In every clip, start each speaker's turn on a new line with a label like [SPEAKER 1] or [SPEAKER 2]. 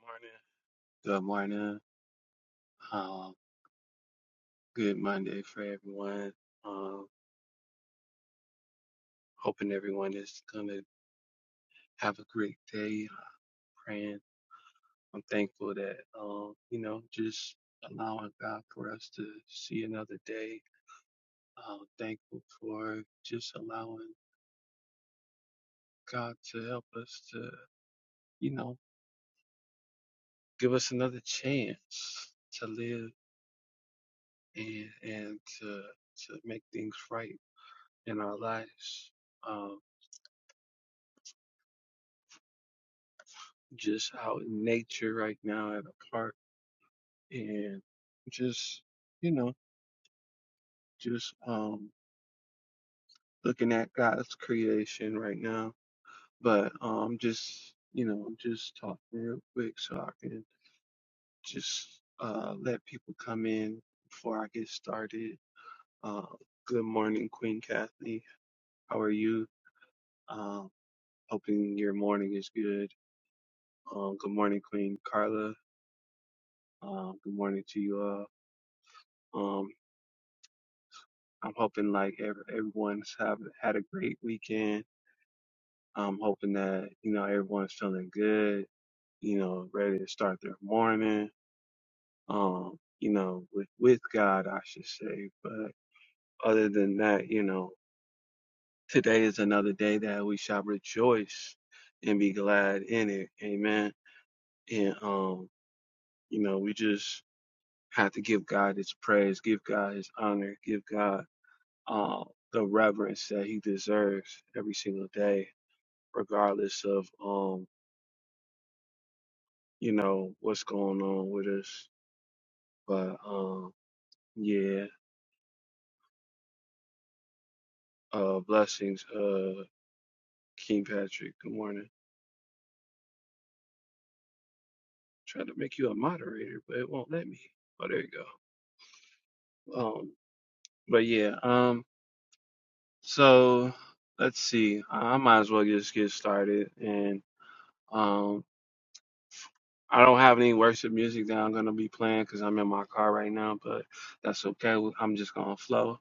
[SPEAKER 1] Morning. Good morning. Um, good Monday for everyone. Um, hoping everyone is gonna have a great day. Uh, praying. I'm thankful that um, you know, just allowing God for us to see another day. Um, thankful for just allowing God to help us to, you know, give us another chance to live and and to to make things right in our lives. Um, just out in nature right now at a park and just, you know, just um looking at God's creation right now. But um just, you know, I'm just talking real quick so I can just uh let people come in before I get started. Uh good morning, Queen Kathy. How are you? Um hoping your morning is good. Um good morning, Queen Carla. Um good morning to you all. Um, I'm hoping like every, everyone's have had a great weekend. I'm hoping that you know everyone's feeling good. You know, ready to start their morning. Um, you know, with with God, I should say. But other than that, you know, today is another day that we shall rejoice and be glad in it. Amen. And um, you know, we just have to give God His praise, give God His honor, give God uh, the reverence that He deserves every single day regardless of um you know what's going on with us but um yeah uh blessings uh king patrick good morning trying to make you a moderator but it won't let me oh there you go um but yeah um so let's see i I might as well just get started and um. I don't have any worship music that I'm gonna be playing because I'm in my car right now, but that's okay. I'm just gonna flow,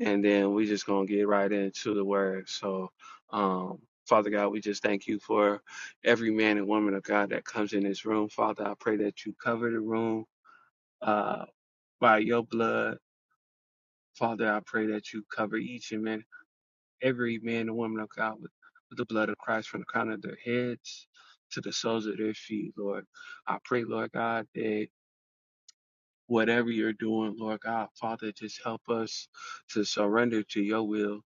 [SPEAKER 1] and then we just gonna get right into the word. So, um, Father God, we just thank you for every man and woman of God that comes in this room. Father, I pray that you cover the room uh, by your blood. Father, I pray that you cover each and man, every man and woman of God with, with the blood of Christ from the crown of their heads to the soles of their feet, Lord. I pray, Lord God, that whatever you're doing, Lord God, Father, just help us to surrender to your will.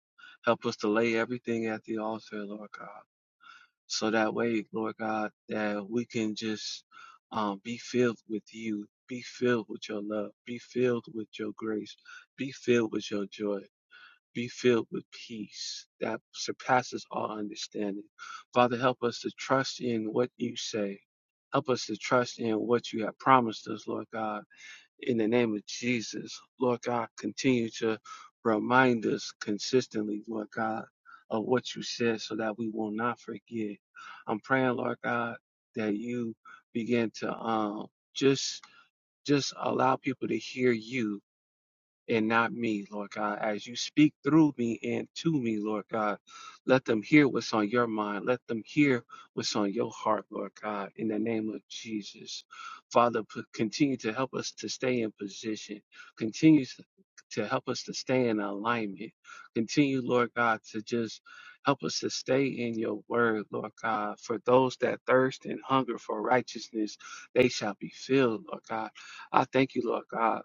[SPEAKER 1] Help us to lay everything at the altar, Lord God. So that way, Lord God, that we can just um, be filled with you, be filled with your love, be filled with your grace, be filled with your joy, be filled with peace that surpasses all understanding. Father, help us to trust in what you say. Help us to trust in what you have promised us, Lord God in the name of Jesus. Lord God, continue to remind us consistently, Lord God, of what you said so that we will not forget. I'm praying, Lord God, that you begin to um just just allow people to hear you and not me, Lord God. As you speak through me and to me, Lord God, let them hear what's on your mind. Let them hear what's on your heart, Lord God, in the name of Jesus. Father, p- continue to help us to stay in position. Continue to to help us to stay in alignment. Continue, Lord God, to just help us to stay in your word, Lord God. For those that thirst and hunger for righteousness, they shall be filled, Lord God. I thank you, Lord God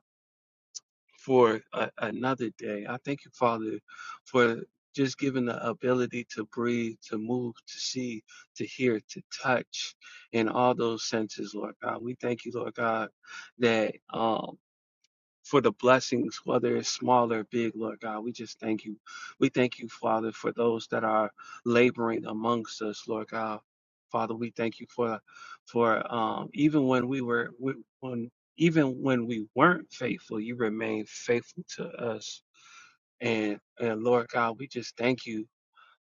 [SPEAKER 1] for a, another day. I thank you, Father, for just giving the ability to breathe, to move, to see, to hear, to touch in all those senses, Lord God. We thank you, Lord God, that um, for the blessings, whether it's small or big, Lord God. We just thank you. We thank you, Father, for those that are laboring amongst us, Lord God. Father, we thank you for for um, even when we were we, when even when we weren't faithful, you remained faithful to us. And and Lord God, we just thank you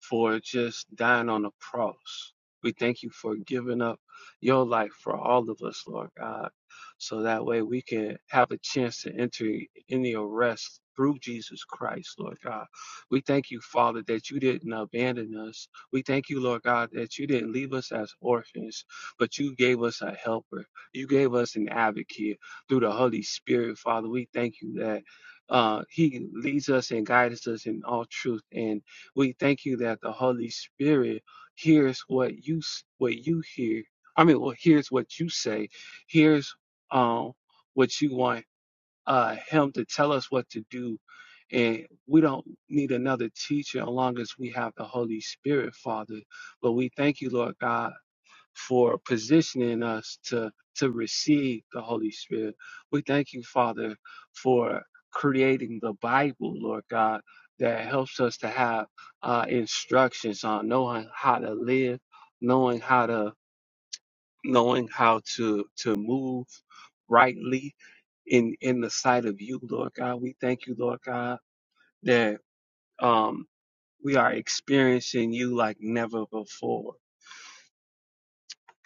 [SPEAKER 1] for just dying on the cross. We thank you for giving up your life for all of us, Lord God, so that way we can have a chance to enter in your rest through Jesus Christ, Lord God. We thank you, Father, that you didn't abandon us. We thank you, Lord God, that you didn't leave us as orphans, but you gave us a helper. You gave us an advocate through the Holy Spirit, Father. We thank you that uh, he leads us and guides us in all truth. And we thank you that the Holy Spirit hears what you s- what you hear. I mean, well, hears what you say. Hears um what you want uh Him to tell us what to do, and we don't need another teacher as long as we have the Holy Spirit, Father. But we thank you, Lord God for positioning us to to receive the Holy Spirit. We thank you, Father, for creating the Bible, Lord God, that helps us to have uh, instructions on knowing how to live, knowing how to knowing how to to move rightly in in the sight of you, Lord God. We thank you, Lord God, that um we are experiencing you like never before.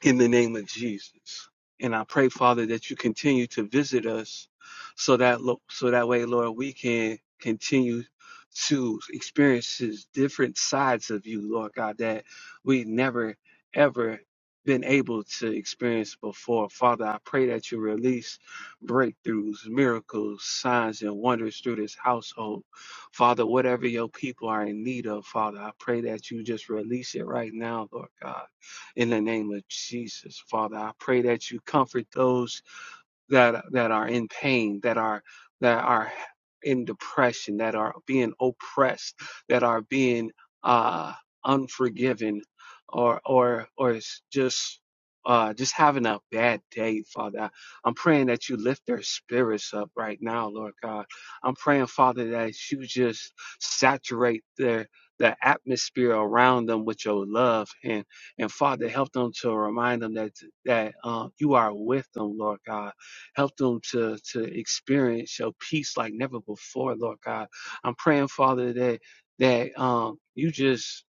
[SPEAKER 1] in the name of Jesus. And I pray, Father, that you continue to visit us so that lo- so that way, Lord, we can continue to experience these different sides of you, Lord God, that we never ever been able to experience before. Father, I pray that you release breakthroughs, miracles, signs, and wonders through this household. Father, whatever your people are in need of, Father, I pray that you just release it right now, Lord God in the name of Jesus. Father, I pray that you comfort those that that are in pain, that are that are in depression, that are being oppressed, that are being uh, unforgiven, or or or just uh, just having a bad day, Father. I- I'm praying that you lift their spirits up right now, Lord God. I'm praying, Father, that you just saturate their the atmosphere around them with your love and and Father help them to remind them that that uh, you are with them, Lord God Help them to, to experience your peace like never before, Lord God. I'm praying, Father, that, that, um, you just,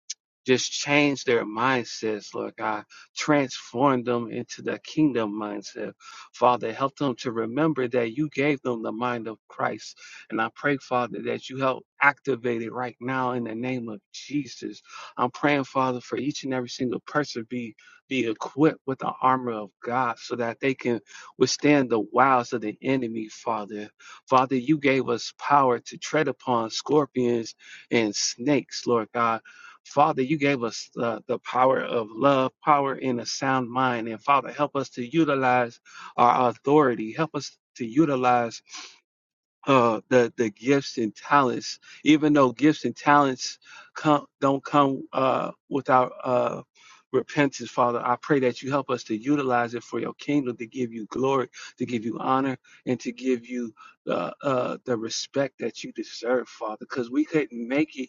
[SPEAKER 1] just change their mindsets, Lord God. Transform them into the kingdom mindset. Father, help them to remember that you gave them the mind of Christ. And I pray, Father, that you help activate it right now in the name of Jesus. I'm praying, Father, for each and every single person be be equipped with the armor of God so that they can withstand the wiles of the enemy, Father. Father, you gave us power to tread upon scorpions and snakes, Lord God. Father, you gave us uh, the power of love, power in a sound mind. And Father, help us to utilize our authority. Help us to utilize uh, the the gifts and talents, even though gifts and talents come don't come uh, without uh, repentance, Father. I pray that you help us to utilize it for your kingdom, to give you glory, to give you honor, and to give you the uh, the respect that you deserve, Father, because we couldn't make it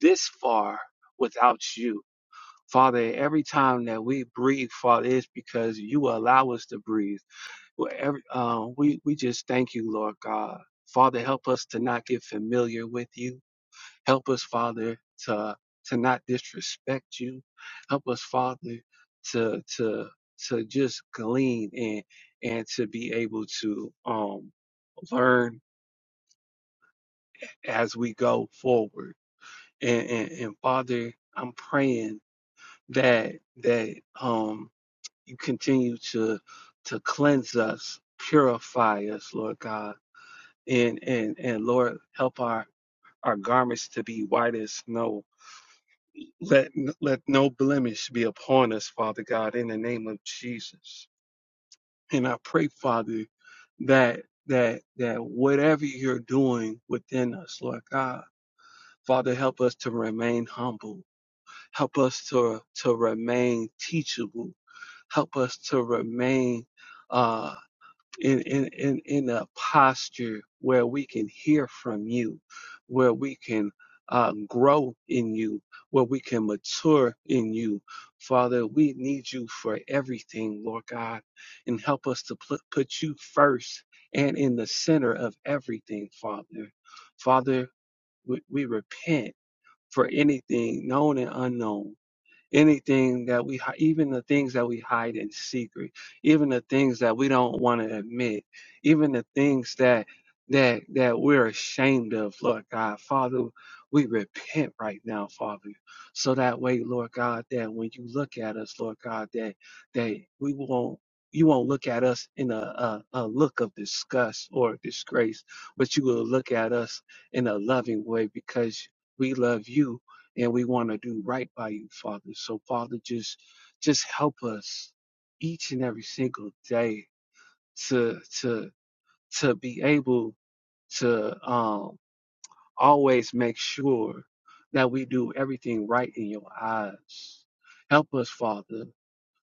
[SPEAKER 1] this far without you. Father, every time that we breathe, Father, it's because you allow us to breathe. Well, uh, we, we just thank you, Lord God. Father, help us to not get familiar with you. Help us, Father, to, to not disrespect you. Help us, Father, to, to, to just glean and, and to be able to, um, learn as we go forward. And, and, and Father, I'm praying that, that, um, you continue to, to cleanse us, purify us, Lord God and and and Lord help our our garments to be white as snow. Let let no blemish be upon us, Father God, in the name of Jesus. And I pray, Father, that that that whatever you're doing within us, Lord God, Father, help us to remain humble. Help us to to remain teachable. Help us to remain. uh, in, in, in, in a posture where we can hear from you, where we can uh, grow in you, where we can mature in you. Father, we need you for everything, Lord God, and help us to pl- put you first and in the center of everything, Father. Father, we, we repent for anything known and unknown anything that we even the things that we hide in secret even the things that we don't want to admit even the things that that that we're ashamed of lord god father we repent right now father so that way lord god that when you look at us lord god that that we won't you won't look at us in a, a, a look of disgust or disgrace, but you will look at us in a loving way because we love you and we want to do right by you, Father. So, Father, just just help us each and every single day to to to be able to um, always make sure that we do everything right in your eyes. Help us, Father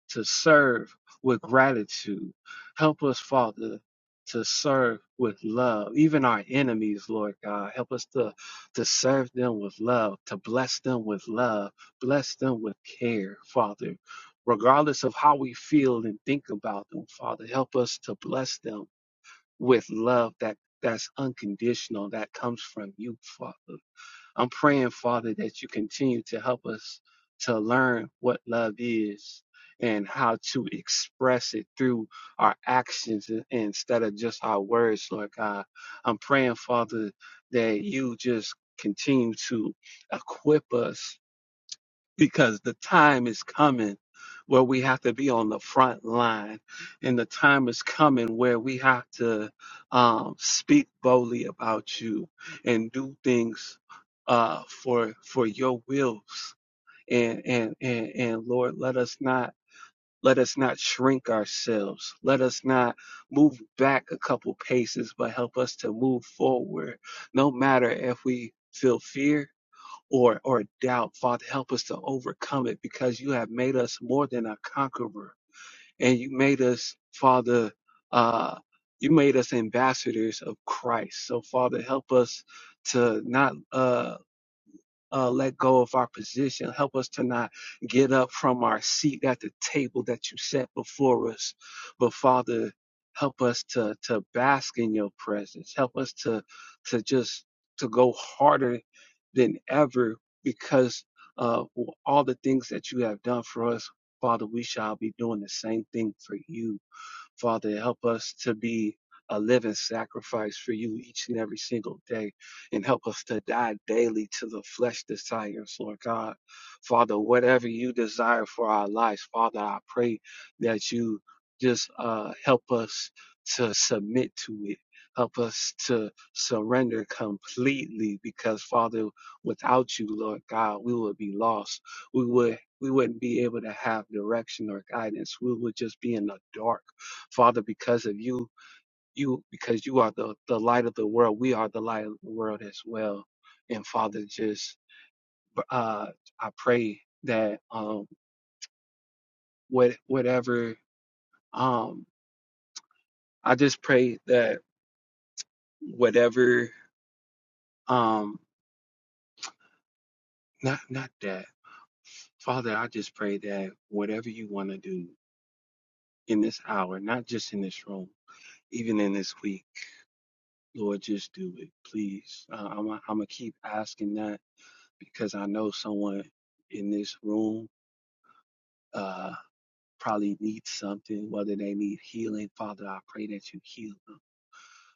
[SPEAKER 1] to serve with gratitude. Help us, Father, to serve with love. Even our enemies, Lord God, help us to, to serve them with love, to bless them with love, bless them with care, Father. Regardless of how we feel and think about them, Father, help us to bless them with love that that's unconditional, that comes from you, Father. I'm praying, Father, that you continue to help us to learn what love is and how to express it through our actions instead of just our words, Lord God. I'm praying, Father, that you just continue to equip us because the time is coming where we have to be on the front line and the time is coming where we have to um, speak boldly about you and do things uh, for for your wills and, and and and lord let us not let us not shrink ourselves. Let us not move back a couple paces, but help us to move forward. No matter if we feel fear, or or doubt, Father, help us to overcome it because you have made us more than a conqueror, and you made us, Father, uh, you made us ambassadors of Christ. So, Father, help us to not. uh, uh, let go of our position. Help us to not get up from our seat at the table that you set before us. But Father, help us to to bask in your presence. Help us to to just to go harder than ever because of all the things that you have done for us, Father, we shall be doing the same thing for you. Father, help us to be a living sacrifice for you each and every single day and help us to die daily to the flesh desires, Lord God. Father, whatever you desire for our lives, Father, I pray that you just uh, help us to submit to it. Help us to surrender completely because, Father, without you, Lord God, we would be lost. We would we wouldn't be able to have direction or guidance. We would just be in the dark. Father, because of you, you because you are the, the light of the world, we are the light of the world as well. And Father, just uh I pray that um what whatever um I just pray that whatever um not not that Father, I just pray that whatever you want to do in this hour, not just in this room, even in this week, Lord, just do it, please. Uh, I'm I'm gonna keep asking that because I know someone in this room uh, probably needs something, whether they need healing. Father, I pray that you heal them.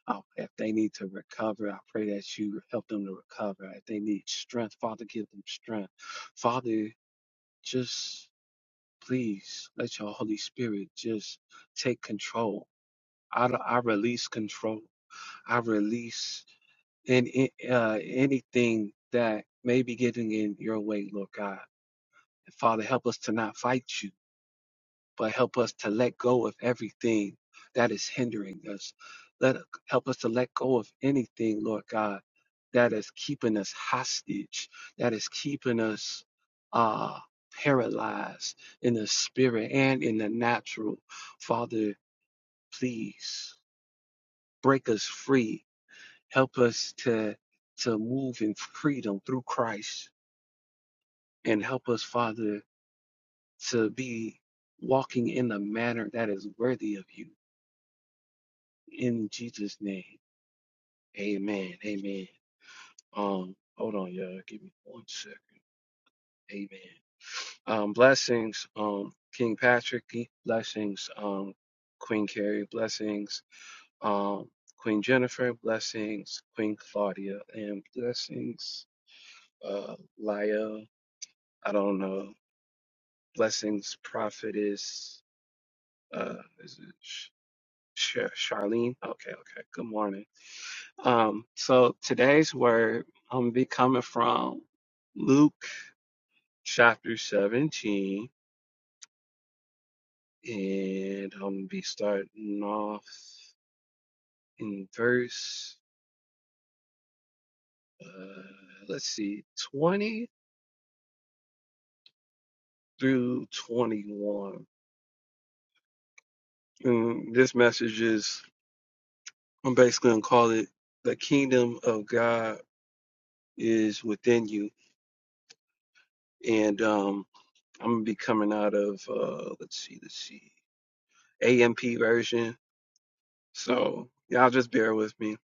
[SPEAKER 1] I, if they need to recover, I pray that you help them to recover. If they need strength, Father, give them strength. Father, just please let your Holy Spirit just take control. I, I release control. I release in, in- uh, anything that may be getting in your way, Lord God. And Father, help us to not fight you. but help us to let go of everything that is hindering us. Let help us to let go of anything, Lord God, that is keeping us hostage, that is keeping us uh, paralyzed in the spirit and in the natural. Father, please break us free. Help us to to move in freedom through Christ, and help us, Father, to be walking in a manner that is worthy of you. In Jesus' name. Amen. Amen. Um, hold on, y'all. Give me one second. Amen. Um, blessings, um, King Patrick, Ke- blessings, um, Queen Carrie, blessings, um, Queen Jennifer, blessings, Queen Claudia, and blessings, uh, Laya, I don't know, blessings, prophetess, uh, is it Sh- Sh- Charlene? Okay, okay. Good morning. Um, so today's word I'm gonna be coming from Luke chapter 17, and I'm gonna be starting off in verse, uh, let's see, 20 through 21. And this message is, I'm basically gonna call it the kingdom of God is within you. And um, I'm gonna be coming out of, uh, let's see, let's see, AMP version So y'all just bear with me.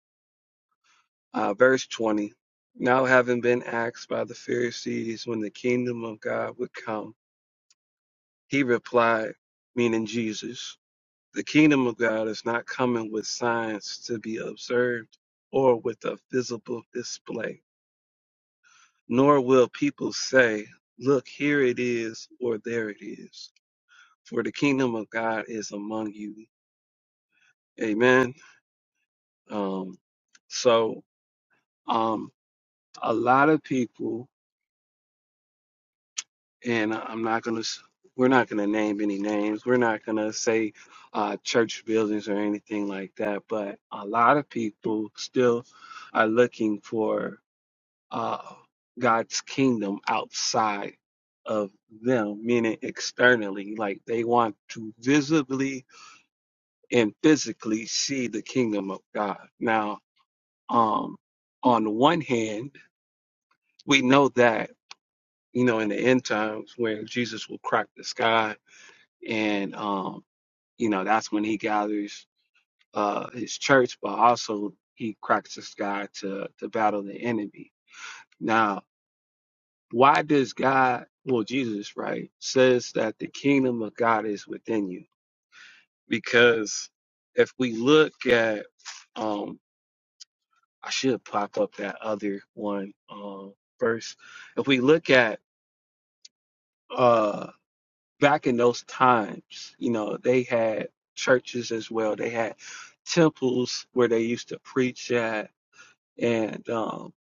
[SPEAKER 1] Uh, verse 20. Now, having been asked by the Pharisees when the kingdom of God would come, he replied, meaning Jesus, the kingdom of God is not coming with signs to be observed or with a visible display, nor will people say, Look, here it is, or there it is. For the kingdom of God is among you. Amen. Um, so, um, a lot of people and I'm not gonna. s- We're not gonna name any names. We're not gonna say uh, church buildings or anything like that. But a lot of people still are looking for uh, God's kingdom outside of them, meaning externally. Like they want to visibly and physically see the kingdom of God. Now, um, on the one hand, we know that you know in the end times when Jesus will crack the sky and um, you know that's when he gathers uh, his church, but also he cracks the sky to to battle the enemy. Now, why does God, well, Jesus, right, says that the kingdom of God is within you? Because if we look at, um, I should pop up that other one um, first. If we look at uh back in those times, you know, they had churches as well. They had temples where they used to preach at, and um,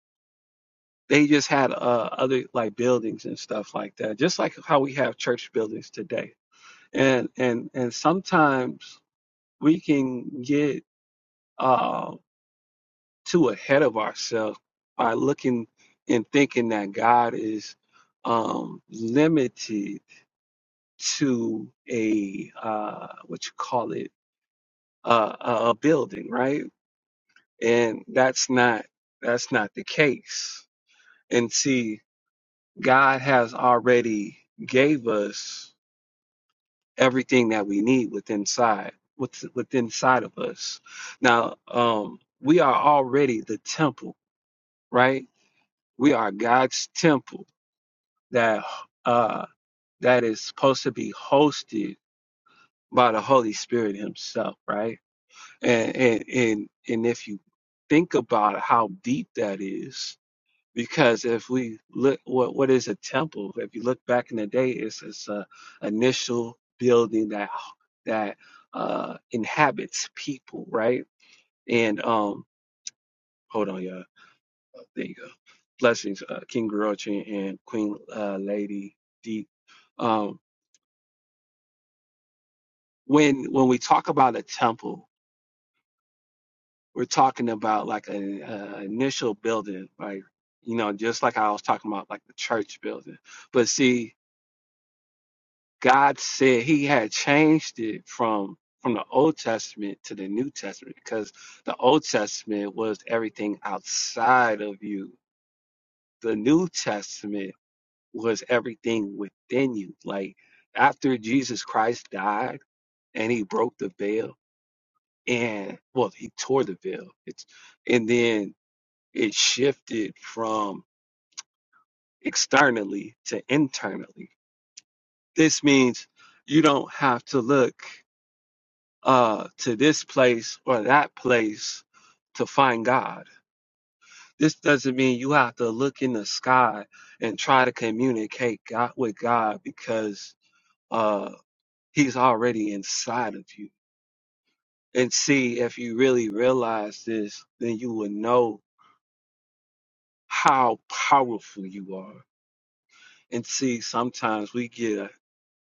[SPEAKER 1] they just had uh, other like buildings and stuff like that, just like how we have church buildings today. And and and sometimes we can get uh, too ahead of ourselves by looking and thinking that God is um, limited to a uh, what you call it a, a, a building, right? And that's not that's not the case. And see, God has already gave us everything that we need within side with within side of us. Now, um, we are already the temple, right? We are God's temple that uh that is supposed to be hosted by the Holy Spirit Himself, right? And and and, and if you think about how deep that is, Because if we look, what what is a temple? If you look back in the day, it's it's a initial building that that uh, inhabits people, right? And um, hold on, y'all. There you go. Blessings, uh, King Grouchy and Queen uh, Lady D. Um, when when we talk about a temple, we're talking about like an uh, initial building, right? You know, just like I was talking about, like the church building. But see, God said he had changed it from from the Old Testament to the New Testament because the Old Testament was everything outside of you. The New Testament was everything within you. Like after Jesus Christ died and he broke the veil and well he tore the veil. It's and then it shifted from externally to internally. This means you don't have to look uh, to this place or that place to find God. This doesn't mean you have to look in the sky and try to communicate God with God because uh, He's already inside of you. And see, if you really realize this, then you will know how powerful you are. And see, sometimes we get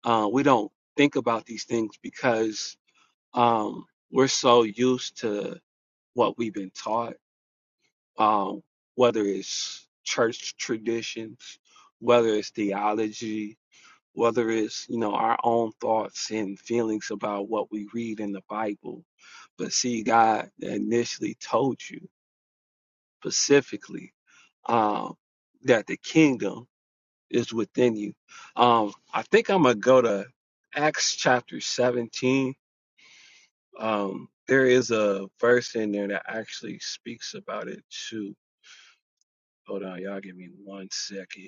[SPEAKER 1] uh, we don't think about these things because um, we're so used to what we've been taught um, whether it's church traditions, whether it's theology, whether it's you know our own thoughts and feelings about what we read in the Bible. But see, God initially told you specifically um, that the kingdom is within you. Um, I think I'm gonna go to Acts chapter 17. Um, there is a verse in there that actually speaks about it too. Hold on, y'all give me one second.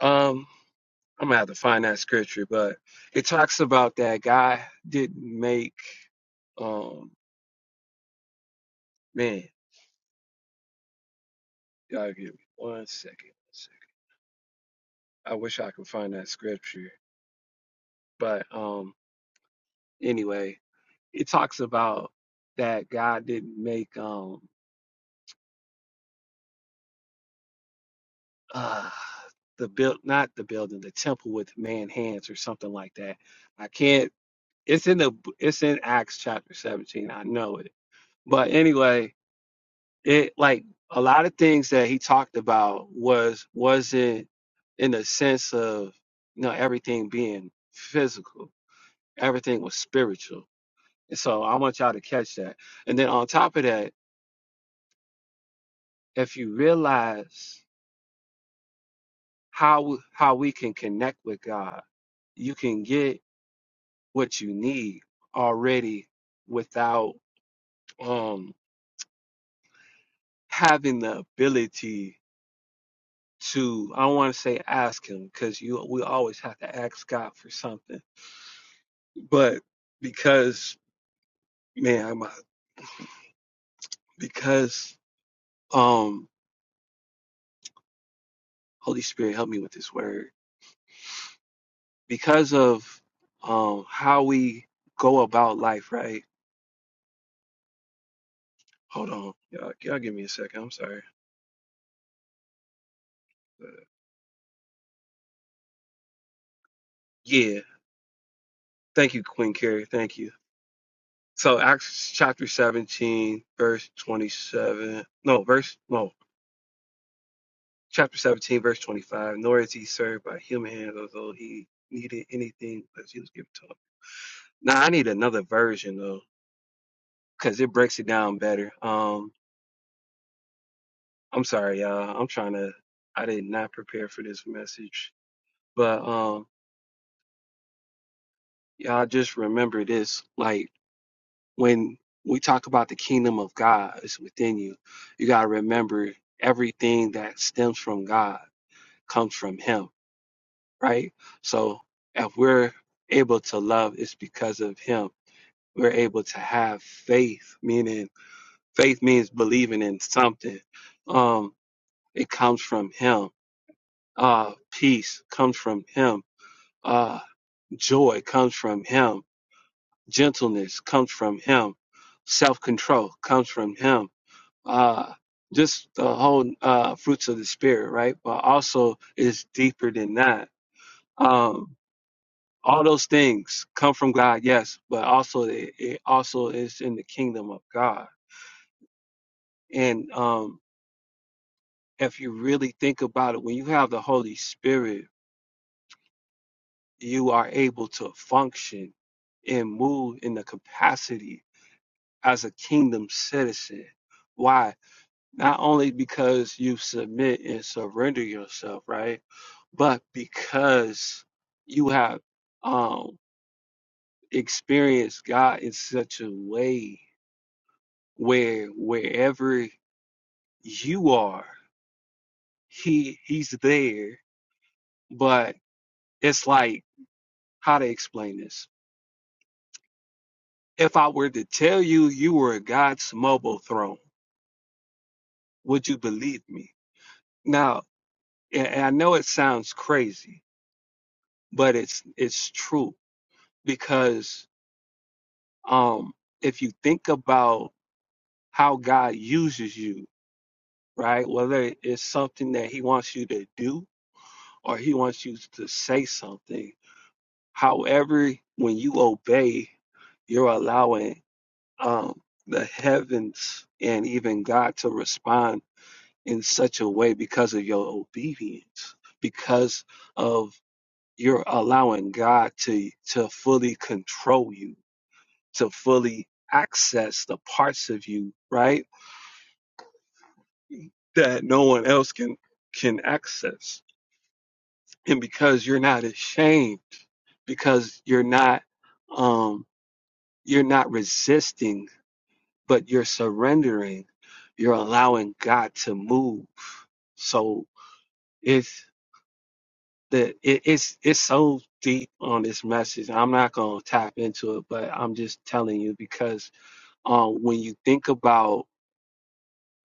[SPEAKER 1] Um, I'm gonna have to find that scripture, but it talks about that God didn't make um man, y'all give me one second. one second. I wish I could find that scripture. But um anyway, it talks about that God didn't make um uh the build not the building, the temple with man hands or something like that. I can't it's in the it's in Acts chapter 17. I know it. But anyway, it like a lot of things that he talked about was wasn't in the sense of you know everything being physical everything was spiritual and so i want y'all to catch that and then on top of that if you realize how how we can connect with god you can get what you need already without um having the ability to i don't want to say ask him because you we always have to ask god for something But because man, I'm, because um, Holy Spirit, help me with this word. Because of um how we go about life, right? Hold on, y'all, y'all give me a second. I'm sorry. Yeah, thank you, Queen Carrie. Thank you. So Acts chapter 17, verse 27. No, verse no, chapter 17, verse 25. Nor is he served by human hands, although he needed anything, but he was given to him. Now I need another version though because it breaks it down better. Um, I'm sorry, y'all. I'm trying to. I did not prepare for this message, but um, y'all just remember this. Like when we talk about the kingdom of God is within you, you gotta remember everything that stems from God comes from Him, right? So if we're able to love, it's because of Him. We're able to have faith, meaning faith means believing in something. Um, it comes from Him Uh, peace comes from him. Uh, joy comes from him. Gentleness comes from him. Self-control comes from him. Uh, just the whole uh, fruits of the spirit, right? But also it's deeper than that. Um, all those things come from God, yes, but also it, it also is in the kingdom of God. And um, if you really think about it, when you have the Holy Spirit you are able to function and move in the capacity as a kingdom citizen. Why? Not only because you submit and surrender yourself, right? But because you have um, experienced God in such a way where wherever you are, He He's there. But it's like how to explain this. If I were to tell you you were God's mobile throne Would you believe me? Now, and I know it sounds crazy, but it's it's true because um, if you think about how God uses you, right? Whether it's something that He wants you to do or He wants you to say something, however, when you obey, you're allowing um, the heavens and even God to respond in such a way because of your obedience, because of you're allowing God to to fully control you, to fully access the parts of you, right? That no one else can can access. And because you're not ashamed, because you're not um you're not resisting, but you're surrendering, you're allowing God to move. So it's. the it, it's it's so deep on this message. I'm not gonna tap into it, but I'm just telling you because um when you think about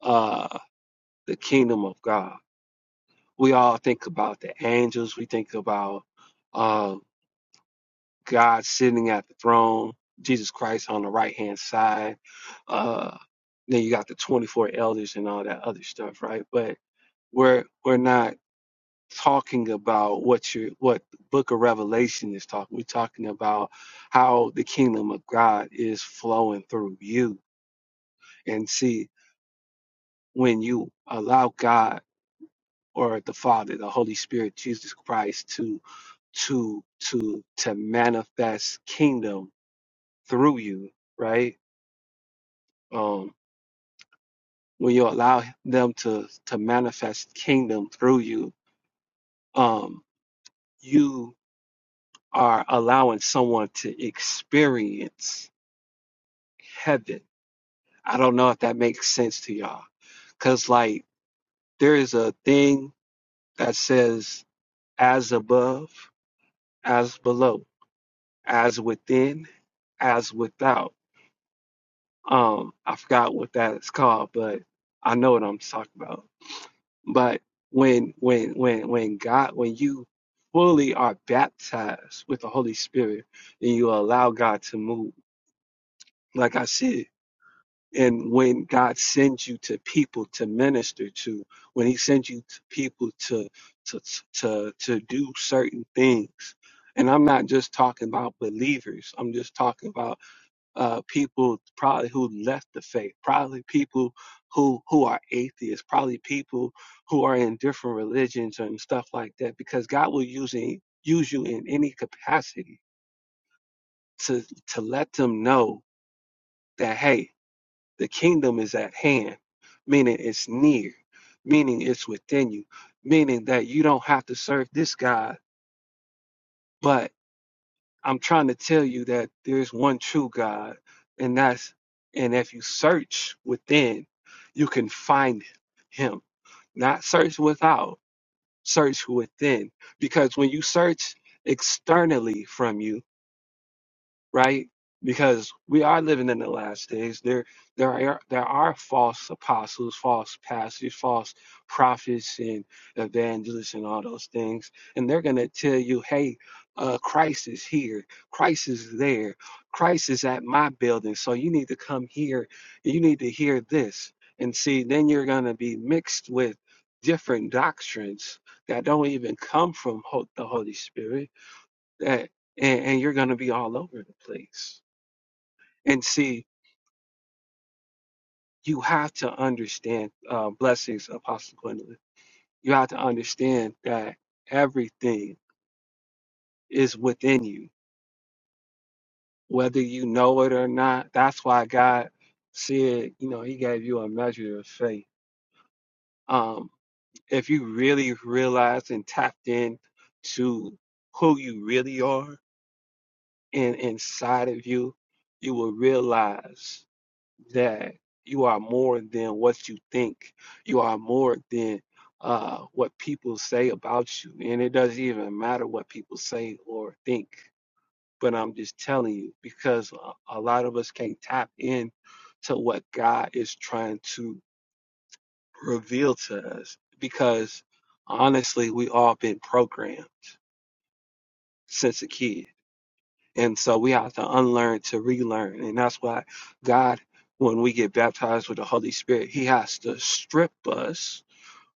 [SPEAKER 1] uh the kingdom of God, we all think about the angels, we think about uh God sitting at the throne, Jesus Christ on the right hand side, uh then you got the twenty four elders and all that other stuff, right? But we're we're not talking about what you what the book of revelation is talking we're talking about how the kingdom of god is flowing through you and see when you allow god or the father the holy spirit jesus christ to to to to manifest kingdom through you right um when you allow them to to manifest kingdom through you um you are allowing someone to experience heaven. I don't know if that makes sense to y'all. Cause like there is a thing that says as above, as below, as within, as without. Um, I forgot what that is called, but I know what I'm talking about. But when when when when God when you fully are baptized with the Holy Spirit and you allow God to move, like I said. And when God sends you to people to minister to, when He sends you to people to to to to do certain things, and I'm not just talking about believers. I'm just talking about uh, people probably who left the faith, probably people who who are atheists, probably people who are in different religions and stuff like that. Because God will use any, use you in any capacity to to let them know that hey. The kingdom is at hand, meaning it's near, meaning it's within you, meaning that you don't have to serve this God. But I'm trying to tell you that there's one true God, and that's and if you search within, you can find him. Not search without, search within. Because when you search externally from you, right? Because we are living in the last days. There, there are there are false apostles, false pastors, false prophets, and evangelists, and all those things. And they're gonna tell you, "Hey, uh, Christ is here. Christ is there. Christ is at my building. So you need to come here. You need to hear this." And see, then you're gonna be mixed with different doctrines that don't even come from ho- the Holy Spirit that and, and you're going to be all over the place and see you have to understand uh, blessings apostle gwendolyn you have to understand that everything is within you whether you know it or not that's why god said you know he gave you a measure of faith um, if you really realize and tapped in to who you really are and inside of you you will realize that you are more than what you think. You are more than uh, what people say about you. And it doesn't even matter what people say or think. But I'm just telling you because a, a lot of us can't tap in to what God is trying to reveal to us because honestly, we all been programmed since a kid And so we have to unlearn to relearn. And that's why God, when we get baptized with the Holy Spirit, He has to strip us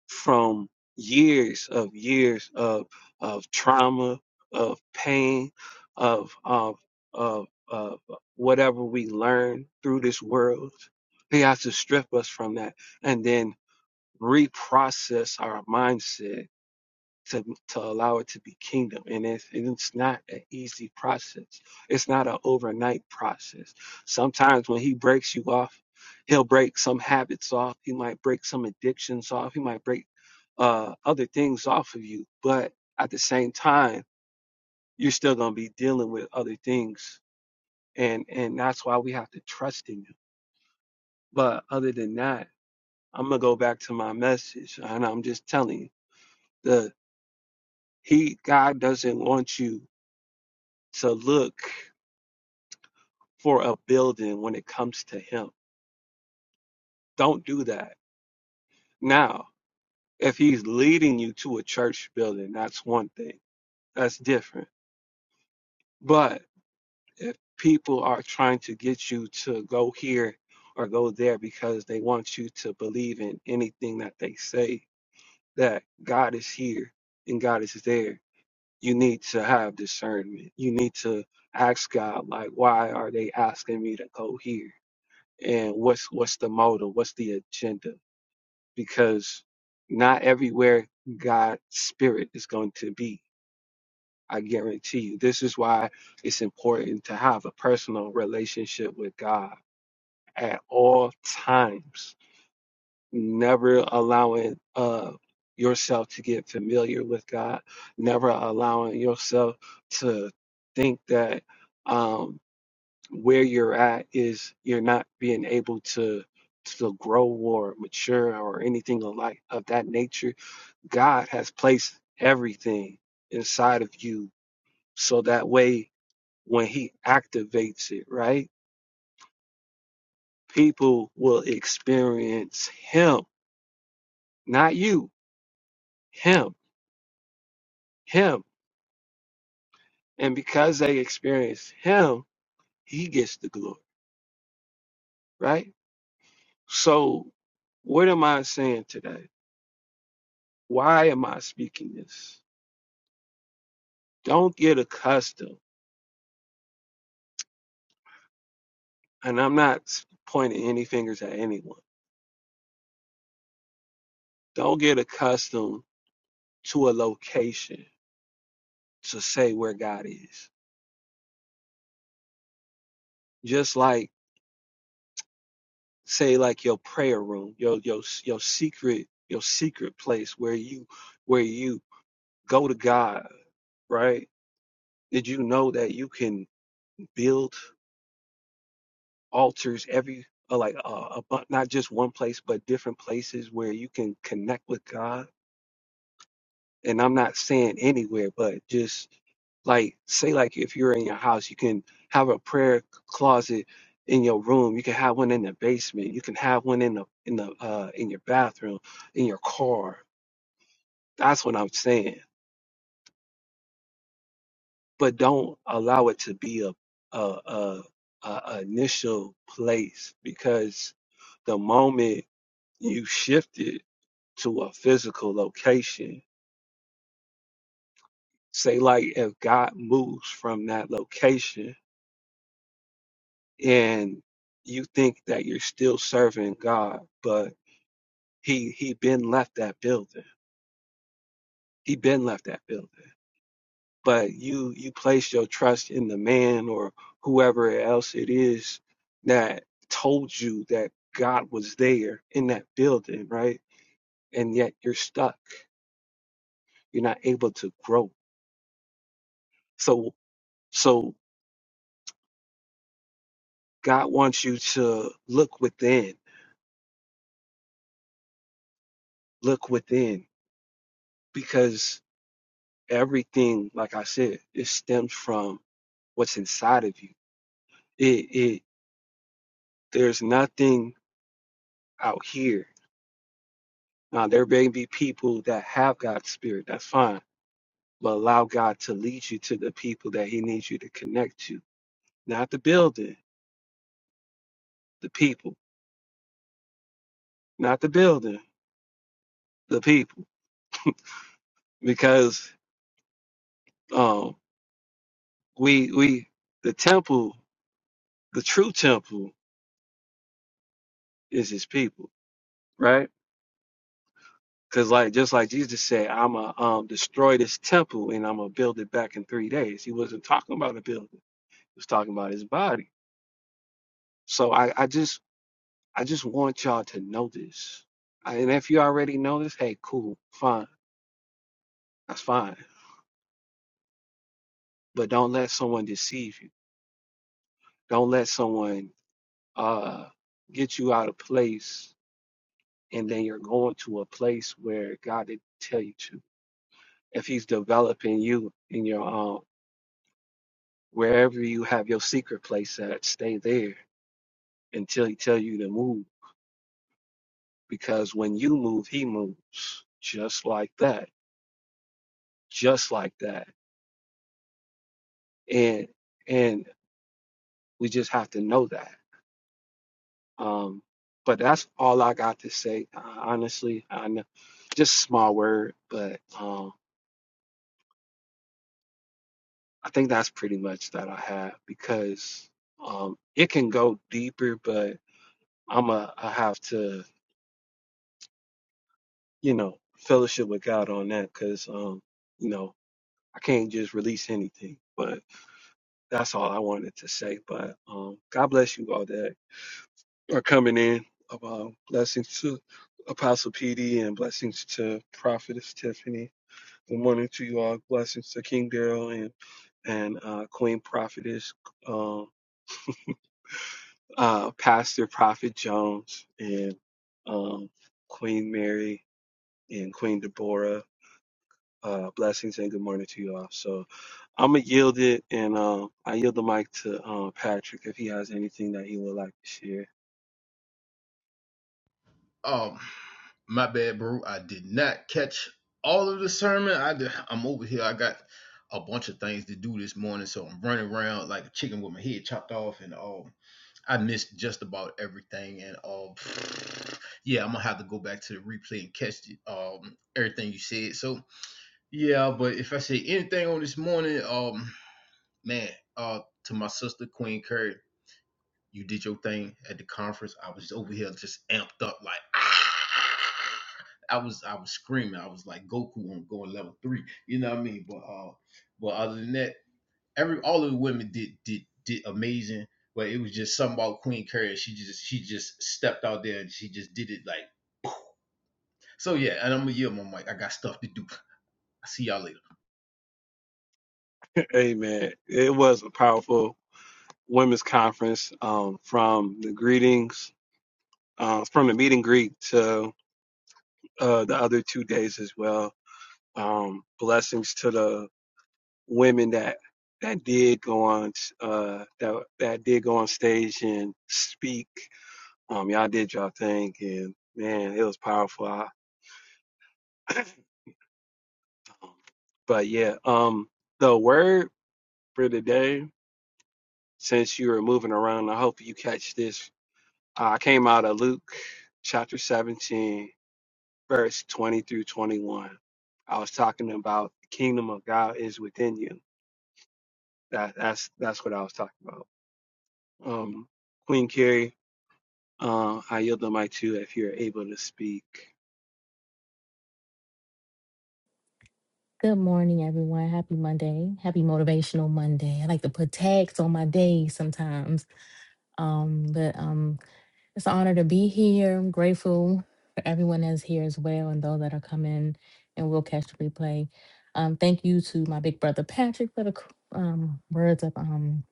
[SPEAKER 1] from years of years of of trauma, of pain, of of of, of whatever we learn through this world. He has to strip us from that and then reprocess our mindset to to allow it to be kingdom and it's, and it's not an easy process it's not an overnight process sometimes when he breaks you off he'll break some habits off he might break some addictions off he might break uh other things off of you but at the same time you're still going to be dealing with other things and and that's why we have to trust in him but other than that i'm going to go back to my message and i'm just telling you the he god doesn't want you to look for a building when it comes to him. Don't do that. Now, if he's leading you to a church building, that's one thing. That's different. But if people are trying to get you to go here or go there because they want you to believe in anything that they say, that God is here and God is there, you need to have discernment. You need to ask God, like, why are they asking me to go here? and what's what's the motive what's the agenda because not everywhere god's spirit is going to be i guarantee you this is why it's important to have a personal relationship with god at all times never allowing uh yourself to get familiar with god never allowing yourself to think that um, where you're at is you're not being able to to grow or mature or anything of like of that nature. God has placed everything inside of you so that way when he activates it, right? People will experience him, not you, him, him. And because they experience him, he gets the glory, right? So what am I saying today? Why am I speaking this? don't get accustomed, and I'm not pointing any fingers at anyone, don't get accustomed to a location to say where God is. Just like say like your prayer room, your your your secret your secret place where you where you go to God, right? Did you know that you can build altars every uh, like uh, a not just one place but different places where you can connect with God? and I'm not saying anywhere, but just like say like if you're in your house, you can have a prayer closet in your room. You can have one in the basement. You can have one in the in the uh in your bathroom, in your car. That's what I'm saying. But don't allow it to be a a a, a a initial place because the moment you shift it to a physical location, say like if God moves from that location and you think that you're still serving God, but he he been left that building. He been left that building. But you you place your trust in the man or whoever else it is that told you that God was there in that building, right? And yet you're stuck. You're not able to grow. So so God wants you to look within, look within because everything like I said, it stems from what's inside of you. It, it there's nothing out here. Now there may be people that have God's spirit, that's fine, but allow God to lead you to the people that He needs you to connect to, not the building, the people, not the building, the people, because um we we the temple, the true temple is His people, right? Because like just like Jesus said, I'm going to um, destroy this temple and I'm gonna build it back in three days. He wasn't talking about a building. was talking about his body. So I, I just I just want y'all to know this. I- And if you already know this, hey, cool, fine, that's fine. But don't let someone deceive you. Don't let someone uh get you out of place, and then you're going to a place where God didn't tell you to. If He's developing you in your um wherever you have your secret place at, stay there until He tell you to move. Because when you move, He moves just like that just like that. And and we just have to know that. Um, but that's all I got to say. uh, Honestly, I know just a small word, but um, I think that's pretty much that I have because um, it can go deeper, but I'm a I have to you know fellowship with God on that because um, you know I can't just release anything. But that's all I wanted to say. But um, God bless you all are coming in. Uh, blessings to Apostle PD and blessings to Prophetess Tiffany. Good morning to you all. Blessings to King Daryl and and uh, Queen Prophetess, um, uh, Pastor Prophet Jones and um, Queen Mary and Queen Deborah. Uh, blessings and good morning to you all. So I'm gonna yield it and uh, I yield the mic to um, Patrick if he has anything that he would like to share.
[SPEAKER 2] Um, my bad, bro. I did not catch all of the sermon. I did, I'm over here. I got a bunch of things to do this morning, so I'm running around like a chicken with my head chopped off, and um, I missed just about everything. And um, yeah, I'm gonna have to go back to the replay and catch the, um everything you said. So yeah, but if I say anything on this morning, um, man, uh, to my sister Queen Curry. You did your thing at the conference. I was over here just amped up, like "Ah!" I was, I was screaming. I was like Goku on going level three. You know what I mean? But, uh, but other than that, every all of the women did did did amazing. But it was just something about Queen Carrie. She just she just stepped out there and she just did it like so. Yeah, and I'm gonna yield my mic. I got stuff to do. I see y'all later.
[SPEAKER 1] Amen. It was a powerful women's conference um, from the greetings, uh, from the meet and greet to uh, the other two days as well. Um, blessings to the women that that did go on uh, that that did go on stage and speak. Um, y'all did y'all thing, and man, it was powerful. I, but yeah, um, the word for today, since you were moving around, I hope you catch this. I came out of Luke chapter 17 verse 20 through 21. I was talking about the kingdom of God is within you. That, that's that's what I was talking about. Um, Queen Carrie, uh, I yield the mic to you if you're able to speak.
[SPEAKER 3] Good morning, everyone. Happy Monday. Happy Motivational Monday. I like to put tags on my days sometimes. Um, but um, it's an honor to be here. I'm grateful for everyone that's here as well and those that are coming and will catch the replay. Um, thank you to my big brother Patrick for the c- um, words of um,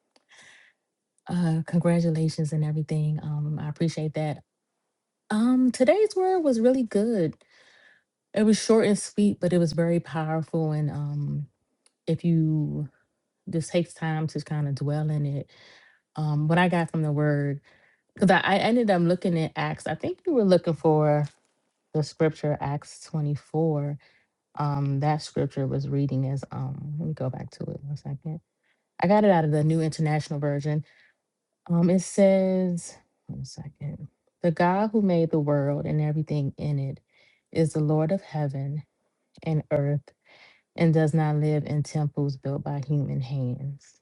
[SPEAKER 3] uh, congratulations and everything. Um, I appreciate that. Um, today's word was really good. It was short and sweet, but it was very powerful and um if you this takes time to kind of dwell in it. Um, what I got from the word, because I, I ended up looking at Acts, I think you were looking for the scripture, Acts 24. Um, that scripture was reading as, um, let me go back to it one second. I got it out of the New International Version. Um, it says, one second, the God who made the world and everything in it is the Lord of heaven and earth and does not live in temples built by human hands.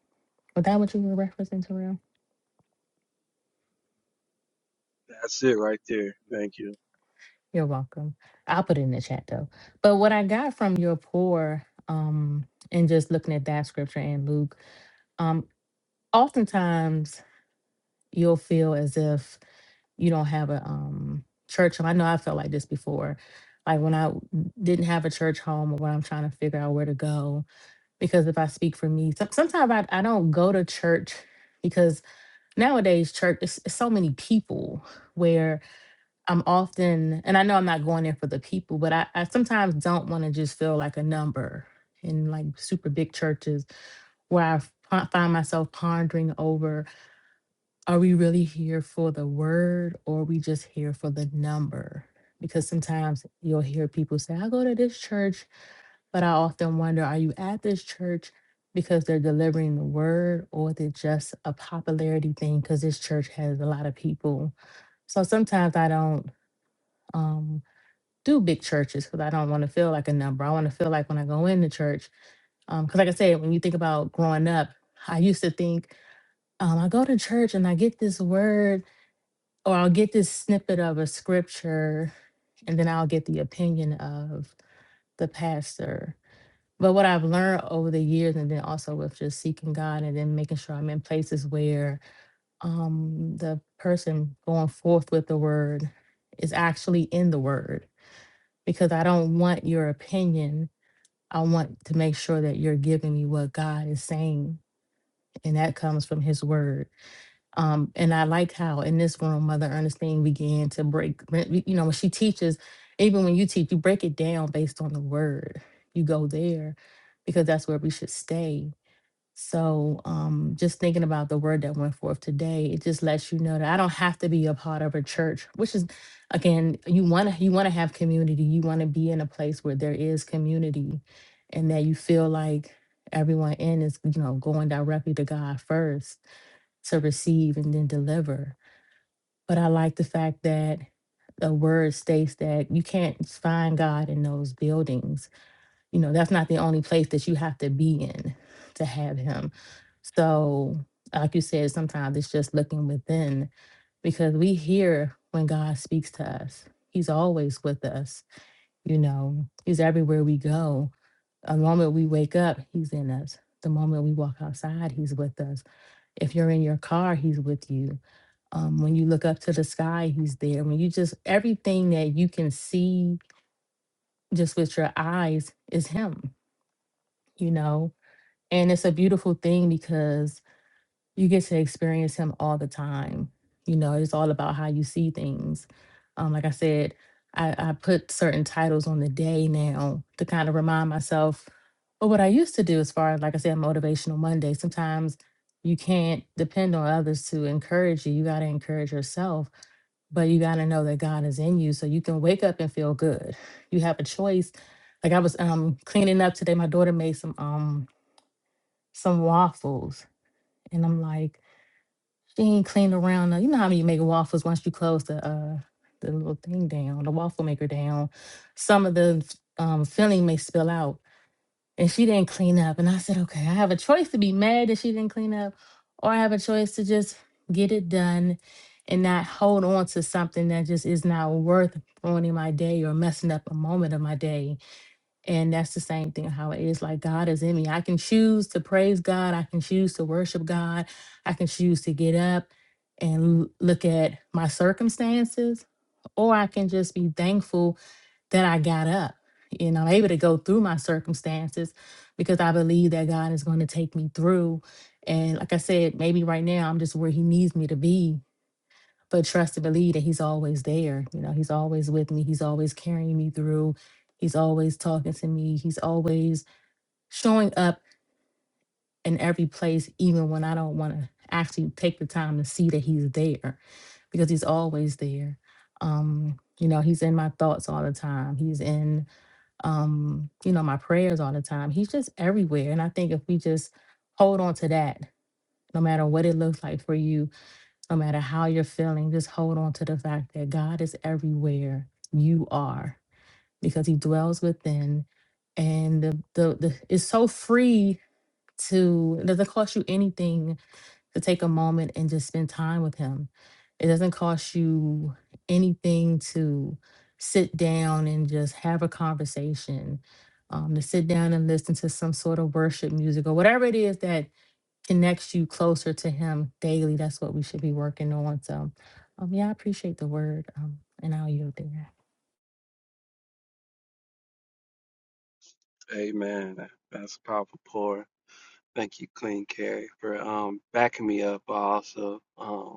[SPEAKER 3] Was that what you were referencing to?
[SPEAKER 1] That's it right there. Thank you.
[SPEAKER 3] You're welcome. I'll put it in the chat though. But what I got from your poor, um, and just looking at that scripture in Luke, um, oftentimes you'll feel as if you don't have a um church home. I know I felt like this before. Like when I w- didn't have a church home or when I'm trying to figure out where to go. Because if I speak for me, some sometimes I, I don't go to church because nowadays church is is so many people where I'm often, and I know I'm not going there for the people, but I, I sometimes don't want to just feel like a number in like super big churches where I f- find myself pondering over are we really here for the word or are we just here for the number? Because sometimes you'll hear people say, I go to this church, but I often wonder, are you at this church because they're delivering the word or is it just a popularity thing? Because this church has a lot of people. So sometimes I don't. Um, do big churches because I don't want to feel like a number. I want to feel like when I go into church, because like I said, when you think about growing up, I used to think um, I go to church and I get this word or I'll get this snippet of a scripture and then I'll get the opinion of the pastor. But what I've learned over the years, and then also with just seeking God and then making sure I'm in places where um, the person going forth with the word is actually in the word, because I don't want your opinion I want to make sure that you're giving me what God is saying, and that comes from His Word. Um, and I like how in this room, Mother Ernestine began to break. You know, when she teaches, even when you teach, you break it down based on the Word. You go there because that's where we should stay so um, just thinking about the word that went forth today, it just lets you know that I don't have to be a part of a church, which is again, you want to you want to have community. You want to be in a place where there is community and that you feel like everyone in is, you know, going directly to God first to receive and then deliver. But I like the fact that the word states that you can't find God in those buildings you know that's not the only place that you have to be in to have him so like you said sometimes it's just looking within because we hear when god speaks to us he's always with us you know he's everywhere we go the moment we wake up he's in us the moment we walk outside he's with us if you're in your car he's with you um, when you look up to the sky he's there when you just everything that you can see just with your eyes is him you know And it's a beautiful thing because you get to experience him all the time. You know, it's all about how you see things. Um, like I said, I, I put certain titles on the day now to kind of remind myself of what I used to do as far as, like I said, Motivational Monday. Sometimes you can't depend on others to encourage you. You got to encourage yourself, but you got to know that God is in you so you can wake up and feel good. You have a choice. Like I was um, cleaning up today, my daughter made some. Um, some waffles. And I'm like, she ain't cleaned around. the- You know how you make waffles once you close the uh the little thing down, the waffle maker down. Some of the um, filling may spill out. And she didn't clean up. And I said, okay, I have a choice to be mad that she didn't clean up, or I have a choice to just get it done and not hold on to something that just is not worth ruining my day or messing up a moment of my day and that's the same thing how it is. Like God is in me. I can choose to praise God. I can choose to worship God. I can choose to get up and l- look at my circumstances, or I can just be thankful that I got up and I'm able to go through my circumstances because I believe that God is going to take me through. And like I said, maybe right now I'm just where He needs me to be but trust and believe that he's always there. You know, he's always with me. He's always carrying me through. He's always talking to me. He's always showing up in every place, even when I don't want to actually take the time to see that he's there because he's always there. Um, you know, he's in my thoughts all the time. He's in, um, you know, my prayers all the time. He's just everywhere. And I think if we just hold on to that, no matter what it looks like for you, no matter how you're feeling, just hold on to the fact that God is everywhere you are because he dwells within. And the, the, the it's so free to, it doesn't cost you anything to take a moment and just spend time with him. It doesn't cost you anything to sit down and just have a conversation, um, to sit down and listen to some sort of worship music or whatever it is that connects you closer to him daily. That's what we should be working on. So um yeah, I appreciate the word. Um and I'll yield there.
[SPEAKER 1] Amen. That- That's a powerful pour. Thank you, Queen Carrie, for um, backing me up. but Also, um,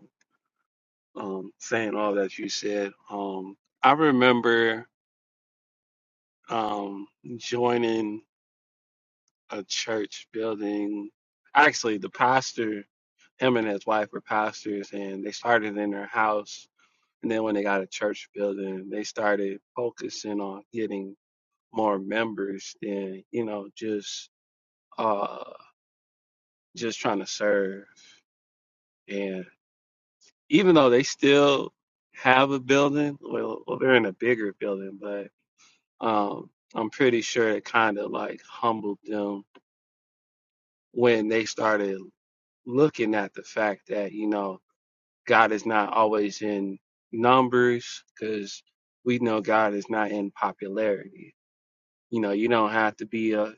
[SPEAKER 1] um, saying all that you said. Um, I remember um, joining. a church building. Actually, the pastor, him and his wife were pastors, and they started in their house. And then when they got a church building, they started focusing on getting more members than you know just uh just trying to serve. And even though they still have a building, well, well they're in a bigger building, but um, I'm pretty sure it kind of like humbled them when they started looking at the fact that you know God is not always in numbers because we know God is not in popularity. You know, you don't have to be uh,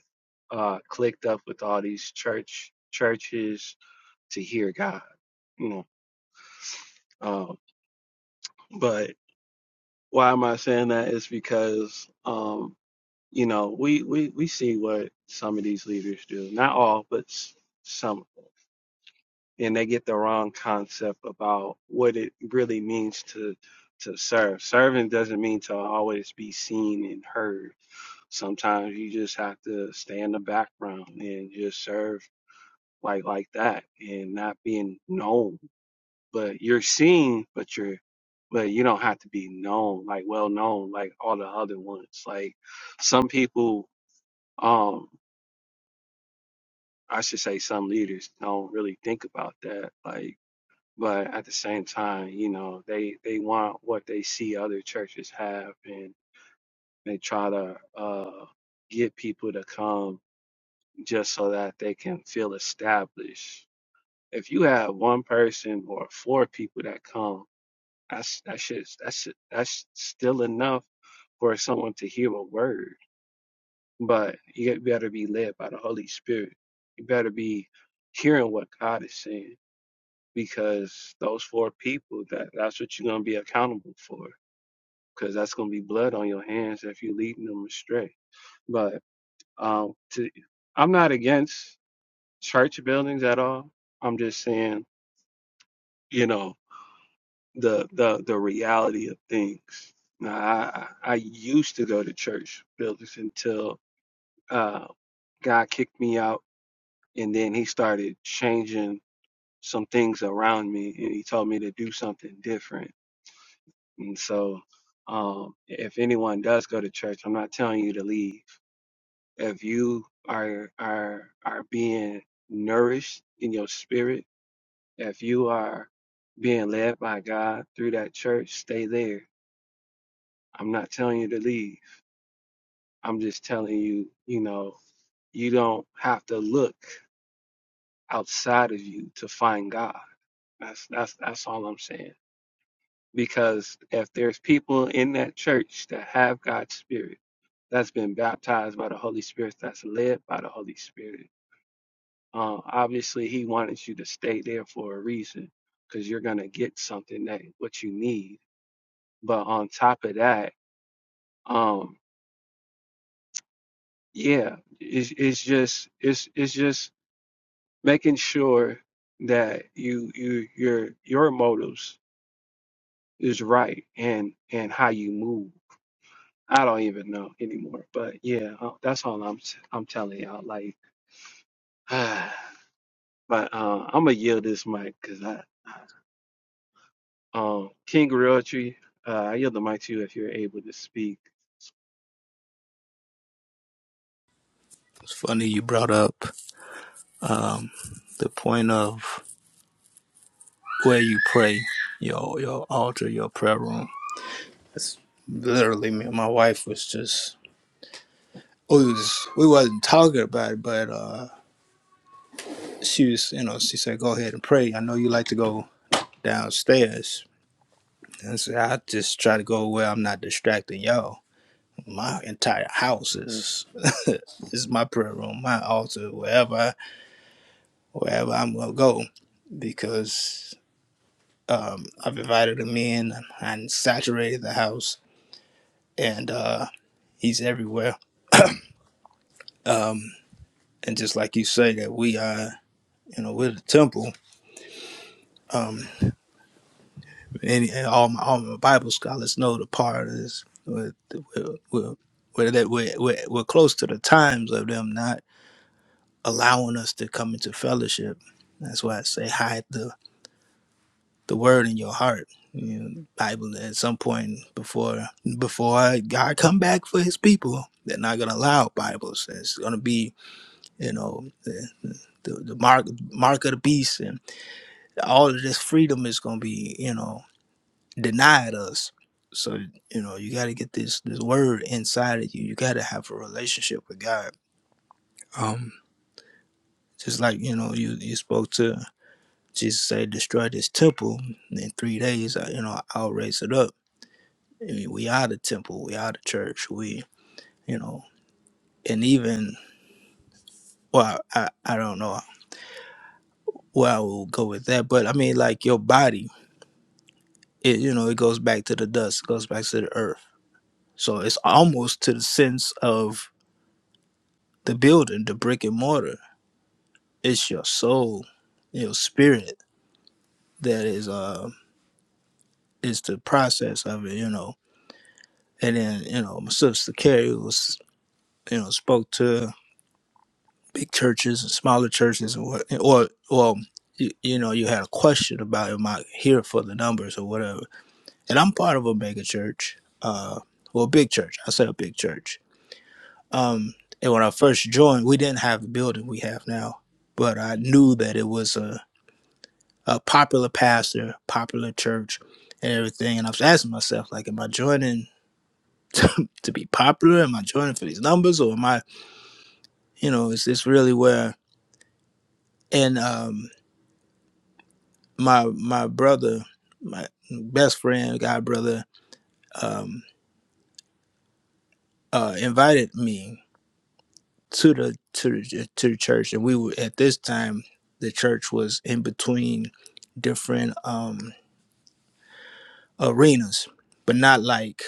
[SPEAKER 1] uh, clicked up with all these church churches to hear God. You know, um, but why am I saying that? Is because um, you know we we we see what some of these leaders do. Not all, but some. and they get the wrong concept about what it really means to to serve. Serving doesn't mean to always be seen and heard. Sometimes you just have to stay in the background and just serve like like that and not being known. But you're seen, but you're but you don't have to be known, like well known, like all the other ones. Like some people, um, I should say some leaders don't really think about that. Like but at the same time, you know, they they want what they see other churches have, and they try to uh, get people to come just so that they can feel established. If you have one person or four people that come, that's that shit, that's that's still enough for someone to hear a word. But you better be led by the Holy Spirit. You better be hearing what God is saying because those four people that that's what you're gonna be accountable for because that's gonna be blood on your hands if you're leading them astray. But um, to, I'm not against church buildings at all. I'm just saying, you know, the the the reality of things. Now, I I used to go to church buildings until uh, God kicked me out, and then He started changing some things around me, and He told me to do something different And so, um, if anyone does go to church, I'm not telling you to leave. If you are are are being nourished in your spirit, if you are being led by God through that church, stay there. I'm not telling you to leave. I'm just telling you, you know, you don't have to look outside of you to find God. That's that's that's all I'm saying. Because if there's people in that church that have God's spirit that's been baptized by the Holy Spirit, that's led by the Holy Spirit. Um, obviously, He wanted you to stay there for a reason because you're going to get something that what you need. But on top of that, um, yeah, it's, it's just it's it's just making sure that you you your your motives is right and and how you move. I don't even know anymore, but yeah, uh, that's all I'm I'm telling y'all. Like But uh, I'm gonna yield this mic because I, um, King Realtree, uh, I yield the mic to you if you're able to speak
[SPEAKER 4] It's funny you brought up um, the point of where you pray, your your altar, your prayer room. It's literally me and my wife was just we was we wasn't talking about it, but uh, she was you know she said go ahead and pray. I know you like to go downstairs. And I said I just try to go where I'm not distracting y'all. My entire house is is my prayer room, my altar, wherever wherever I'm gonna go, because Um, I've invited him in and saturated the house, and uh, he's everywhere. Um, and just like you say, that we are, you know, we're the temple. Um, and, and all my all my Bible scholars know the part is we're we're, we're, we're, that we're, we're we're close to the times of them not allowing us to come into fellowship. That's why I say hide the the word in your heart. You know, Bible at some point before before God come back for His people, they're not gonna allow Bibles. It's gonna be you know the, the, the mark mark of the beast and all of this freedom is gonna be you know denied us. So you know you got to get this this word inside of you. You got to have a relationship with God. Um, just like you know you you spoke to Jesus, say destroy this temple and in three days. I, you know I'll raise it up Eh, We are the temple. We are the church. We, you know, and even well, I I don't know where I will go with that, but I mean, like your body, it you know, it goes back to the dust, goes back to the earth. So it's almost to the sense of the building, the brick and mortar. It's your soul, your spirit that is uh is the process of it, you know. And then you know, my sister Carrie was you know spoke to big churches and smaller churches and what or well you, you know you had a question about am i here for the numbers or whatever and i'm part of a mega church uh well big church i say a big church um and when i first joined we didn't have the building we have now but i knew that it was a, a popular pastor popular church and everything and i was asking myself like am i joining to, to be popular am i joining for these numbers or am i you know is this really where and um my my brother, my best friend, god brother, um, uh, invited me to the to the to the church, and we were at this time the church was in between different um arenas, but not like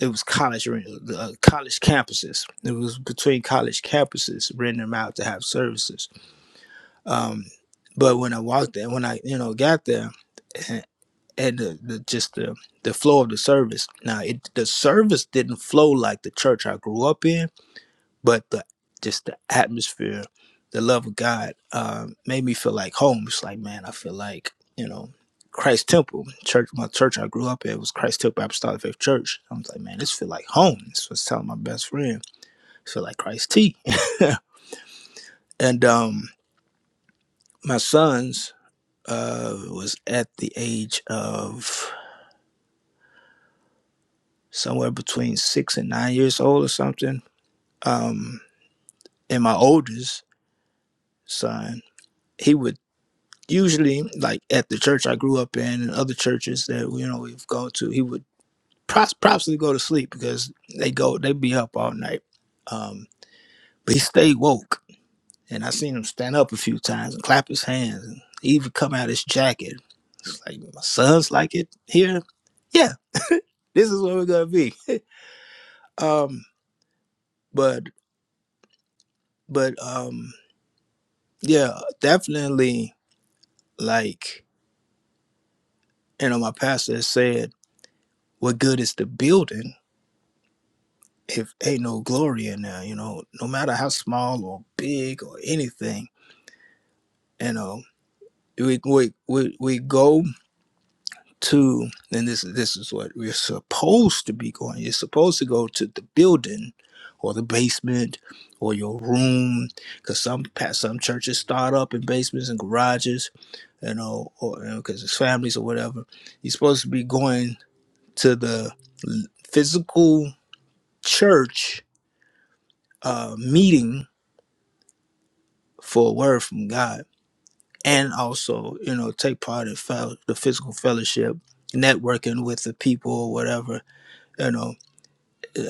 [SPEAKER 4] it was college arenas, uh, college campuses. It was between college campuses, renting them out to have services. Um, but when I walked there, when I you know got there, and and the, the just the the flow of the service. Now, it the service didn't flow like the church I grew up in, but the just the atmosphere, the love of God, um, made me feel like home. It's like, man, I feel like you know Christ Temple Church. My church I grew up in was Christ Temple Apostolic Faith Church. I was like, man, this feel like home. This was telling my best friend, I feel like Christ T. and um, my sons uh was at the age of somewhere between six and nine years old or something. Um, and my oldest son, he would usually like at the church I grew up in and other churches that you know we've gone to. He would probably go to sleep because they go they be up all night. Um, but he stayed woke, and I seen him stand up a few times and clap his hands, and he even come out his jacket. It's like my sons like it here. Yeah, this is where we're gonna be. um, but but um Yeah, definitely. Like, you know, my pastor has said, what good is the building if ain't no glory in there, you know, no matter how small or big or anything, you know, we we we, we go to and this this is what we're supposed to be going. You're supposed to go to the building or the basement or your room because some pa- some churches start up in basements and garages you know, or because it's families or whatever. You're supposed to be going. to the physical church uh, meeting for a word from God, and also you know take part in fel- the physical fellowship, networking with the people or whatever. You know,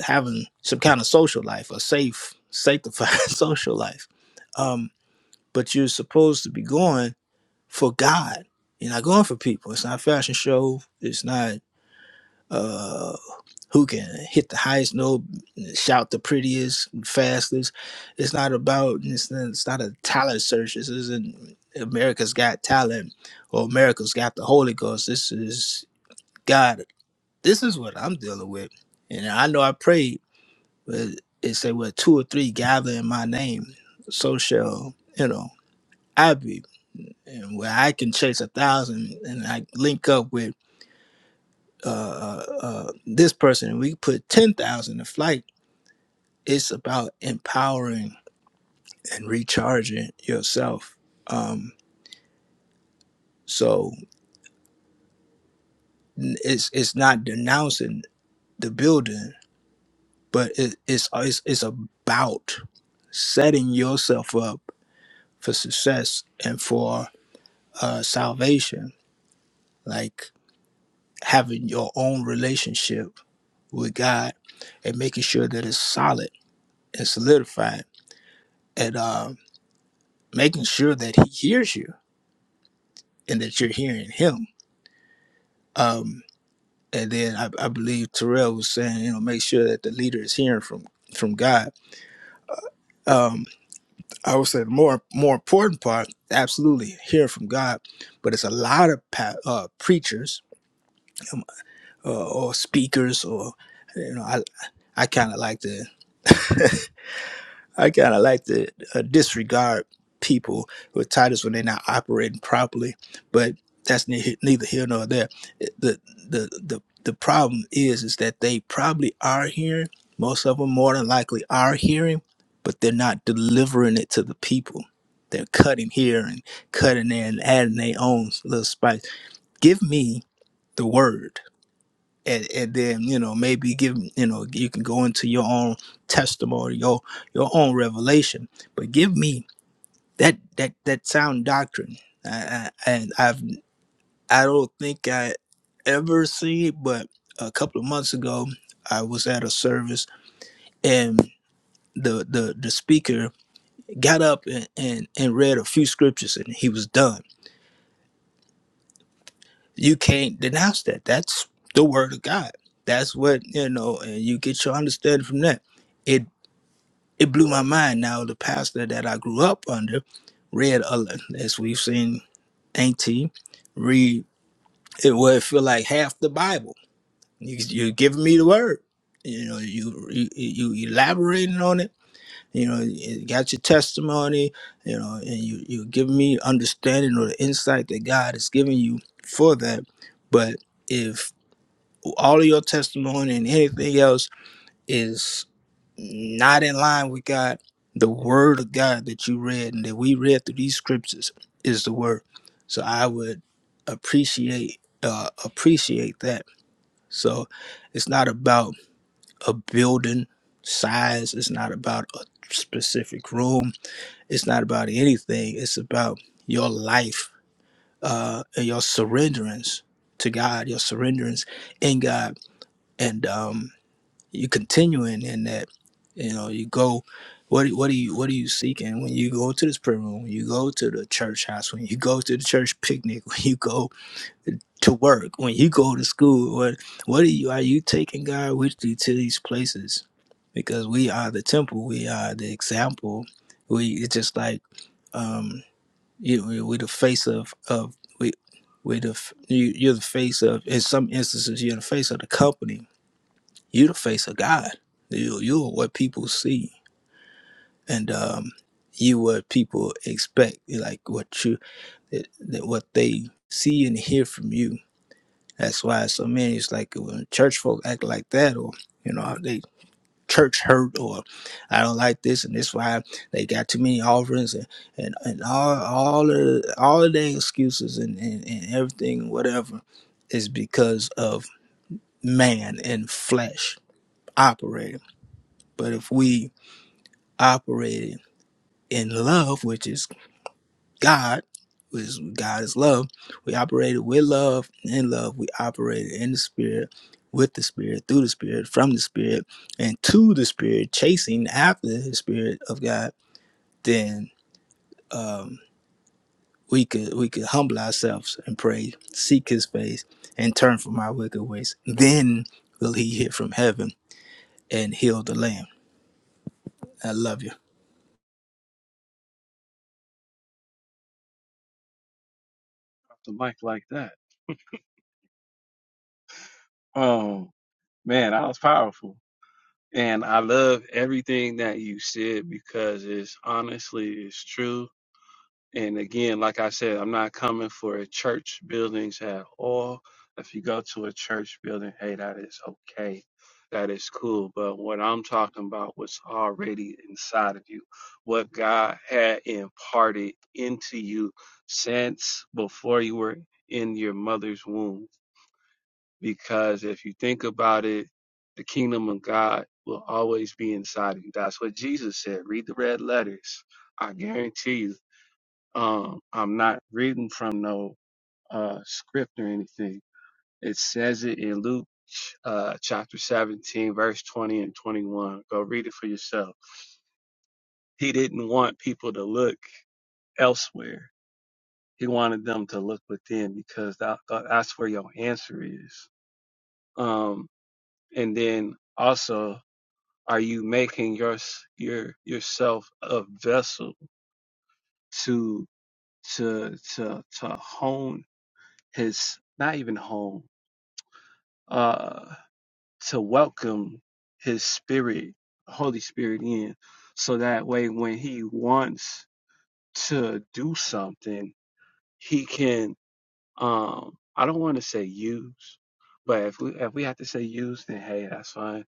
[SPEAKER 4] having some kind of social life, a safe, sanctified social life. Um, but you're supposed to be going for God. You're not going for people. It's not a fashion show. It's not. uh, who can hit the highest note, shout the prettiest, fastest. It's not about it's, it's not a talent search. This isn't America's Got Talent or America's Got the Holy Ghost. This is God. This is what I'm dealing with, and I know I prayed, but it said, "Well, two or three gather in my name, so shall you know I be." And where I can chase a thousand, and I link up with uh, uh, uh, this person, and we put ten thousand to flight it's about empowering and recharging yourself. Um, so it's it's not denouncing the building, but it, it's, it's it's about setting yourself up for success and for uh, salvation, like having your own relationship with God and making sure that it's solid and solidified, and uh, making sure that He hears you and that you're hearing Him. Um, and then I, I believe Terrell was saying, you know, make sure that the leader is hearing from from God. Um, I would say the more more important part, absolutely hear from God, but it's a lot of pa- uh, preachers um, uh, or speakers or you know, I I kind of like to. I kind of like to uh, disregard people with titles when they're not operating properly, but that's ne- neither here nor there. It- The the the the problem is is that they probably are hearing. Most of them more than likely are hearing, but they're not delivering it to the people. They're cutting here and cutting there and adding their own little spice. Give me the word and, and then you know maybe give you know you can go into your own testimony your your own revelation but give me that that that sound doctrine I, I, and i've i don't think i ever see but a couple of months ago i was at a service and the the the speaker got up and and, and read a few scriptures and he was done you can't denounce that that's the word of god that's what you know and you get your understanding from that it. it blew my mind. Now the pastor that I grew up under read a lot, as we've seen Auntie read it would feel like half the Bible. You you're giving me the word. You know, you you, you elaborating on it. You know, you got your testimony. You know, and you you give me understanding or the insight that God has given you for that. But if all of your testimony and anything else is not in line with God, the word of God that you read and that we read through these scriptures is the word. So I would appreciate uh, appreciate that. So it's not about a building size. It's not about a specific room. It's not about anything. It's about your life uh, and your surrenderance to God, your surrenderance in God, and um, you continuing in that you know you go what do- what are you what are you seeking when you go to this prayer room when you go to the church house when you go to the church picnic when you go to work when you go to school what what are you are you taking god with you to these places because we are the temple we are the example we it's just like um you we, we the face of of we we the f- you, you're the face of in some instances you're the face of the company you the face of God. You you are what people see, and um, you what people expect. Like what you that, that what they see and hear from you. That's why so many it's like when church folk act like that, or you know they church hurt, or I don't like this, and that's why they got too many offerings and and, and all all of all of their excuses and, and and everything and whatever is because of man and flesh operating. But if we operated in love, which is God, which is God is love. We operated with love, in love. We operated in the spirit, with the spirit, through the spirit, from the spirit, and to the spirit, chasing after the spirit of God. Then um, we could we could humble ourselves and pray, seek His face, and turn from our wicked ways. Then will He hear from heaven and heal the land. I love you.
[SPEAKER 1] off the mic like that. Um, man, that was powerful, and I love everything that you said because it's honestly it's true. And again, like I said, I'm not coming for church buildings at all. If you go to a church building, hey, that is okay. That is cool. But what I'm talking about was already inside of you. What God had imparted into you since before you were in your mother's womb. Because if you think about it, the kingdom of God will always be inside of you. That's what Jesus said. Read the red letters. I guarantee you um, I'm not reading from no uh, script or anything. It says it in Luke uh, chapter 17, verse 20 and 21. Go read it for yourself. He didn't want people to look elsewhere. He wanted them to look within because that, that- that's where your answer is. Um, and then also, are you making your your yourself a vessel to to to to hone his not even hone? uh, to welcome his spirit, Holy Spirit in. So that way, when he wants to do something, he can, um, I don't want to say use, but if we, if we have to say use, then hey, that's fine.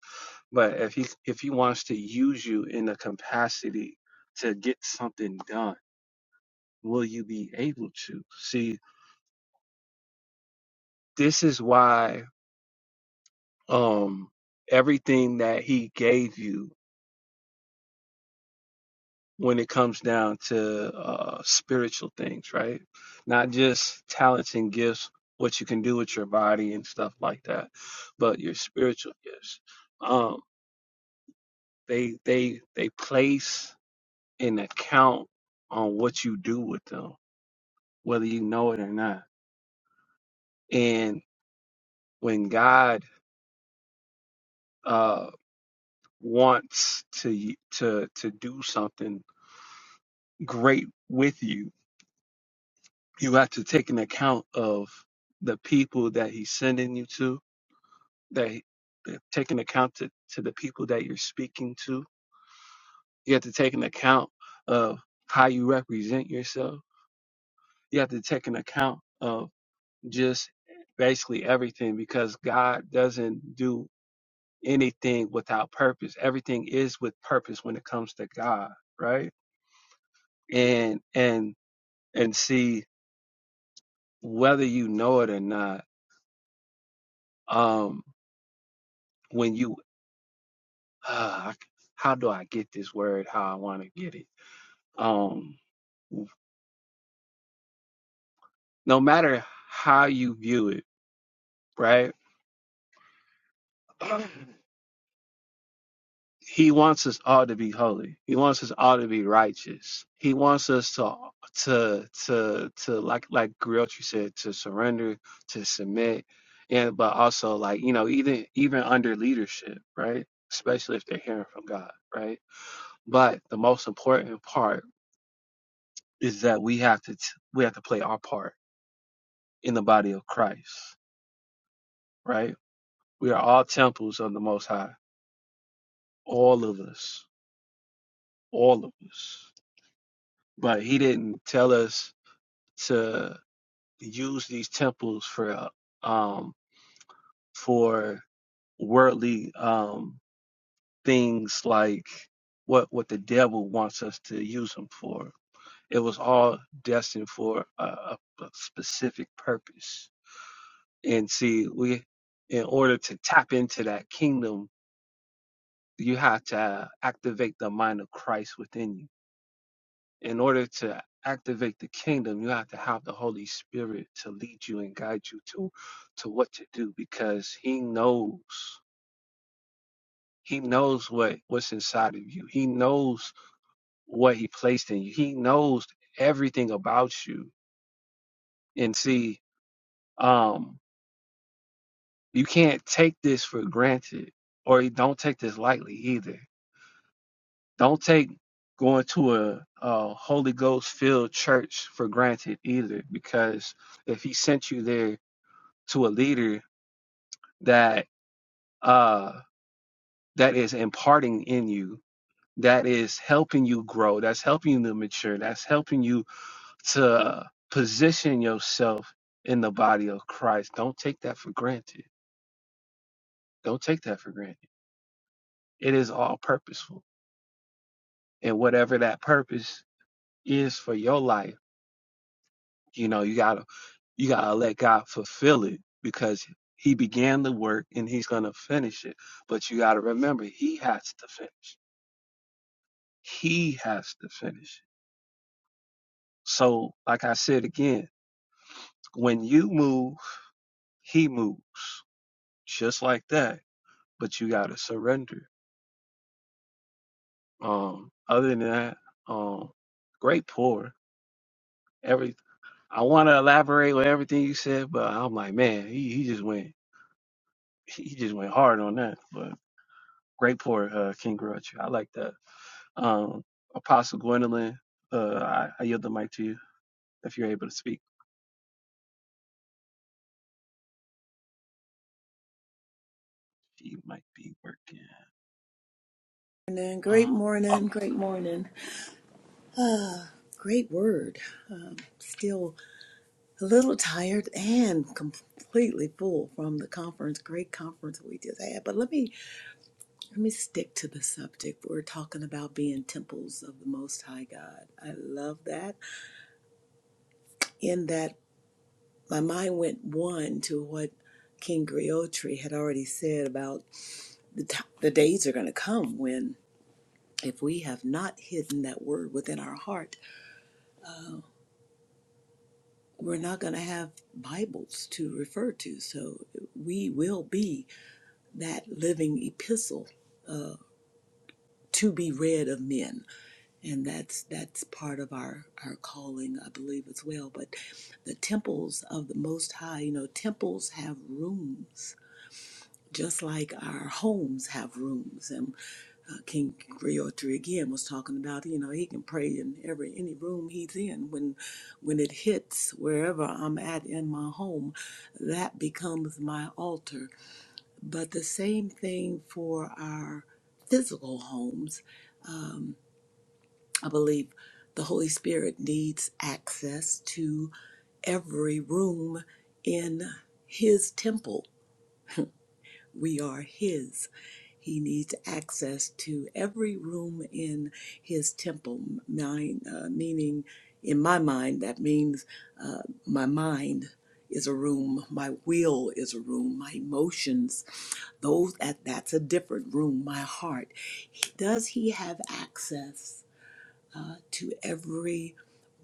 [SPEAKER 1] But if he, if he wants to use you in the capacity to get something done, will you be able to? See, this is why, um, everything that he gave you when it comes down to uh, spiritual things, right? Not just talents and gifts, what you can do with your body and stuff like that, but your spiritual gifts. Um, they they they place an account on what you do with them, whether you know it or not. And when God uh, wants to y- to to do something great with you, you have to take an account of the people that He's sending you to that take an account to, to the people that you're speaking to. You have to take an account of how you represent yourself. You have to take an account of just basically everything because God doesn't do anything without purpose. Everything is with purpose when it comes to God, right? And and and see whether you know it or not. Um, when you uh, how do I get this word? How I want to get it? Um. no matter how you view it, right? He wants us all to be holy. He wants us all to be righteous. He wants us to to to to like like Griochi said, to surrender, to submit, and but also like, you know, even even under leadership, right? Especially if they're hearing from God, right? But the most important part is that we have to t- we have to play our part in the body of Christ, right? We are all temples of the most high, all of us all of us. But he didn't tell us to use these temples for um for worldly um things like what what the devil wants us to use them for. It was all destined for a, a a specific purpose. And see, we in order to tap into that kingdom, you have to activate the mind of Christ within you in order to activate the kingdom you have to have the holy spirit to lead you and guide you to to what to do because he knows he knows what what's inside of you he knows what he placed in you he knows everything about you and see um you can't take this for granted or you don't take this lightly either don't take going to a, a holy ghost filled church for granted either because if he sent you there to a leader that uh that is imparting in you that is helping you grow that's helping you to mature that's helping you to position yourself in the body of christ don't take that for granted don't take that for granted it is all purposeful and whatever that purpose is for your life you know you gotta you gotta let god fulfill it because he began the work and he's gonna finish it but you gotta remember he has to finish He has to finish. it. So, like I said again, when you move, he moves just like that. But you got to surrender. Um, other than that, um, great pour. Every I want to elaborate with everything you said, but I'm like, man, he, he just went he just went hard on that. But great pour, uh, King Grouch. I like that. Um, Apostle Gwendolyn, uh, I, I yield the mic to you if you're able to speak. He might be working.
[SPEAKER 5] morning, great
[SPEAKER 1] Uh,
[SPEAKER 5] morning, great morning. Ah, great word. Still a little tired and completely full from the conference, great conference we just had. But let me let me stick to the subject. We're talking about being temples of the Most High God. I love that. In that, my mind went one to what King Griotri had already said about the t- the days are going to come when if we have not hidden that word within our heart we're not going to have Bibles to refer to. So we will be that living epistle to be read of men. And that's that's part of our, our calling, I believe, as well. But the temples of the Most High, you know, temples have rooms, just like our homes have rooms. and. uh, King Griotri again was talking about, you know, he can pray in every any room he's in. When when it hits wherever I'm at in my home, that becomes my altar. But the same thing for our physical homes. Um, I believe the Holy Spirit needs access to every room in his temple We are His. He needs access to every room in His temple, mine, uh, meaning, in my mind, that means uh, my mind is a room, my will is a room, my emotions, those that that's a different room, my heart. He- Does He have access uh, to every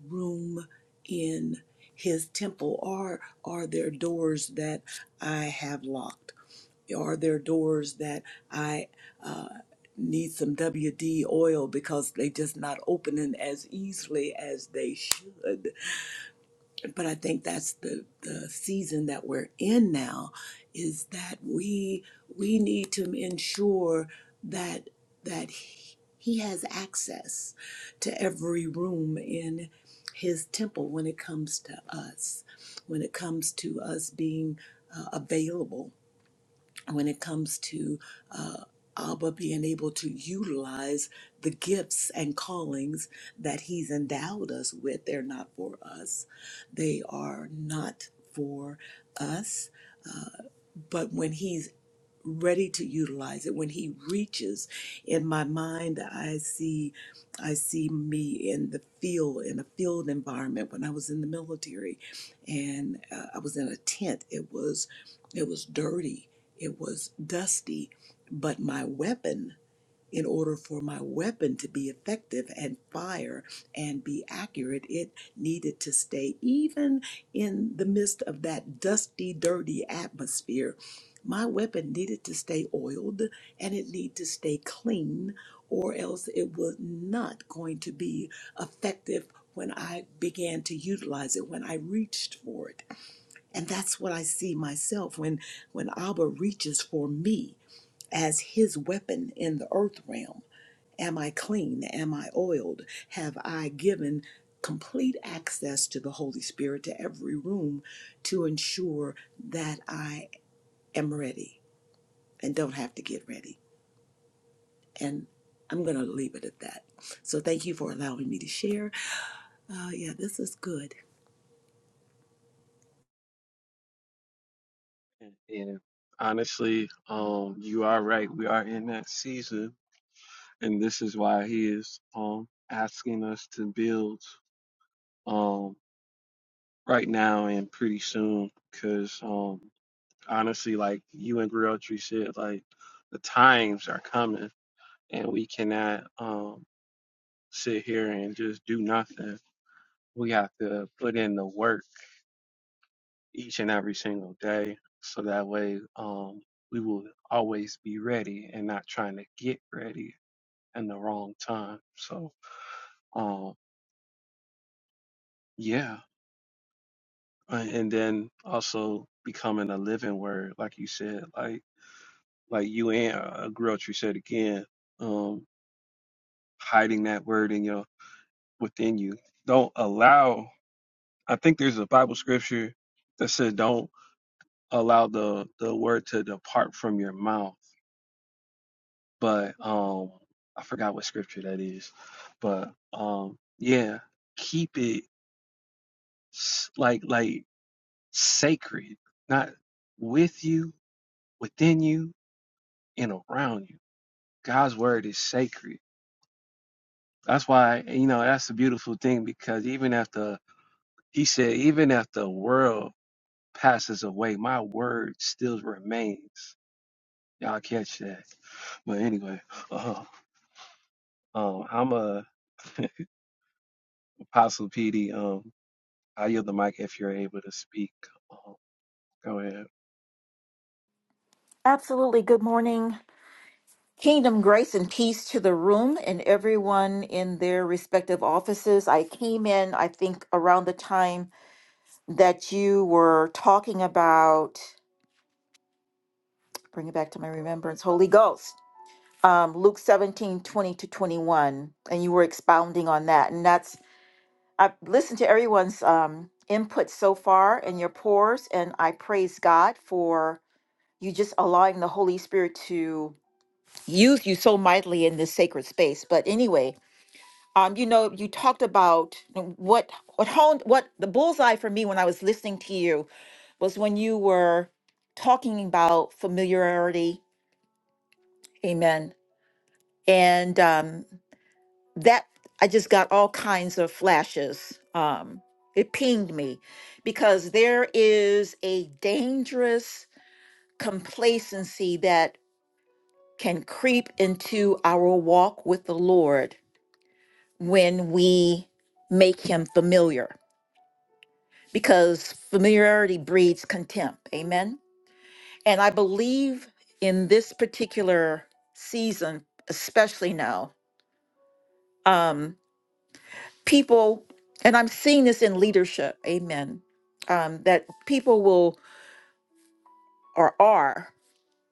[SPEAKER 5] room in His temple, or are there doors that I have locked? are there doors that I uh, need some WD oil because they just not opening as easily as they should? But I think that's the, the season that we're in now is that we we need to ensure that that he, he has access to every room in his temple when it comes to us, when it comes to us being uh, available when it comes to uh, Abba being able to utilize the gifts and callings that He's endowed us with. They're not for us, they are not for us. Uh, but when He's ready to utilize it when he reaches in my mind i see i see me in the field in a field environment when i was in the military and uh, i was in a tent it was it was dirty it was dusty but my weapon in order for my weapon to be effective and fire and be accurate, it needed to stay even in the midst of that dusty, dirty atmosphere. My weapon needed to stay oiled and it needed to stay clean, or else it was not going to be effective when I began to utilize it, when I reached for it. And that's what I see myself when when Abba reaches for me as his weapon in the earth realm. Am I clean? Am I oiled? Have I given complete access to the Holy Spirit to every room to ensure that I am ready and don't have to get ready? And I'm going to leave it at that. So thank you for allowing me to share. Uh, yeah, this is good.
[SPEAKER 1] And honestly, um, you are right. We are in that season, and this is why he is um asking us to build um right now and pretty soon. Cause um honestly, like you and Grilltree said, like the times are coming, and we cannot um sit here and just do nothing. We have to put in the work each and every single day. So that way, um, we will always be ready and not trying to get ready in the wrong time. So, um, yeah. Uh, And then also becoming a living word, like you said, like, like you and uh, Grouch, you said again, um, hiding that word in your, within you. Don't allow, I think there's a Bible scripture that said, don't allow the, the word to depart from your mouth but um I forgot what scripture that is. But um yeah, keep it s- like like sacred, not with you, within you, and around you. God's word is sacred. That's why you know that's a beautiful thing because even after he said, even after the world passes away, my word still remains. Y'all catch that. But anyway, uh, um, I'm a apostle PD. Um, I yield the mic if you're able to speak. Um, go ahead.
[SPEAKER 6] Absolutely. Good morning. Kingdom grace and peace to the room and everyone in their respective offices. I came in, I think, around the time that you were talking about, bring it back to my remembrance, Holy Ghost, um, Luke 17 20 to 21. And you were expounding on that. And that's, I've listened to everyone's um, input so far and your pores. And I praise God for you just allowing the Holy Spirit to. used you so mightily in this sacred space. But anyway, um, you know, you talked about what what honed what the bullseye for me when I was listening to you was when you were talking about familiarity, amen. And um that I just got all kinds of flashes. Um it pinged me because there is a dangerous complacency that can creep into our walk with the Lord when we make him familiar because familiarity breeds contempt. Amen. And I believe in this particular season, especially now, um, people, and I'm seeing this in leadership, amen, um, that people will or are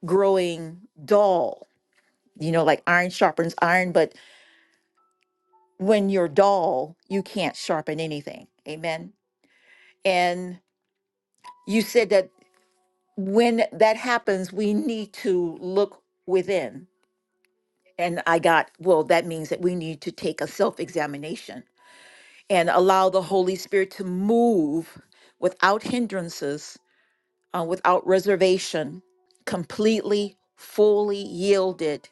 [SPEAKER 6] growing dull, you know, like iron sharpens iron, but when you're dull, you can't sharpen anything. Amen. And you said that when that happens, we need to look within. And I got, well, that means that we need to take a self examination and allow the Holy Spirit to move without hindrances, uh, without reservation, completely, fully yielded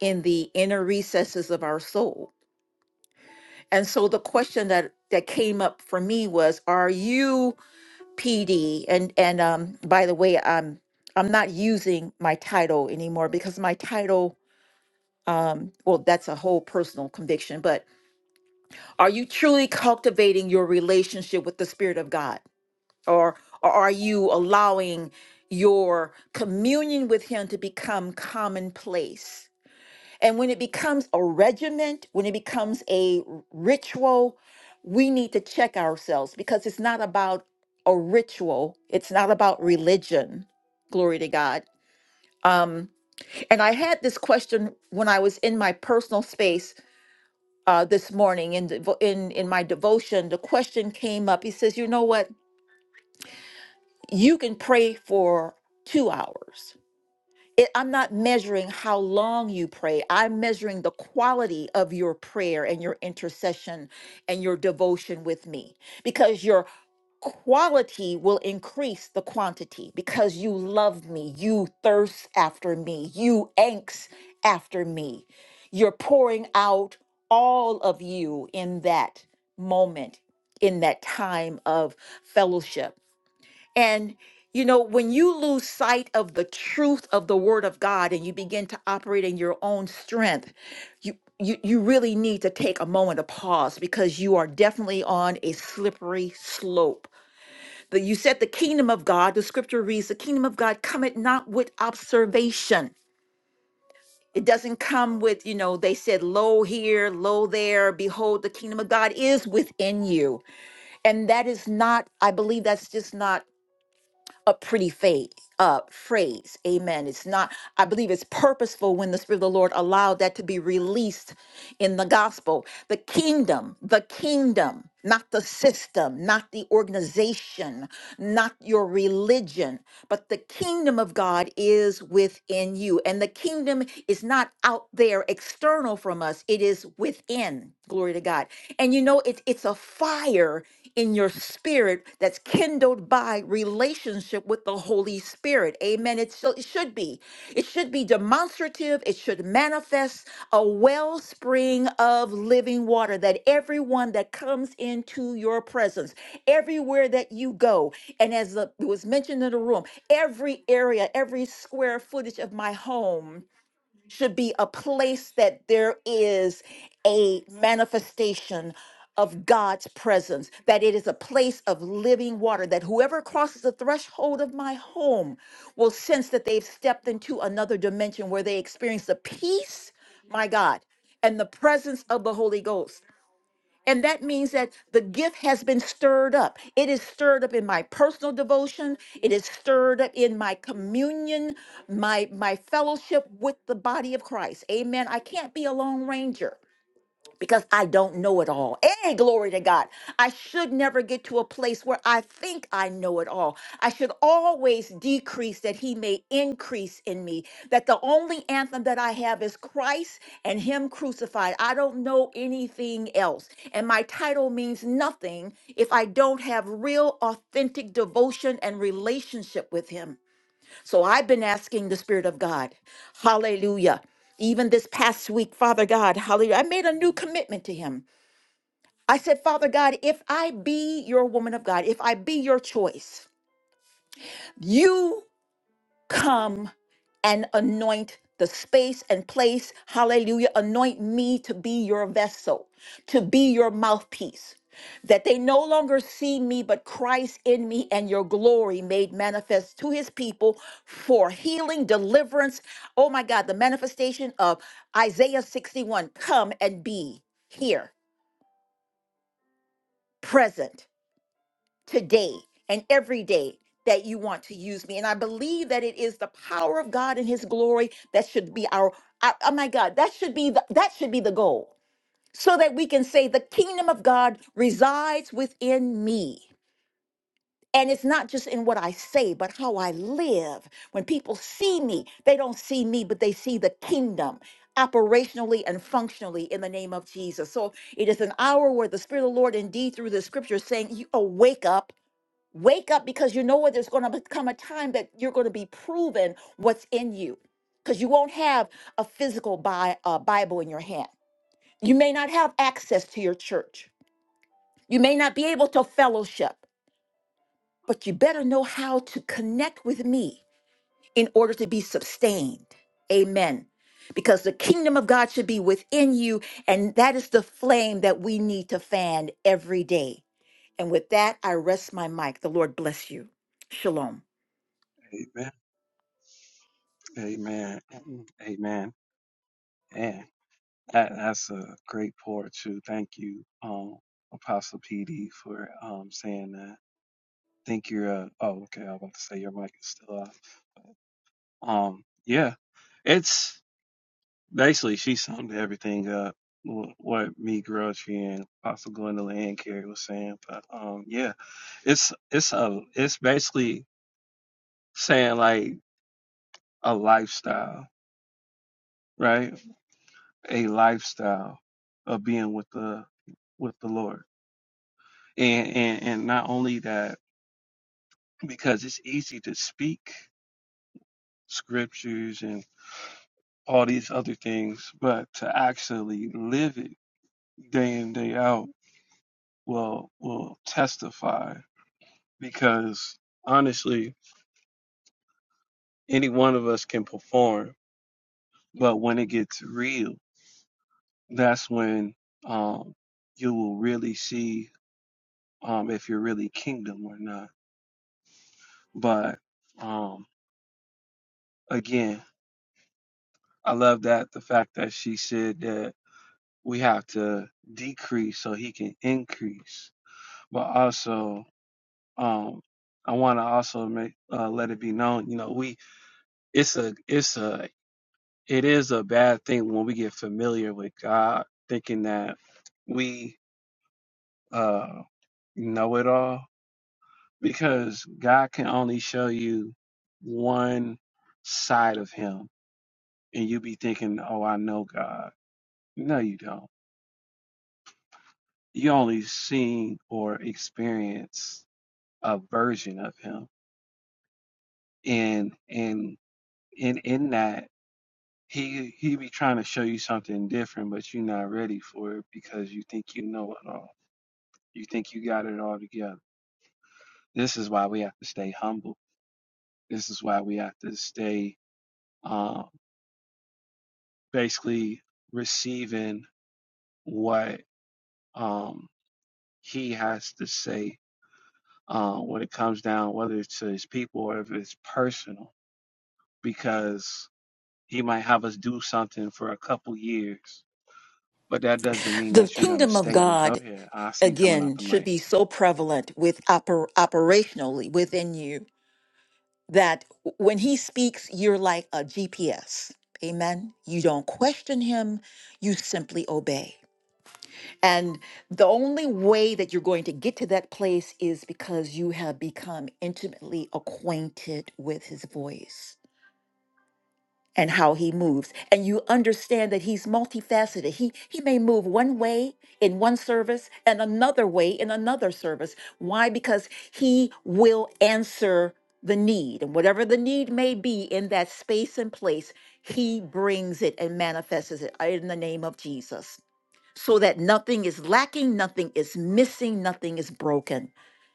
[SPEAKER 6] in the inner recesses of our soul. And so the question that, that came up for me was Are you PD. And and um, by the way, I'm I'm not using my title anymore because my title, um, well, that's a whole personal conviction. But are you truly cultivating your relationship with the Spirit of God, or or are you allowing your communion with Him to become commonplace? And when it becomes a regiment, when it becomes a ritual, we need to check ourselves because it's not about a ritual, it's not about religion. Glory to God. Um, and I had this question when I was in my personal space uh, this morning in, devo- in in my devotion. The question came up. He says, "You know what? You can pray for two hours. it, I'm not measuring how long you pray. I'm measuring the quality of your prayer and your intercession and your devotion with me because your quality will increase the quantity because you love me. You thirst after me. You angst after me. You're pouring out all of you in that moment, in that time of fellowship. And you know, when you lose sight of the truth of the word of God and you begin to operate in your own strength, you you, you really need to take a moment of pause because you are definitely on a slippery slope. That you said the kingdom of God, the scripture reads, the kingdom of God cometh not with observation. It doesn't come with, you know, they said, lo here, lo there, behold, the kingdom of God is within you. And that is not, I believe that's just not a pretty fa- uh, phrase. Amen. It's not, I believe it's purposeful when the Spirit of the Lord allowed that to be released in the gospel. The kingdom, the kingdom, not the system, not the organization, not your religion, but the kingdom of God is within you. And the kingdom is not out there external from us, it is within. Glory to God. And you know, it, it's a fire in your spirit that's kindled by relationship with the Holy Spirit. Amen. It, so, it should be. It should be demonstrative. It should manifest a wellspring of living water that everyone that comes into your presence, everywhere that you go, and as the, it was mentioned in the room, every area, every square footage of my home should be a place that there is a manifestation of God's presence, that it is a place of living water, that whoever crosses the threshold of my home will sense that they've stepped into another dimension where they experience the peace, my God, and the presence of the Holy Ghost. And that means that the gift has been stirred up. It is stirred up in my personal devotion. It is stirred up in my communion, my my fellowship with the body of Christ. Amen. I can't be a lone ranger because I don't know it all. Hey, glory to God. I should never get to a place where I think I know it all. I should always decrease that He may increase in me, that the only anthem that I have is Christ and Him crucified. I don't know anything else. And my title means nothing if I don't have real, authentic devotion and relationship with Him. So I've been asking the Spirit of God, hallelujah. Even this past week, Father God, hallelujah, I made a new commitment to Him. I said, Father God, if I be your woman of God, if I be your choice, you come and anoint the space and place. Hallelujah. Anoint me to be your vessel, to be your mouthpiece. That they no longer see me, but Christ in me and your glory made manifest to his people for healing, deliverance. Oh my God, the manifestation of Isaiah 61 come and be here, present today and every day that you want to use me. And I believe that it is the power of God and his glory that should be our I- oh my God, that should be the, that should be the goal. So that we can say the kingdom of God resides within me. And it's not just in what I say, but how I live. When people see me, they don't see me, but they see the kingdom operationally and functionally in the name of Jesus. So it is an hour where the Spirit of the Lord, indeed, through the scripture, is saying, You awake up Wake up because you know what there's going to come a time that you're going to be proven what's in you because you won't have a physical bi- uh, Bible in your hand. You may not have access to your church. You may not be able to fellowship, but you better know how to connect with me in order to be sustained. Amen. Because the kingdom of God should be within you, and that is the flame that we need to fan every day. And with that, I rest my mic. The Lord bless you. Shalom.
[SPEAKER 1] Amen. Amen. Amen. And that, that's a great pour too. Thank you, um, Apostle PD, for um saying that. I Think you're uh oh okay, I was about to say your mic is still off. Um yeah. It's basically she summed everything up wh- what me, Grouchy, and Apostle Gwendolyn and Carrie was saying. But um yeah, it's it's a it's basically saying like a lifestyle. right? A lifestyle of being with the with the Lord. And and, and not only that, because it's easy to speak scriptures and all these other things, but to actually live it day in, day out will will testify because honestly, any one of us can perform, but when it gets real, that's when um you will really see um if you're really kingdom or not But um, again, I love that the fact that she said that we have to decrease so he can increase. But also, um, I want to also make uh, let it be known, you know, we it's a it's a it is a bad thing when we get familiar with God, thinking that we uh know it all because God can only show you one side of him and you be thinking, "Oh, I know God." No, you don't. You only seen or experience a version of him. And and in in that he he be trying to show you something different, but you're not ready for it because you think you know it all. You think you got it all together. This is why we have to stay humble. This is why we have to stay um, basically receiving what um, he has to say uh, when it comes down, whether it's to his people or if it's personal because he might have us do something for a couple years, but that doesn't mean
[SPEAKER 6] The
[SPEAKER 1] that you're going to
[SPEAKER 6] kingdom of
[SPEAKER 1] stay there. Go
[SPEAKER 6] God,
[SPEAKER 1] ahead. I see you coming out
[SPEAKER 6] again,
[SPEAKER 1] the
[SPEAKER 6] should
[SPEAKER 1] mic.
[SPEAKER 6] be so prevalent with oper- operationally within you that when he speaks, you're like a GPS. Amen. You don't question him, you simply obey. And the only way that you're going to get to that place is because you have become intimately acquainted with his voice. and how he moves and you understand that he's multifaceted he he may move one way in one service and another way in another service why because he will answer the need and whatever the need may be in that space and place he brings it and manifests it in the name of Jesus so that nothing is lacking nothing is missing nothing is broken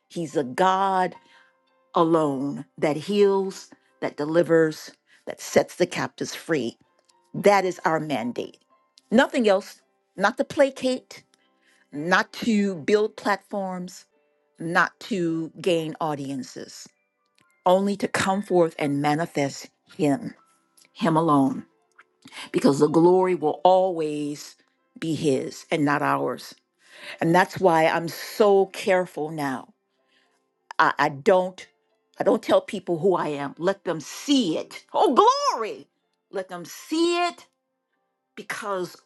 [SPEAKER 6] he's a god alone that heals that delivers that sets the captives free that is our mandate. Nothing else, not to placate, not to build platforms, not to gain audiences, only to come forth and manifest Him, Him alone, because the glory will always be His and not ours. And that's why I'm so careful now. I, I don't. I don't tell people who I am. Let them see it. Oh, glory! Let them see it because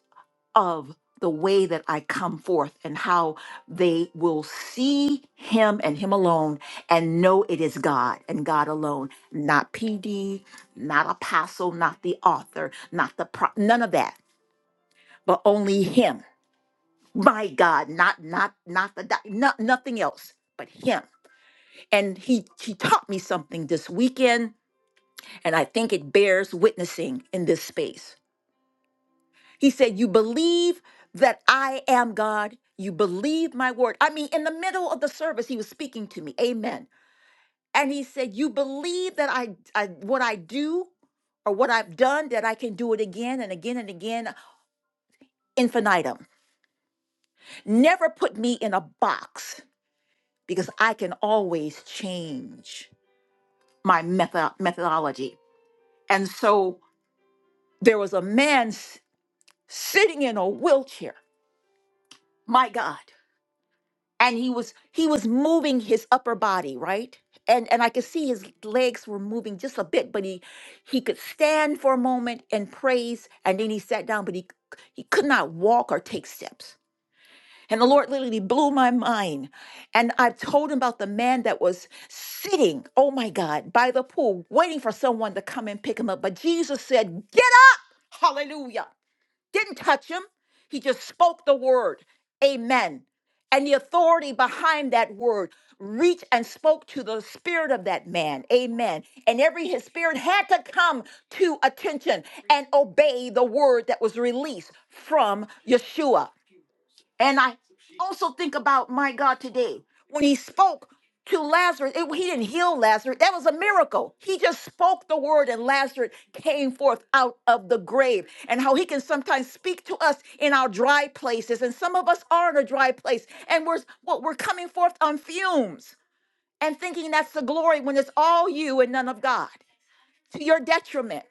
[SPEAKER 6] of the way that I come forth and how they will see him and him alone and know it is God and God alone, not PD, not apostle, not the author, not the pro- none of that, but only him. My God, not not not the doc- no, nothing else but him. And he he taught me something this weekend and I think it bears witnessing in this space. He said, You believe that I am God. You believe my word. I mean, in the middle of the service, he was speaking to me. Amen. And he said, You believe that I, I what I do or what I've done, that I can do it again and again and again, infinitum. Never put me in a box because I can always change my method, methodology. And so there was a man s- sitting in a wheelchair, my God. and he was he was moving his upper body right and and i could see his legs were moving just a bit but he he could stand for a moment and praise and then he sat down but he c- he could not walk or take steps and the lord literally blew my mind and i told him about the man that was sitting oh my god by the pool waiting for someone to come and pick him up but jesus said get up hallelujah didn't touch him. He just spoke the word, amen. And the authority behind that word reached and spoke to the spirit of that man, amen. And every his spirit had to come to attention and obey the word that was released from Yeshua. And I also think about my God today when he spoke to Lazarus, it- he didn't heal Lazarus. That was a miracle. He just spoke the word, and Lazarus came forth out of the grave. And how he can sometimes speak to us in our dry places, and some of us are in a dry place, and we're what we're coming forth on fumes and thinking that's the glory when it's all you and none of God to your detriment.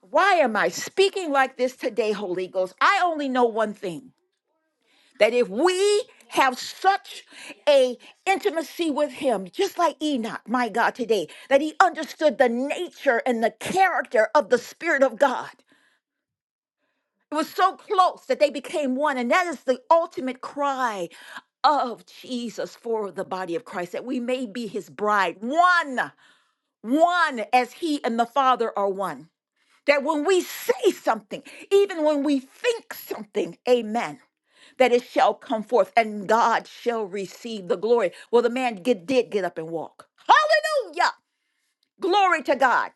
[SPEAKER 6] Why am I speaking like this today, Holy Ghost? I only know one thing that if we have such a intimacy with him just like enoch my god today that he understood the nature and the character of the spirit of god it was so close that they became one and that is the ultimate cry of jesus for the body of christ that we may be his bride one one as he and the father are one that when we say something even when we think something amen that it shall come forth and God shall receive the glory. Well, the man get, did get up and walk. Hallelujah. Glory to God.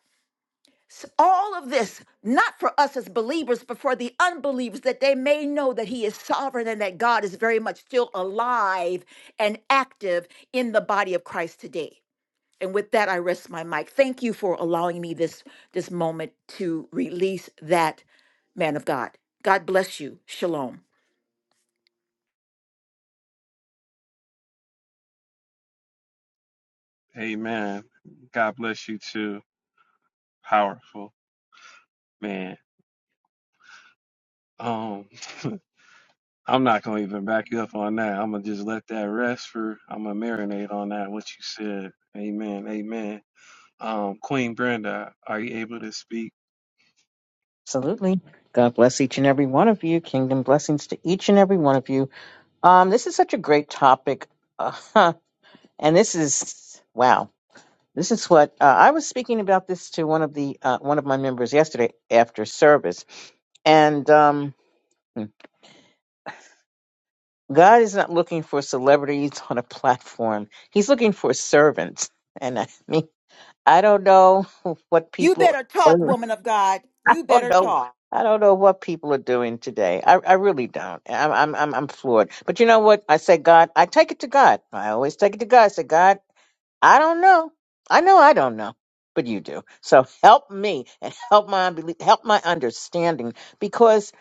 [SPEAKER 6] S- All of this, not for us as believers, but for the unbelievers, that they may know that He is sovereign and that God is very much still alive and active in the body of Christ today. And with that, I rest my mic. Thank you for allowing me this, this moment to release that man of God. God bless you. Shalom.
[SPEAKER 1] Amen. God bless you too. Powerful man. Um, I'm not gonna even back you up on that. I'm gonna just let that rest for. I'm gonna marinate on that. What you said. Amen. Amen. Um, Queen Brenda, are you able to speak?
[SPEAKER 7] Absolutely. God bless each and every one of you. Kingdom blessings to each and every one of you. Um, this is such a great topic. Uh, and this is, wow. This is what uh, I was speaking about this to one of the uh, one of my members yesterday after service, and um, hmm, God is not looking for celebrities on a platform. He's looking for servants, and I mean, I don't know what
[SPEAKER 6] You
[SPEAKER 7] people.
[SPEAKER 6] better talk, woman of God.
[SPEAKER 7] I
[SPEAKER 6] You
[SPEAKER 7] don't
[SPEAKER 6] better
[SPEAKER 7] know.
[SPEAKER 6] talk.
[SPEAKER 7] I don't know what people are doing today. I, I really don't. I'm, I'm, I'm, I'm floored. But you know what? I say, God, I take it to God. I always take it to God. I say, God, I don't know. I know I don't know, but you do. So help me and help my unbelief, help my understanding because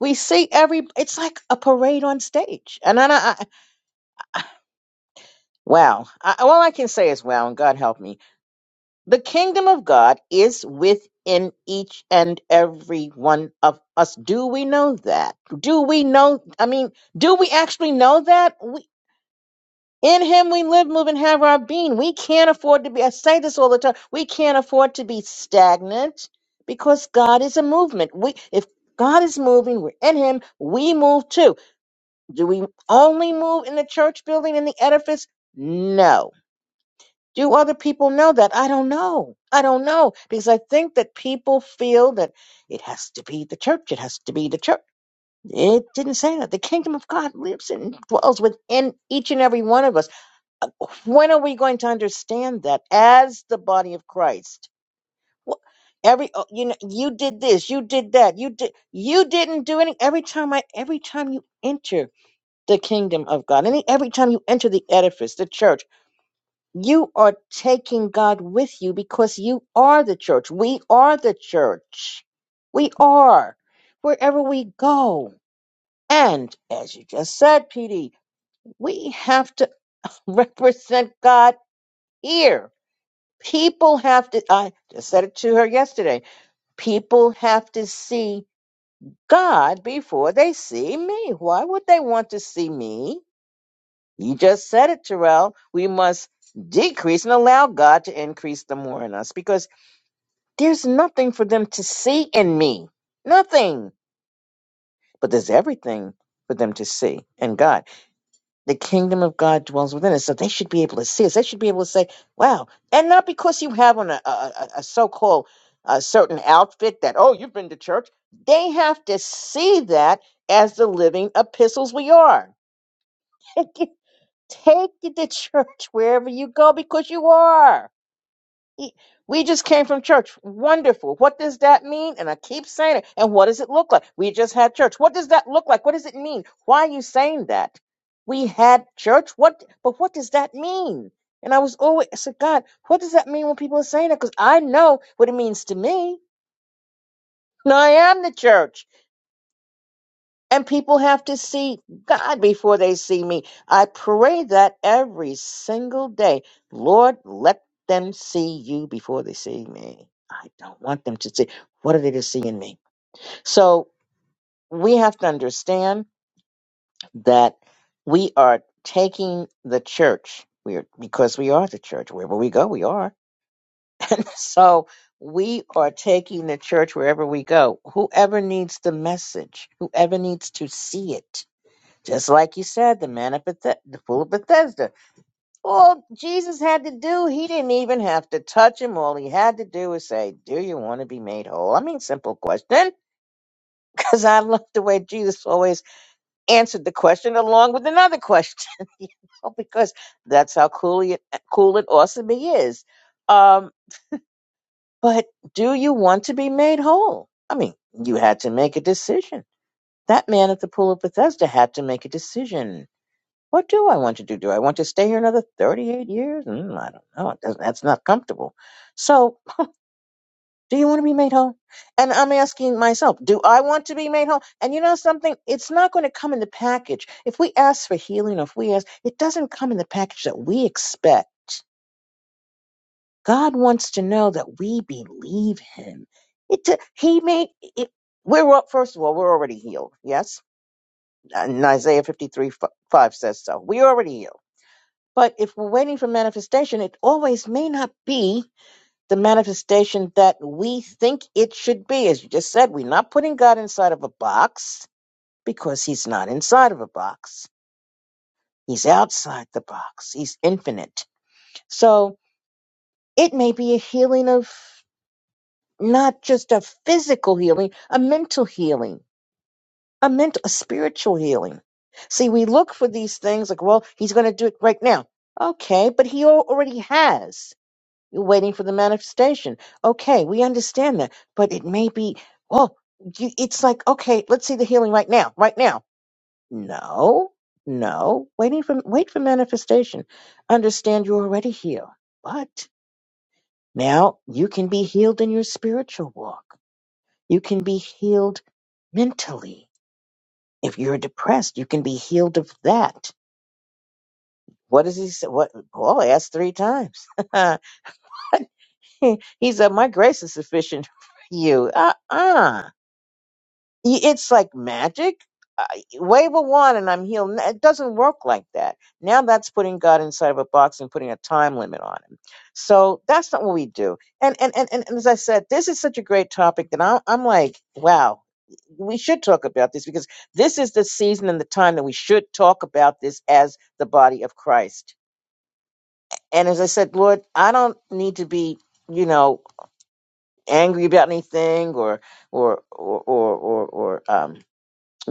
[SPEAKER 7] we see every. It's like a parade on stage, and then I, I wow. I, all I can say is wow, and God help me The kingdom of God is within each and every one of us. Do we know that? Do we know? I mean, do we actually know that? We, in Him we live, move, and have our being. We can't afford to be, I say this all the time, we can't afford to be stagnant because God is a movement. We, if God is moving, we're in Him, we move too. Do we only move in the church building, in the edifice? No do other people know that? I don't know. I don't know because I think that people feel that it has to be the church. It has to be the church. It didn't say that. The kingdom of God lives and dwells within each and every one of us. Uh, When are we going to understand that as the body of Christ? Wh- Every oh, you know, you did this, you did that, you did, you didn't do any. Every time I, every time you enter the kingdom of God, any every time you enter the edifice, the church you are taking God with you because you are the church. We are the church. We are wherever we go. And as you just said, PD, we have to represent God here. People have to, I just said it to her yesterday. People have to see God before they see me. Why would they want to see me? You just said it, Terrell. We must decrease and allow God to increase the more in us because There's nothing for them to see in me. Nothing. But there's everything for them to see in God. The kingdom of God dwells within us. So they should be able to see us. They should be able to say, wow. And not because you have on a, a, a a so-called uh, certain outfit that, oh, you've been to church. They have to see that as the living epistles we are. Take it to church wherever you go because you are. He- We just came from church. Wonderful. What does that mean? And I keep saying it. And what does it look like? We just had church. What does that look like? What does it mean? Why are you saying that? We had church. What? But what does that mean? And I was always I said, God, what does that mean when people are saying that? Because I know what it means to me. I am the church and people have to see God before they see me. I pray that every single day. Lord, let them see you before they see me. I don't want them to see. What are they to see in me? So we have to understand that we are taking the church. We are, because we are the church. Wherever we go, we are. And so we are taking the church wherever we go. Whoever needs the message, whoever needs to see it just like you said, the man at Beth- the fool of Bethesda. All Jesus had to do, he didn't even have to touch him. All he had to do was say, Do you want to be made whole? I mean, simple question. Because I love the way Jesus always answered the question along with another question, you know, because that's how cool, he, cool and awesome he is. Um, but do you want to be made whole? I mean, you had to make a decision. That man at the pool of Bethesda had to make a decision What do I want to do? Do I want to stay here another 38 years? Mm, I don't know. It doesn't, that's not comfortable. So, do you want to be made whole? And I'm asking myself, do I want to be made whole? And you know something? It's not going to come in the package. If we ask for healing, or if we ask, it doesn't come in the package that we expect. God wants to know that we believe Him. It, t- he made it. We're all- first of all, we're already healed. Yes, and Isaiah 53 f- 5 says so. We're already healed. But if we're waiting for manifestation, it always may not be the manifestation that we think it should be. As you just said, we're not putting God inside of a box because he's not inside of a box. He's outside the box. He's infinite. So it may be a healing of not just a physical healing, a mental healing, a mental, a spiritual healing. See, we look for these things like, well, he's going to do it right now. Okay, but he al- already has. You're waiting for the manifestation. Okay, we understand that, but it may be, oh, you, it's like, okay, let's see the healing right now, right now. No, no, waiting for, wait for manifestation. Understand you're already healed, but now you can be healed in your spiritual walk. You can be healed mentally. If you're depressed, you can be healed of that. What does he say? What Paul asked three times. he said, My grace is sufficient for you. Uh uh It's like magic. Uh, wave a wand and I'm healed. N- It doesn't work like that. Now that's putting God inside of a box and putting a time limit on him. So that's not what we do. And and and, and and as I said, this is such a great topic that I'm, I'm like, wow, we should talk about this because this is the season and the time that we should talk about this as the body of Christ. And as I said, Lord, I don't need to be, you know angry about anything or or or or or, or um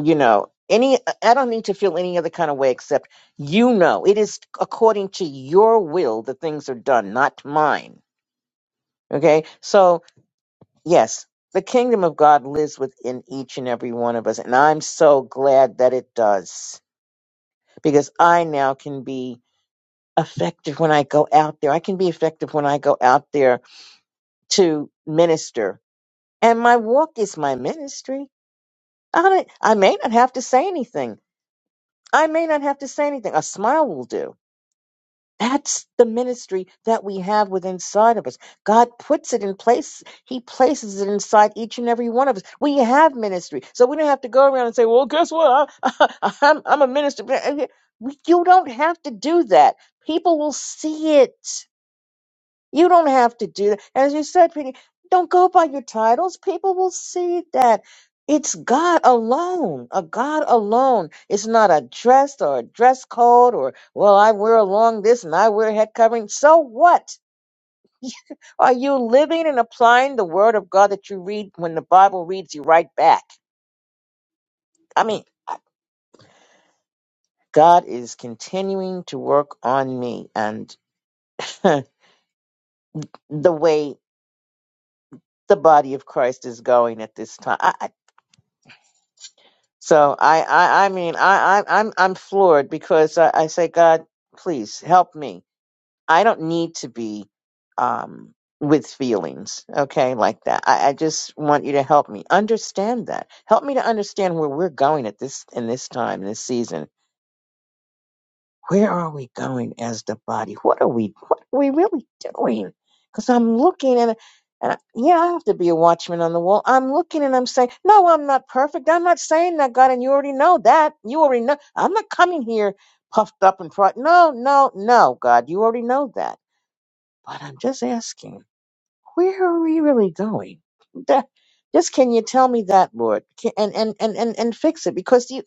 [SPEAKER 7] you know any i don't need to feel any other kind of way except you know it is according to your will that things are done not mine okay so yes the kingdom of god lives within each and every one of us and i'm so glad that it does because i now can be effective when i go out there i can be effective when i go out there to minister and my walk is my ministry I, don't- I may not have to say anything. I may not have to say anything. A smile will do. That's the ministry that we have within inside of us. God puts it in place. He places it inside each and every one of us. We have ministry. So we don't have to go around and say, well, guess what? I, am I'm I'm a minister. We- You don't have to do that. People will see it. You don't have to do that. As you said, Penny, don't go by your titles. People will see that. It's God alone, a God alone. It's not a dress or a dress code or, well, I wear a long this and I wear a head covering. So what? Are you living and applying the word of God that you read when the Bible reads you right back? I mean, God is continuing to work on me and the way the body of Christ is going at this time. So I, I, I mean, I, I, I'm, I'm floored because I, I say, God, please help me. I don't need to be, um, with feelings, okay, like that. I, I just want you to help me understand that. Help me to understand where we're going at this in this time, this season, where are we going as the body? What are we what are we really doing? Because I'm looking and and I, yeah, I have to be a watchman on the wall. I'm looking and I'm saying, no, I'm not perfect. I'm not saying that, God, and you already know that. You already know. I'm not coming here puffed up and proud. No, no, no, God, you already know that. But I'm just asking, where are we really going? That, just can you tell me that, Lord, Can- and and and and, and fix it? Because you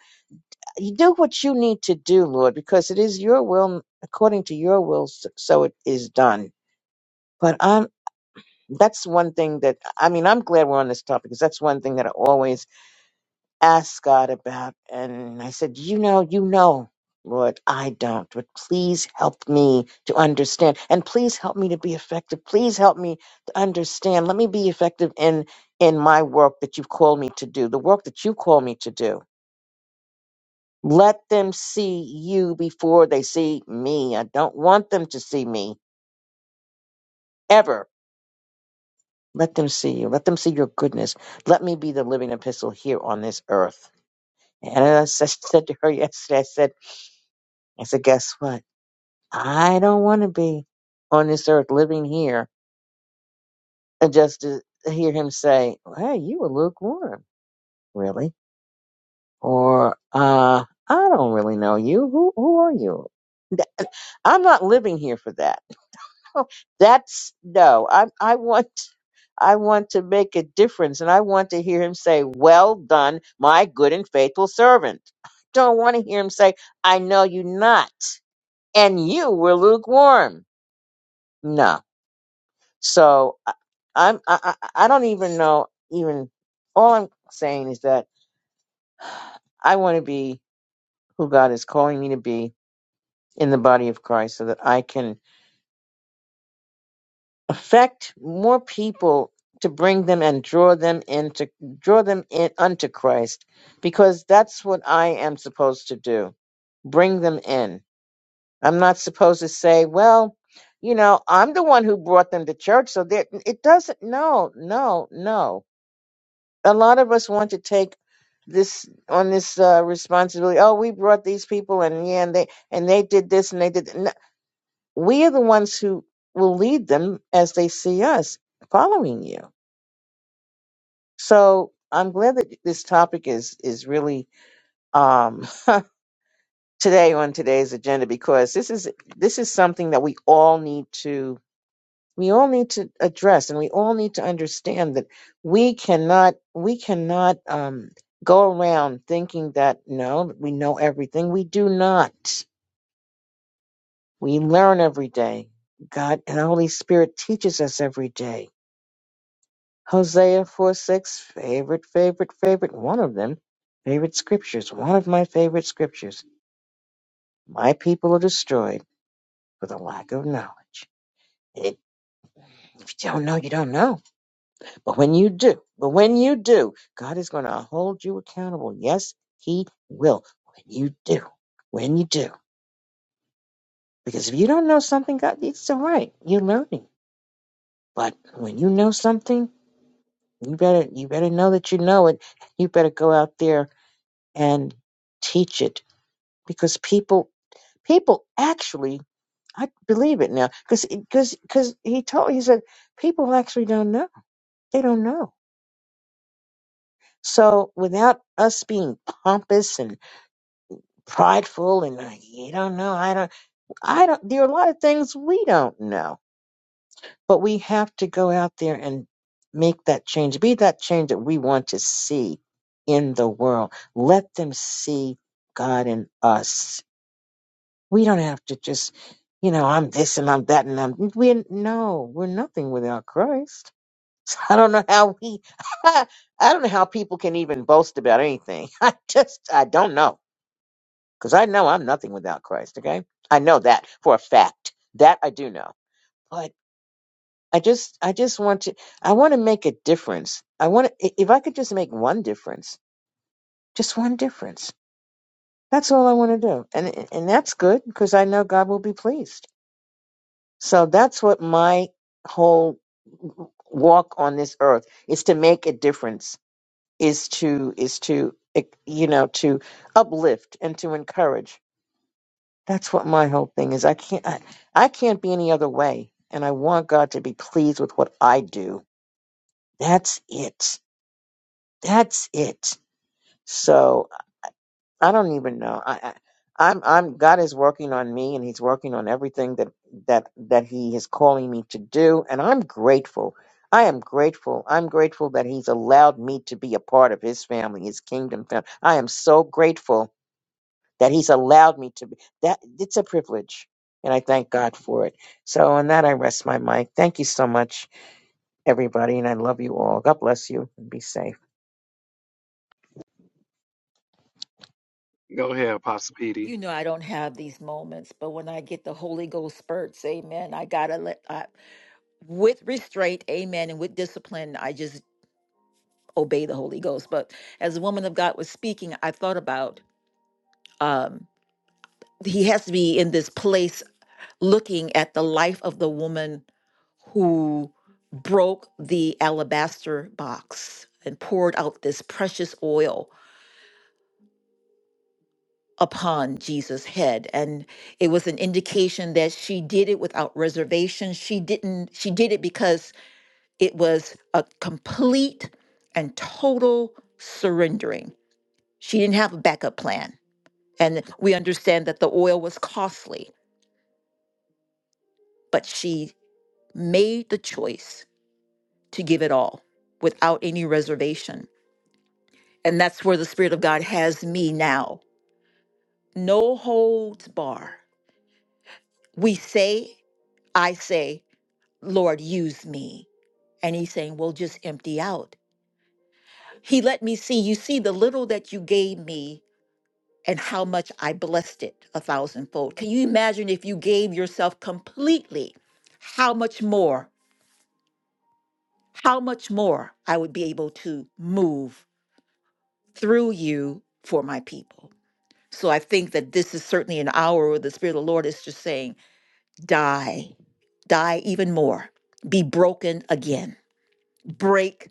[SPEAKER 7] you do what you need to do, Lord, because it is your will, according to your will, s- so it is done. But I'm that's one thing that I mean, I'm glad we're on this topic because that's one thing that I always ask God about. And I said, You know, you know, Lord, I don't, but please help me to understand and please help me to be effective. Please help me to understand. Let me be effective in in my work that you've called me to do, the work that you call me to do Let them see you before they see me. I don't want them to see me ever. Let them see you. Let them see your goodness. Let me be the living epistle here on this earth. And I s- I said to her yesterday, I said, I said, guess what? I don't want to be on this earth living here and just to hear him say, Hey, you a lukewarm, really? Or uh, I don't really know you. Who who are you? Th- I'm not living here for that. That's no. I I want I want to make a difference and I want to hear him say, "Well done, my good and faithful servant." I don't want to hear him say, "I know you not and you were lukewarm." No. So I, I'm I, I I don't even know even all I'm saying is that I want to be who God is calling me to be in the body of Christ so that I can affect more people to bring them and draw them into draw them in unto Christ because that's what I am supposed to do bring them in I'm not supposed to say well you know I'm the one who brought them to church so that it doesn't no no no a lot of us want to take this on this uh, responsibility oh we brought these people and yeah and they and they did this and they did we are the ones who will lead them as they see us following you. So I'm glad that this topic is is really um, today on today's agenda because this is this is something that we all need to we all need to address and we all need to understand that we cannot we cannot um, go around thinking that no we know everything we do not we learn every day God and the Holy Spirit teaches us every day Hosea 4 6, favorite, favorite, favorite, one of them, favorite scriptures, one of my favorite scriptures. My people are destroyed for the lack of knowledge. It, if you don't know, you don't know. But when you do, but when you do, God is going to hold you accountable. Yes, He will. When you do, when you do. Because if you don't know something, God, it's all right. You're learning. But when you know something, you better, you better know that you know it. You better go out there and teach it because people people actually I believe it now because because because he told he said people actually don't know they don't know so without us being pompous and prideful and like, you don't know I don't I don't there are a lot of things we don't know but we have to go out there and make that change be that change that we want to see in the world let them see God in us We don't have to just, you know, I'm this and I'm that and I'm we no, we're nothing without Christ. So I don't know how we I don't know how people can even boast about anything. I just I don't know cuz I know I'm nothing without Christ, okay? I know that for a fact. That I do know. But I just I just want to I want to make a difference. I want to, if I could just make one difference, just one difference. That's all I want to do. And and that's good because I know God will be pleased. So that's what my whole walk on this earth is to make a difference, is to is to eh, you know to uplift and to encourage. That's what my whole thing is. I can't I, I can't be any other way, and I want God to be pleased with what I do. That's it. That's it. So. I don't even know. I, I I'm I'm God is working on me and he's working on everything that that that he is calling me to do and I'm grateful. I am grateful. I'm grateful that he's allowed me to be a part of his family, his kingdom family. I am so grateful that he's allowed me to be that it's a privilege and I thank God for it. So on that I rest my mic. Thank you so much everybody and I love you all. God bless you and be safe.
[SPEAKER 1] Go ahead, Apostle Petey.
[SPEAKER 6] You know I don't have these moments, but when I get the Holy Ghost spurts, amen, I got to let I, with restraint, amen, and with discipline, I just obey the Holy Ghost. But as the woman of God was speaking, I thought about um he has to be in this place looking at the life of the woman who broke the alabaster box and poured out this precious oil upon Jesus' head. And it was an indication that she did it without reservation. She didn't, she did it because it was a complete and total surrendering. She didn't have a backup plan. And we understand that the oil was costly, but she made the choice to give it all without any reservation. And that's where the Spirit of God has me now. No holds bar. We say, I say, Lord, use me. And he's saying, Well, just empty out. He let me see, you see the little that you gave me and how much I blessed it a thousandfold. Can you imagine if you gave yourself completely, how much more, how much more I would be able to move through you for my people? So I think that this is certainly an hour where the Spirit of the Lord is just saying, Die, die even more, be broken again, break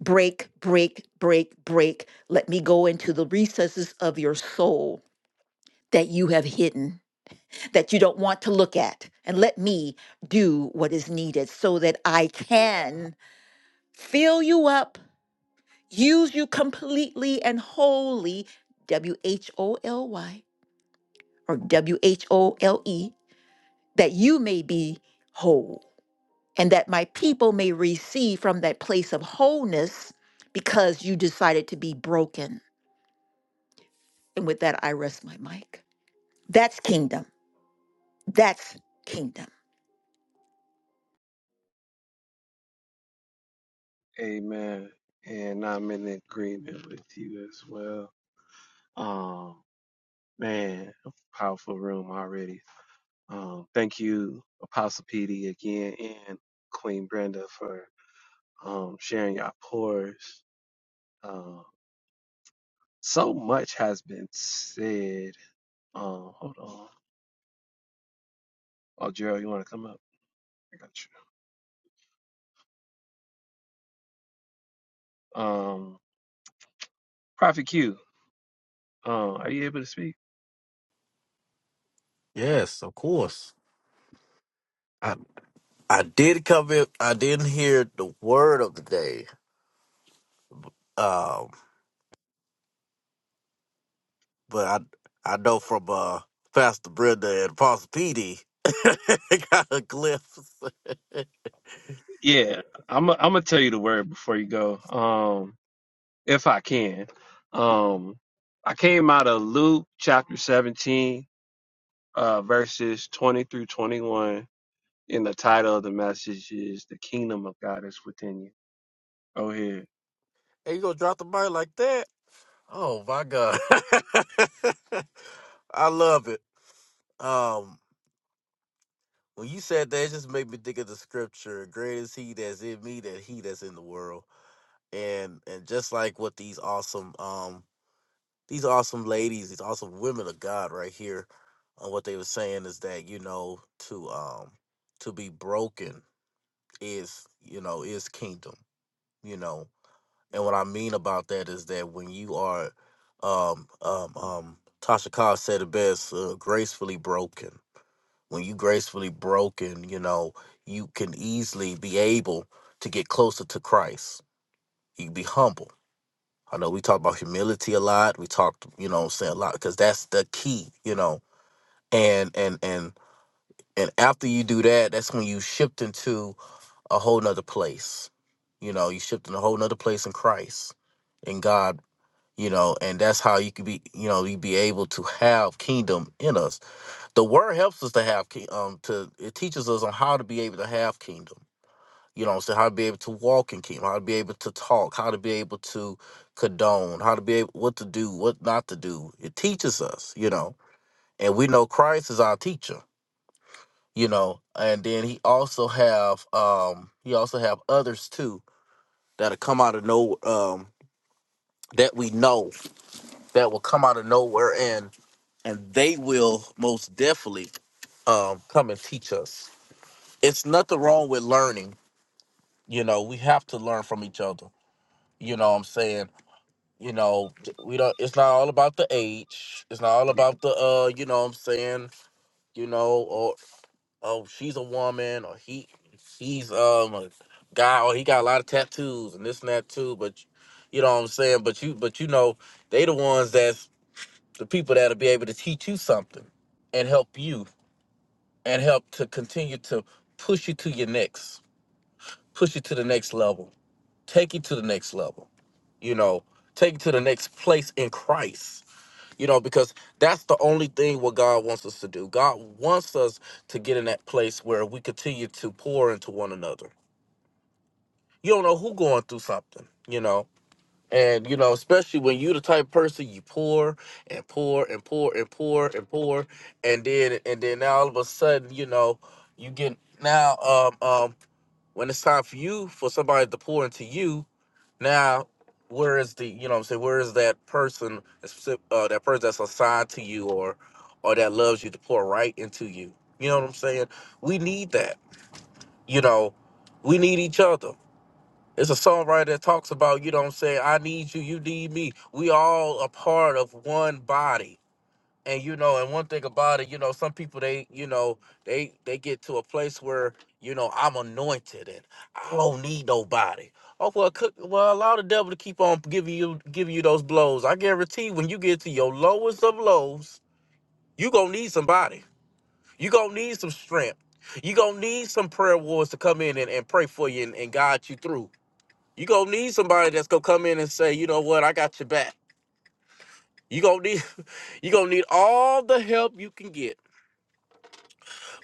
[SPEAKER 6] break, break, break, break. Let me go into the recesses of your soul that you have hidden, that you don't want to look at. And let me do what is needed so that I can fill you up, use you completely and wholly, W H O L Y or W H O L E, that you may be whole and that my people may receive from that place of wholeness because you decided to be broken And with that, I rest my mic. That's kingdom. That's kingdom.
[SPEAKER 1] Amen. And I'm in agreement with you as well. Um. Man, powerful room already. Um, thank you, Apostle PD again and Queen Brenda for um, sharing your pores. Um, so much has been said. Um, hold on. Oh, Gerald, you want to come up? I got you. Um, Prophet Q, um, are you able to speak?
[SPEAKER 8] Yes, of course. I I did come in. I didn't hear the word of the day. Um, but I I know from uh Pastor Brenda and Pastor PD got a glimpse.
[SPEAKER 1] Yeah, I'm. i I'm gonna tell you the word before you go, um, if I can. Um, I came out of Luke chapter 17 uh, verses 20 through 21. And the title of the message is The Kingdom of God is Within You. Go ahead.
[SPEAKER 8] Hey, you gonna drop the mic like that? Oh my God! I love it. Um, when you said that, it just made me think of the scripture: "Great is He that's in me, than He that's in the world." And and just like what these awesome um these awesome ladies, these awesome women of God right here. And what they were saying is that, you know, to um to be broken is, you know, is kingdom, you know. And what I mean about that is that when you are um um um Tasha Cobbs said it best, uh, gracefully broken. When you gracefully broken, you know, you can easily be able to get closer to Christ. You can be humble I know we talk about humility a lot. We talked, you know, what I'm saying a lot because that's the key, you know. And and and and after you do that, that's when you shift into a whole nother place. You know, you shift in a whole nother place in Christ, in God. You know, and that's how you could be, you know, you be able to have kingdom in us. The word helps us to have, ki- um, to it teaches us on how to be able to have kingdom you know what I'm saying? How to be able to walk in kingdom, how to be able to talk, how to be able to condone, how to be able what to do, what not to do. It teaches us, you know. And we know Christ is our teacher, you know. And then he also have um he also have others too that'll come out of no um that we know that will come out of nowhere and and they will most definitely um come and teach us. It's nothing wrong with learning, you know, we have to learn from each other. You know what I'm saying? you know t- we don't it's not all about the age it's not all about the uh you know what i'm saying you know or oh she's a woman or he he's um a guy or he got a lot of tattoos and this and that too but you know what i'm saying but you but you know they the ones that's the people that'll be able to teach you something and help you and help to continue to push you to your next push you to the next level take you to the next level you know take you to the next place in christ You know, because that's the only thing what God wants us to do. God wants us to get in that place where we continue to pour into one another. You don't know who going through something, you know. And you know, especially when you the type of person you pour and pour and pour and pour and pour, and then and then now all of a sudden, you know, you get now um um when it's time for you for somebody to pour into you, now, where is the you know what I'm saying? Where is that person that uh, that person that's assigned to you or or that loves you to pour right into you? You know what I'm saying? We need that. You know, we need each other. It's a songwriter that talks about, you know what I'm saying, I need you, you need me. We all a part of one body and you know and one thing about it you know some people they you know they they get to a place where you know i'm anointed and i don't need nobody oh well cook well allow the devil to keep on giving you giving you those blows i guarantee when you get to your lowest of lows you gonna need somebody you gonna need some strength you gonna need some prayer warriors to come in and, and pray for you and, and guide you through you gonna need somebody that's gonna come in and say you know what i got your back you gonna need you gonna need all the help you can get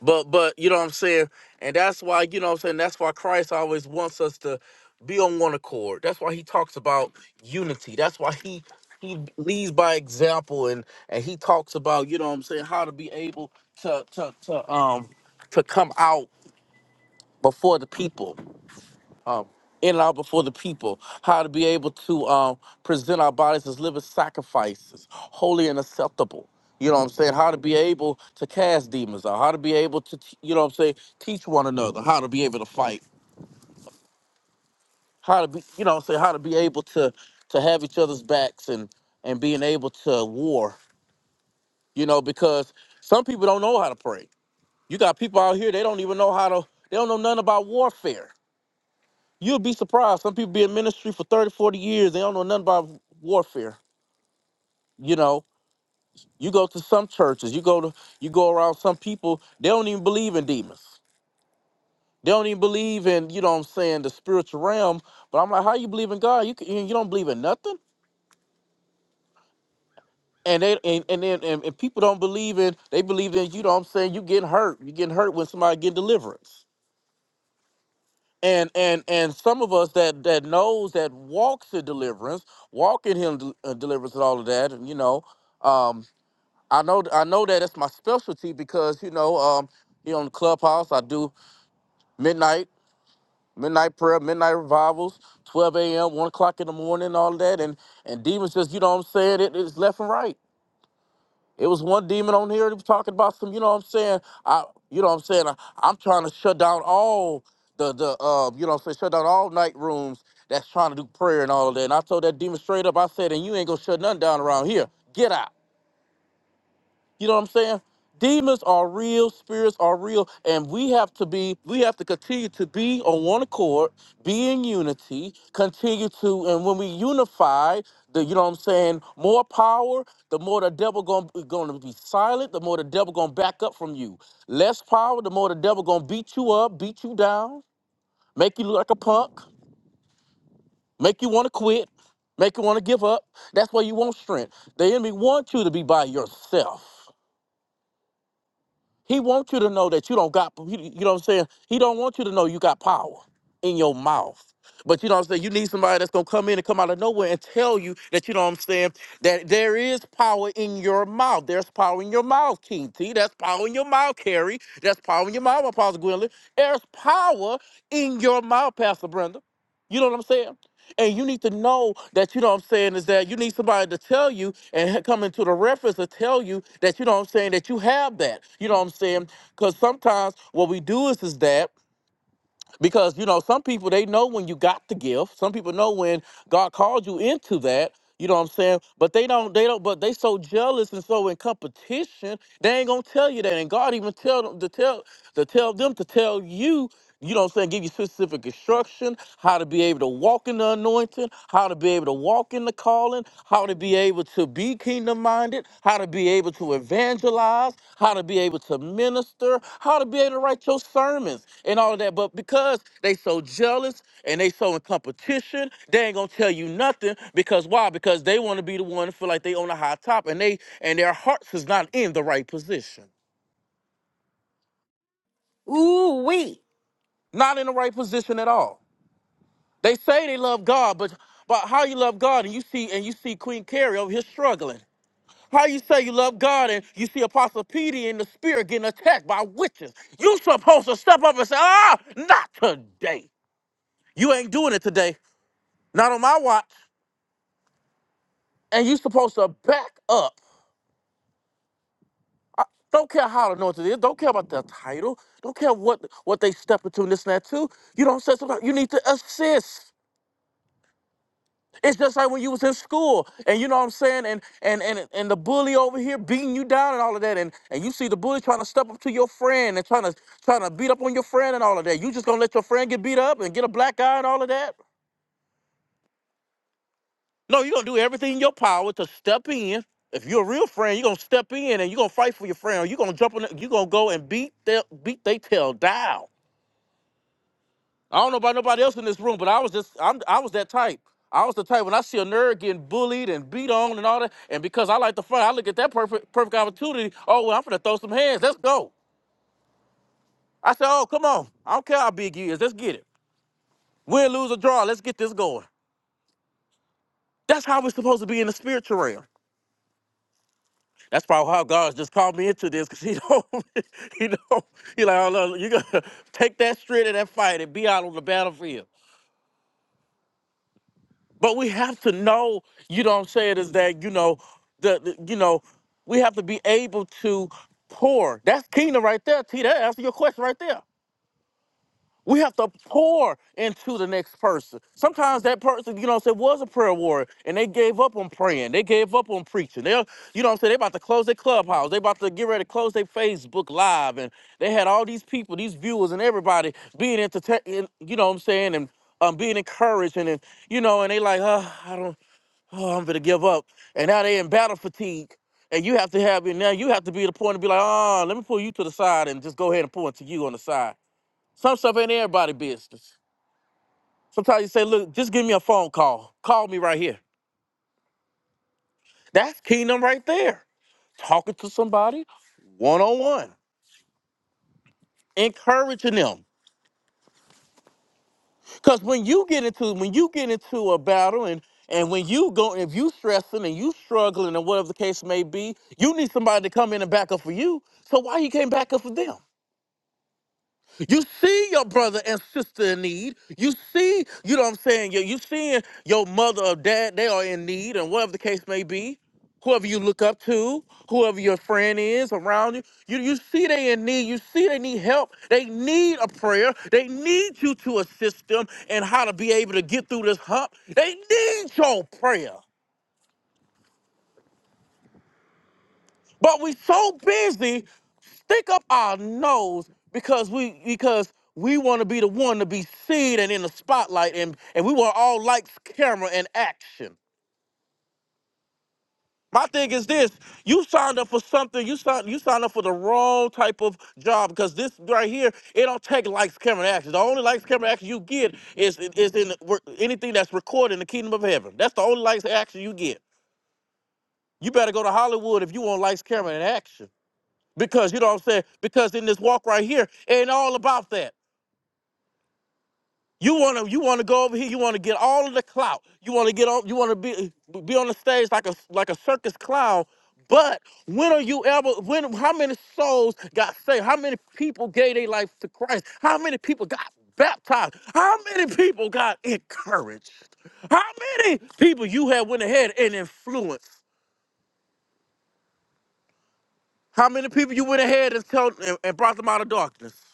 [SPEAKER 8] But but you know what I'm saying? And that's why, you know what I'm saying, that's why Christ always wants us to be on one accord. That's why he talks about unity. That's why he he leads by example and and he talks about, you know what I'm saying, how to be able to to to um to come out before the people um, in and out before the people, how to be able to um, present our bodies as living sacrifices, holy and acceptable. You know what I'm saying? How to be able to cast demons out, how to be able to, t- you know what I'm saying, teach one another, how to be able to fight, how to be, you know what I'm saying, how to be able to to have each other's backs and and being able to war, you know, because some people don't know how to pray. You got people out here, they don't even know how to, they don't know nothing about warfare You'll be surprised. Some people be in ministry for 30, 40 years. They don't know nothing about warfare. You know, you go to some churches, you go to you go around some people, they don't even believe in demons. They don't even believe in, you know what I'm saying, the spiritual realm. But I'm like, how you believe in God? You can, you don't believe in nothing? And they and and, then and and people don't believe in they believe in, you know what I'm saying, you getting hurt. You getting hurt when somebody get deliverance. and and and some of us that that knows that walks in deliverance walk in him del- uh, deliverance and all of that and you know um i know i know that it's my specialty because you know um here on the clubhouse i do midnight midnight prayer midnight revivals 12 a.m 1 o'clock in the morning all of that and and demons just you know what i'm saying it is left and right it was one demon on here that was talking about some, you know what I'm saying? I you know what I'm saying? I, I'm trying to shut down all the the uh, you know what I'm saying, shut down all night rooms that's trying to do prayer and all of that. And I told that demon straight up, I said, and you ain't gonna shut nothing down around here. Get out. You know what I'm saying? Demons are real, spirits are real, and we have to be, we have to continue to be on one accord, be in unity, continue to, and when we unify, the you know what I'm saying, more power, the more the devil gonna, gonna be silent, the more the devil gonna back up from you. Less power, the more the devil gonna beat you up, beat you down, make you look like a punk, make you wanna quit, make you wanna give up. That's why you want strength. The enemy wants you to be by yourself. He wants you to know that you don't got, you know what I'm saying? He don't want you to know you got power in your mouth. But you know what I'm saying? You need somebody that's going to come in and come out of nowhere and tell you that, you know what I'm saying, that there is power in your mouth. There's power in your mouth, King T. That's power in your mouth, Carrie. That's power in your mouth, Apostle Gwendolyn. There's power in your mouth, Pastor Brenda. You know what I'm saying? And you need to know that, you know what I'm saying, is that you need somebody to tell you and come into the reference to tell you that, you know what I'm saying, that you have that. You know what I'm saying? Because sometimes what we do is, is that because you know some people they know when you got the gift some people know when god called you into that you know what i'm saying but they don't they don't but they so jealous and so in competition they ain't gonna tell you that and god even tell them to tell to tell them to tell you you know what I'm saying? Give you specific instruction, how to be able to walk in the anointing, how to be able to walk in the call calling, how to be able to be kingdom minded, how to be able to evangelize, how to be able to minister, how to be able to write your sermons and all of that. But because they so jealous and they so in competition, they ain't gonna tell you nothing because why? Because they want to be the one to feel like they on a high top and they and their hearts is not in the right position.
[SPEAKER 6] Ooh, we.
[SPEAKER 8] Not in the right position at all. They say they love God, but but how you love God and you see and you see Queen Carrie over here struggling. How you say you love God and you see Apostle Peter in the spirit getting attacked by witches? You supposed to step up and say, ah, not today. You ain't doing it today. Not on my watch. And you supposed to back up. Don't care how anointed it is. Don't care about the title. Don't care what what they step into and this and that too. You don't say something. You need to assist. It's just like when you was in school, and you know what I'm saying, and and and and the bully over here beating you down and all of that, and and you see the bully trying to step up to your friend and trying to trying to beat up on your friend and all of that. You just gonna let your friend get beat up and get a black eye and all of that? No, you're gonna do everything in your power to step in. If you're a real friend, you're gonna step in and you're gonna fight for your friend, or you're gonna jump on, you're gonna go and beat their beat they tail down. I don't know about nobody else in this room, but I was just I'm I was that type. I was the type when I see a nerd getting bullied and beat on and all that, and because I like the fun, I look at that perfect perfect opportunity. Oh well, I'm gonna throw some hands. Let's go. I said, oh come on, I don't care how big you is. Let's get it. Win, lose or draw. Let's get this going. That's how we're supposed to be in the spiritual realm. That's probably how God just called me into this, cause he don't, he don't, he like, oh, look, you gotta take that straight and that fight and be out on the battlefield. But we have to know, you know what I'm saying, is that, you know, the, the- you know, we have to be able to pour. That's kingdom right there, T. That answer your question right there. We have to pour into the next person. Sometimes that person, you know what I'm saying, was a prayer warrior and they gave up on praying. They gave up on preaching. They're, you know what I'm saying, they about to close their clubhouse. They about to get ready to close their Facebook live. And they had all these people, these viewers and everybody being entertained, you know what I'm saying, and um, being encouraged and, and you know, and they like, uh, I don't oh, I'm gonna give up. And now they in battle fatigue. And you have to have it now. You have to be at the point to be like, oh, let me pull you to the side and just go ahead and point to you on the side. Some stuff ain't everybody business. Sometimes you say, look, just give me a phone call. Call me right here. That's kingdom right there. Talking to somebody one on one, encouraging them. Cause when you get into when you get into a battle and and when you go if you stressing and you struggling and whatever the case may be, you need somebody to come in and back up for you. So why you can't back up for them? You see your brother and sister in need. You see, you know what I'm saying? You, you seeing your mother or dad, they are in need, and whatever the case may be. Whoever you look up to, whoever your friend is around you, you, you see they in need. You see they need help. They need a prayer. They need you to assist them and how to be able to get through this hump. They need your prayer. But we so busy stick up our nose because we because we want to be the one to be seen and in the spotlight and and we want all likes, camera, and action. My thing is this: you signed up for something. You signed you signed up for the wrong type of job because this right here, it don't take likes, camera, and action. The only likes, camera, and action you get is is in the work- anything that's recorded in the kingdom of heaven. That's the only likes, and action you get. You better go to Hollywood if you want likes, camera, and action. Because you know what I'm saying? Because in this walk right here, it ain't all about that. You wanna you wanna go over here, you wanna get all of the clout. You wanna get on you wanna be be on the stage like a like a circus clown. But when are you ever when how many souls got saved? How many people gave their life to Christ? How many people got baptized? How many people got encouraged? How many people you have went ahead and influenced? How many people you went ahead and told and, and brought them out of darkness?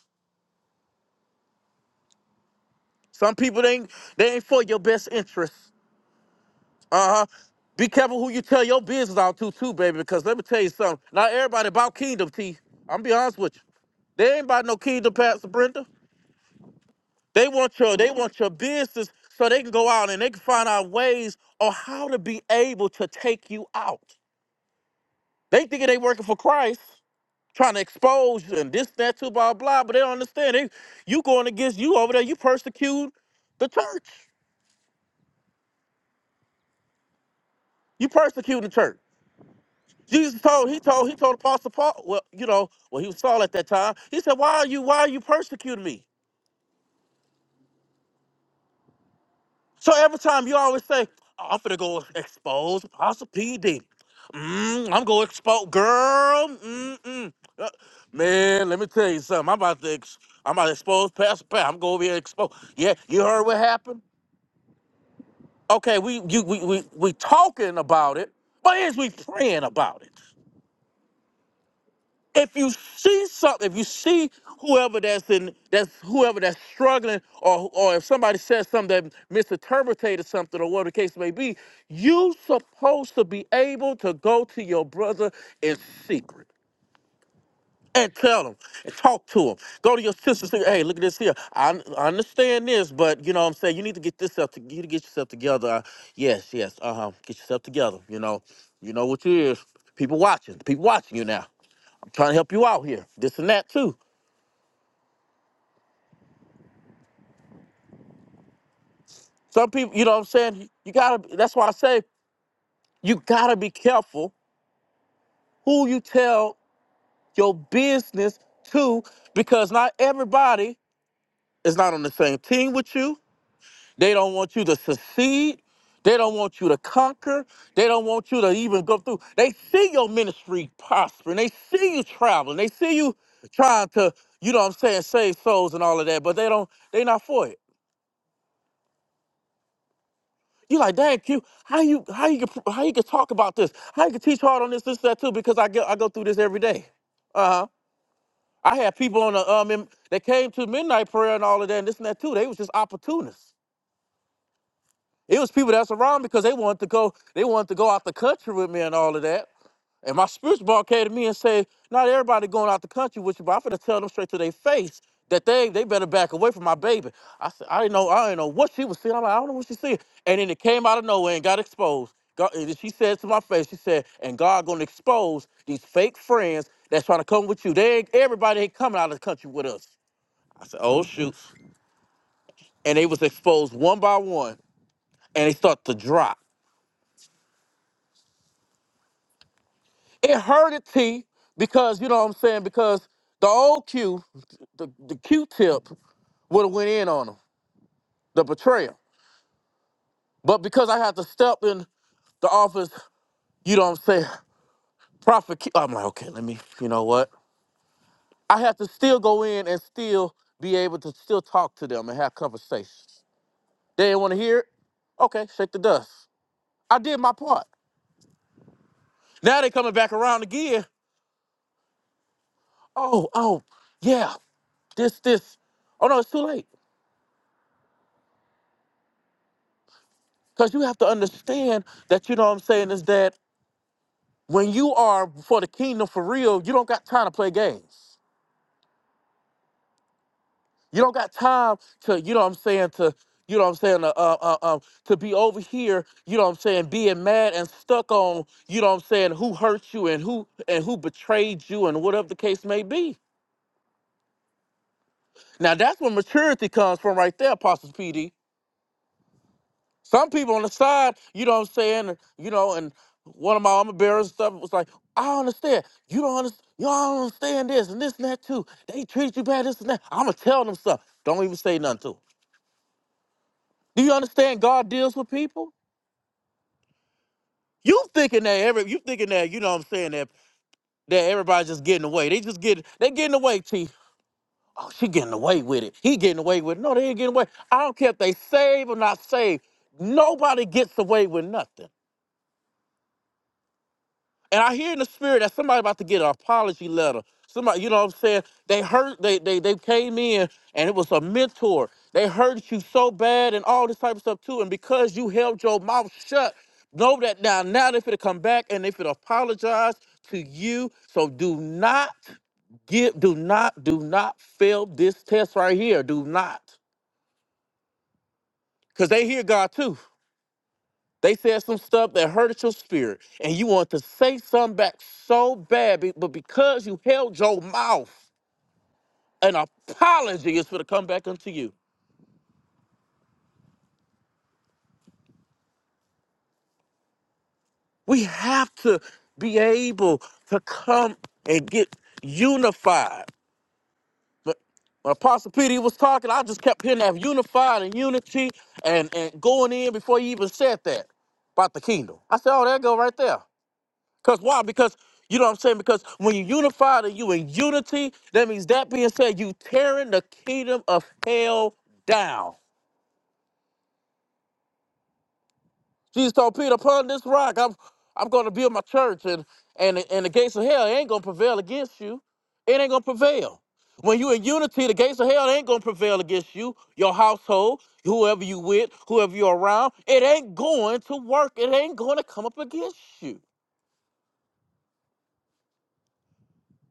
[SPEAKER 8] Some people they ain't they ain't for your best interest. Uh-huh. Be careful who you tell your business out to too, baby, because let me tell you something. Not everybody about kingdom, T. I'm be honest with you. They ain't about no kingdom, Pastor Brenda. They want your they want your business so they can go out and they can find out ways on how to be able to take you out. They thinking they working for Christ, trying to expose you and this, that, too, blah, blah, but they don't understand. They, you going against you over there, you persecute the church. You persecute the church. Jesus told he told he told Apostle Paul, well, you know, well he was Saul at that time. He said, Why are you why are you persecuting me? So every time you always say, "Oh, I'm finna go expose Apostle PD. Mm, I'm gonna expose girl. Mm-mm. Uh, Man, let me tell you something. I'm about to ex- I'm about to expose Pastor Pat. I'm gonna be exposed. Yeah, you heard what happened? Okay, we you we we, we talking about it, but is we praying about it? if you see something, if you see whoever that's in that's whoever that's struggling, or or if somebody says something that misinterpreted something, or whatever the case may be, you supposed to be able to go to your brother in secret and tell them and talk to them. Go to your sisters. Say, hey, look at this here. I, I understand this, but you know what I'm saying. You need to get this up. To, you need to get yourself together. Uh, yes, yes. Uh huh. Get yourself together. You know, you know what you is. People watching. People watching you now. I'm trying to help you out here. This and that too. Some people, you know what I'm saying. You gotta. That's why I say you gotta be careful who you tell your business to, because not everybody is not on the same team with you They don't want you to succeed. They don't want you to conquer. They don't want you to even go through. They see your ministry prospering. They see you traveling. They see you trying to, you know what I'm saying, save souls and all of that, but they don't, they not for it. You like, dang, Q, how you how you can how you can talk about this? How you can teach hard on this, this, that too? Because I get I go through this every day. Uh-huh. I had people on the um in, that came to midnight prayer and all of that and this and that too. They was just opportunists. It was people that's around because they wanted to go, they wanted to go out the country with me and all of that. And my spiritual ball came to me and said, not everybody going out the country with you, but I'm finna tell them straight to their face that they they better back away from my baby. I said, I didn't know, I didn't know what she was seeing. I'm like, I don't know what she's seeing. And then it came out of nowhere and got exposed. God, and she said to my face, she said, and God gonna expose these fake friends that's trying to come with you. They ain't, everybody ain't coming out of the country with us. I said, oh shoot. And they was exposed one by one and they start to drop. It hurted T because you know what I'm saying because the old Q, the, the Q-tip would have went in on him, the betrayal. But because I had to step in the office, you know what I'm saying, Prophet Q, I'm like, okay, let me, you know what? I had to still go in and still be able to still talk to them and have conversations. They didn't want to hear it. Okay, shake the dust. I did my part. Now they coming back around again. Oh, oh, yeah, this, this. Oh no, it's too late. Because you have to understand that, you know what I'm saying, is that when you are for the kingdom for real, you don't got time to play games. You don't got time to, you know what I'm saying, to, you know what I'm saying, uh, uh, uh, um, to be over here, you know what I'm saying, being mad and stuck on, you know what I'm saying, who hurt you and who and who betrayed you and whatever the case may be. Now that's where maturity comes from right there, Apostles PD. Some people on the side, you know what I'm saying, and, you know, and one of my armor bearers and stuff was like, I don't understand. You don't understand. You all don't understand this and this and that too. They treat you bad, this and that. I'ma tell them something. Don't even say nothing to 'em. Do you understand God deals with people? You thinking that every you thinking that, you know what I'm saying, that that everybody's just getting away. They just get they getting away, T. Oh, she getting away with it. He getting away with it. No, they ain't getting away. I don't care if they saved or not saved. Nobody gets away with nothing. And I hear in the spirit that somebody about to get an apology letter. Somebody, you know what I'm saying? They hurt, they they they came in and it was a mentor. They hurt you so bad and all this type of stuff too. And because you held your mouth shut, know that now now they are finna come back and they finna apologize to you. So do not give, do not, do not fail this test right here. Do not. Because they hear God too. They said some stuff that hurted your spirit, and you want to say something back so bad, be- but because you held your mouth, an apology is for to come back unto you. We have to be able to come and get unified. But when Apostle Peter he was talking, I just kept hearing that unified and unity and, and going in before he even said that about the kingdom. I said, oh, there go right there. Because why? Because you know what I'm saying? Because when you unified and you in unity, that means that being said, you tearing the kingdom of hell down. Jesus told Peter, upon this rock, I'm I'm gonna build my church and and and the gates of hell ain't gonna prevail against you. It ain't gonna prevail. When you in unity, the gates of hell ain't gonna prevail against you, your household, whoever you with, whoever you're around, it ain't going to work. It ain't gonna come up against you.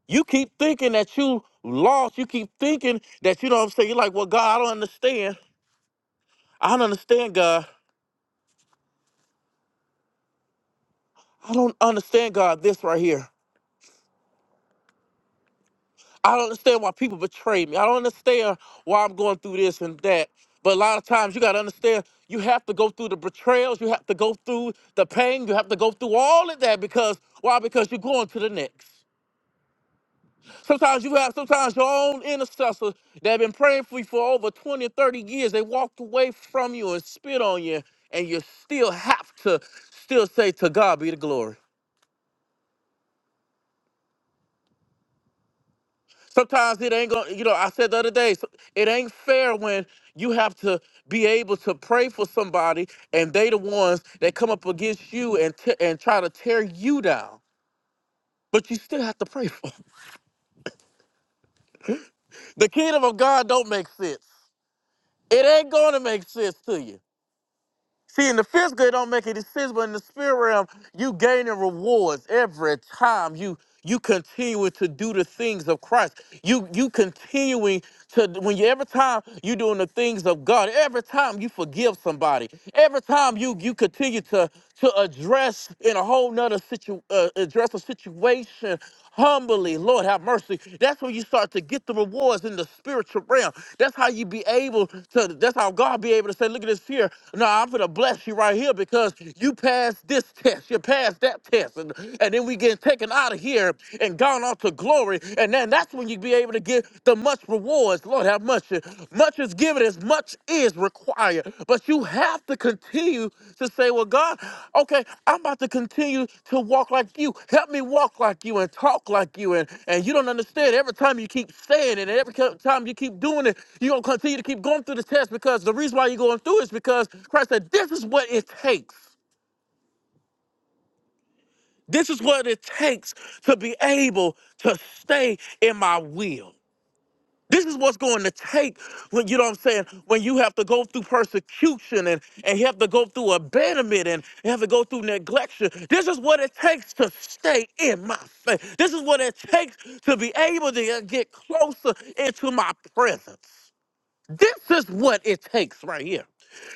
[SPEAKER 8] You keep thinking that you lost. You keep thinking that you know what I'm saying. You're like, well, God, I don't understand. I don't understand, God. I don't understand, God, this right here. I don't understand why people betray me. I don't understand why I'm going through this and that. But a lot of times you gotta understand you have to go through the betrayals, you have to go through the pain, you have to go through all of that because why? Because you're going to the next. Sometimes you have sometimes your own intercessors that have been praying for you for over 20, 30 years. They walked away from you and spit on you, and you still have to still say to God be the glory. Sometimes it ain't gonna, you know, I said the other day, so- it ain't fair when you have to be able to pray for somebody and they the ones that come up against you and te- and try to tear you down. But you still have to pray for 'em. The kingdom of God don't make sense. It ain't gonna make sense to you. See, in the physical, it don't make any sense, but in the spirit realm, you gaining rewards every time you you continuing to do the things of Christ. You you continuing to when you every time you doing the things of God, every time you forgive somebody, every time you you continue to to address in a whole nother situ uh, address a situation humbly. Lord, have mercy. That's when you start to get the rewards in the spiritual realm. That's how you be able to, that's how God be able to say, look at this here. No, I'm going to bless you right here because you passed this test, you passed that test. And, and then we get taken out of here and gone on to glory. And then that's when you be able to get the much rewards. Lord, have mercy. Much is given, as much is required. But you have to continue to say, Well, God, okay, I'm about to continue to walk like you. Help me walk like you and talk like you. And, and you don't understand. Every time you keep saying it, and every co- time you keep doing it, you're going to continue to keep going through the test because the reason why you're going through is because Christ said, This is what it takes. This is what it takes to be able to stay in my will. This is what's going to take when you know what I'm saying, when you have to go through persecution and, and you have to go through abandonment and you have to go through neglection. This is what it takes to stay in my faith. This is what it takes to be able to get closer into my presence. This is what it takes right here.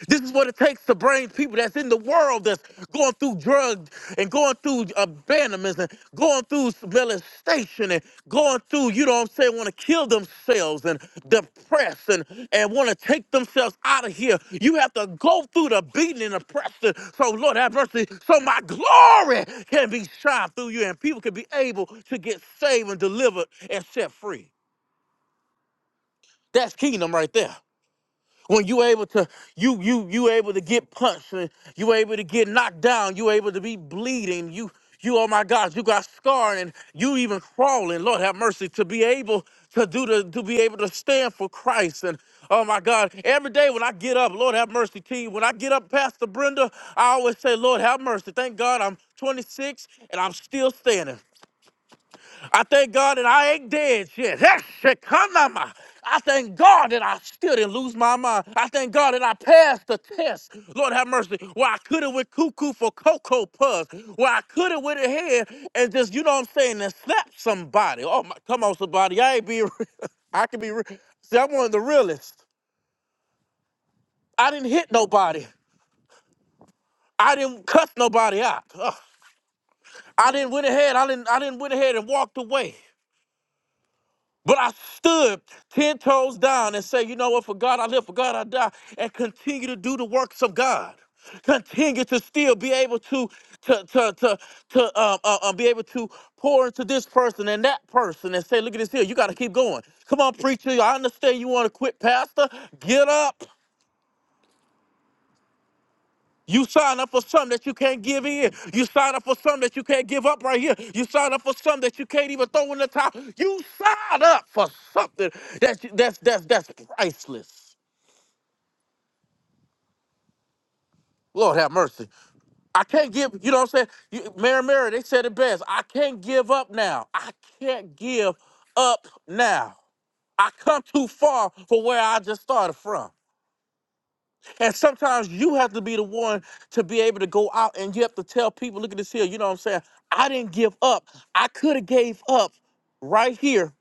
[SPEAKER 8] This is what it takes to bring people that's in the world that's going through drugs and going through abandonments and going through molestation and going through, you know what I'm saying, want to kill themselves and depressed and, and want to take themselves out of here. You have to go through the beating and oppression. So, Lord, have mercy. So, my glory can be shined through you and people can be able to get saved and delivered and set free. That's kingdom right there. When you able to you you you able to get punched, and you able to get knocked down, you able to be bleeding, you you oh my God, you got scarring and you even crawling. Lord have mercy to be able to do the to be able to stand for Christ and oh my God. Every day when I get up, Lord have mercy to you. When I get up, Pastor Brenda, I always say, Lord have mercy. Thank God I'm 26 and I'm still standing. I thank God that I ain't dead yet. Heshekanama. I thank God that I still didn't lose my mind. I thank God that I passed the test. Lord have mercy. Where I could have went cuckoo for cocoa puffs. Where I could have went ahead and just, you know what I'm saying, and slapped somebody. Oh my, come on, somebody. I ain't be, I can be, re- see, I'm one of the realest. I didn't hit nobody. I didn't cuss nobody out. Ugh. I didn't went ahead. I didn't, I didn't went ahead and walked away. But I stood 10 toes down and said, you know what, for God I live, for God I die, and continue to do the works of God. Continue to still be able to to to to, to um, uh, uh, be able to pour into this person and that person and say, look at this here, you got to keep going. Come on, preacher, I understand you want to quit, pastor. Get up. You sign up for something that you can't give in. You sign up for something that you can't give up right here. You sign up for something that you can't even throw in the towel. You sign up for something that's that's that's that's priceless. Lord have mercy. I can't give, you know what I'm saying? You, Mary Mary, they said it best. I can't give up now. I can't give up now. I come too far from where I just started from. And sometimes you have to be the one to be able to go out and you have to tell people, look at this here, you know what I'm saying? I didn't give up. I could have gave up right here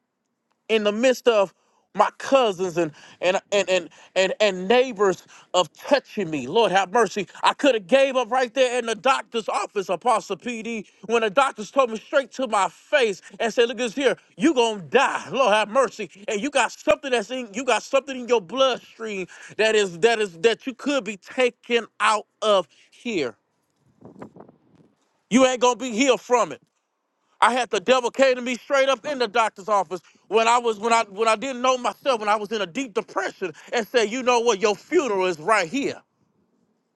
[SPEAKER 8] in the midst of my cousins and and and and and, and neighbors of touching me. Lord have mercy. I could have gave up right there in the doctor's office, Apostle PD, when the doctors told me straight to my face and said, look at this here, you gonna die. Lord have mercy. And you got something that's in you got something in your bloodstream that is that is that you could be taken out of here. You ain't gonna be healed from it. I had the devil came to me straight up in the doctor's office when I was when I when I didn't know myself when I was in a deep depression and said, you know what, your funeral is right here.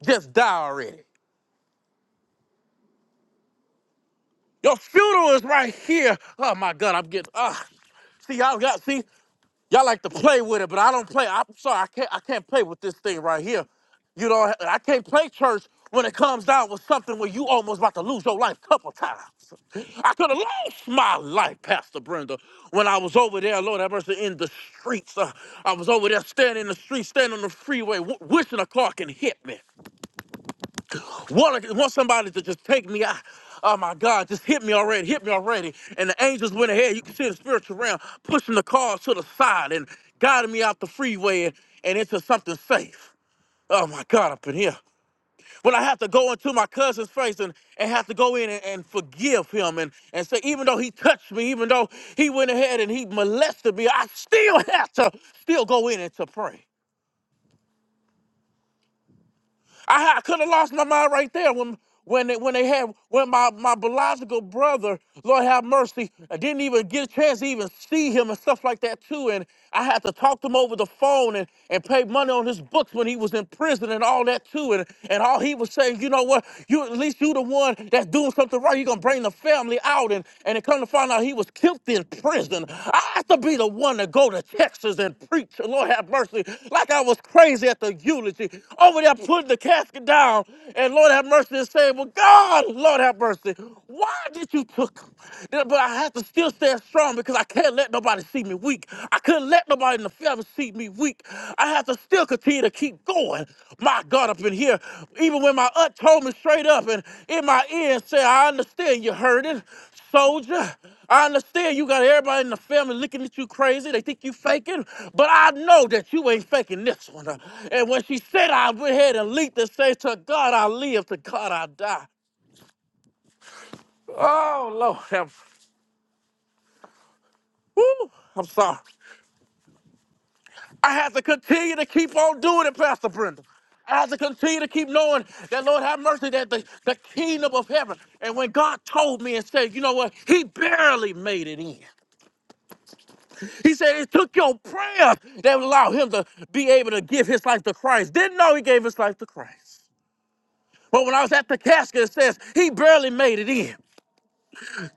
[SPEAKER 8] Just die already. Your funeral is right here. Oh my God, I'm getting ah. see, y'all got see. Y'all like to play with it, but I don't play. I'm sorry, I can't. I can't play with this thing right here. You know, I can't play church when it comes down with something where you almost about to lose your life a couple times. I could have lost my life, Pastor Brenda, when I was over there, Lord, I was in the streets. Uh, I was over there standing in the street, standing on the freeway, w- wishing a car can hit me want, want somebody to just take me out. Oh my God, just hit me already, hit me already. And the angels went ahead. You can see the spiritual realm pushing the car to the side and guiding me out the freeway and, and into something safe. Oh my God, up in here. When I have to go into my cousin's face and, and have to go in and, and forgive him and, and say, even though he touched me, even though he went ahead and he molested me, I still have to still go in and to pray. I, had- I could have lost my mind right there when when they when they had when my, my biological brother, Lord have mercy, I didn't even get a chance to even see him and stuff like that too. And I had to talk to him over the phone and, and pay money on his books when he was in prison and all that too. And and all he was saying, you know what, you at least you the one that's doing something right. You're gonna bring the family out and, and and it come to find out he was killed in prison. I have to be the one to go to Texas and preach. Lord have mercy. Like I was crazy at the eulogy. Over there putting the casket down. And Lord have mercy and saying, Well, God, Lord have mercy. Why did you took him? Yeah, But I have to still stand strong because I can't let nobody see me weak. I couldn't let nobody in the family see me weak. I have to still continue to keep going. My God, up in here, even when my aunt told me straight up and in my ear and said, I understand you're hurting. Soldier, I understand you got everybody in the family looking at you crazy. They think you faking, but I know that you ain't faking this one. Uh, And when she said I went ahead and leaped and said, To God I live, to God I die. Oh, Lord. Have, woo, I'm sorry. I have to continue to keep on doing it, Pastor Brenda. I have to continue to keep knowing that, Lord, have mercy, that the, the kingdom of heaven. And when God told me and said, you know what, he barely made it in. He said it took your prayer that would allow him to be able to give his life to Christ. Didn't know he gave his life to Christ. But when I was at the casket, it says he barely made it in.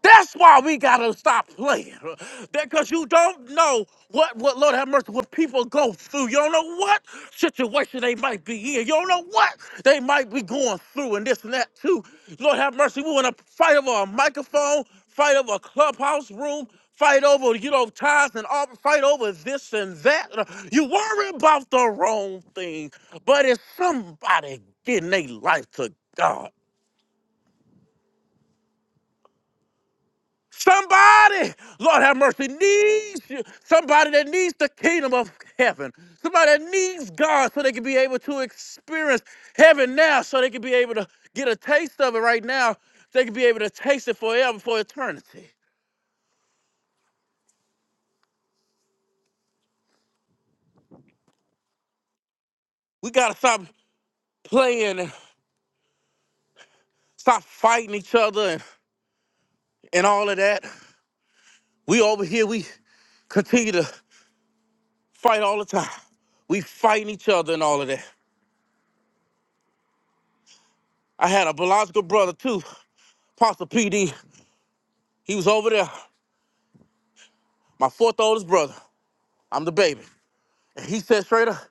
[SPEAKER 8] That's why we gotta stop playing. Because you don't know what, what Lord have mercy, what people go through. You don't know what situation they might be in. You don't know what they might be going through and this and that too. Lord have mercy. We wanna fight over a microphone, fight over a clubhouse room, fight over, you know, ties and all fight over this and that. You worry about the wrong thing, but it's somebody getting their life to God. Somebody, Lord have mercy, needs you. Somebody that needs the kingdom of heaven. Somebody that needs God so they can be able to experience heaven now, so they can be able to get a taste of it right now. so They can be able to taste it forever, for eternity. We got to stop playing and stop fighting each other and, and all of that. We over here, we continue to fight all the time. We fighting each other and all of that. I had a biological brother too, Pastor PD. He was over there. my fourth oldest brother. I'm the baby. And he said straight up,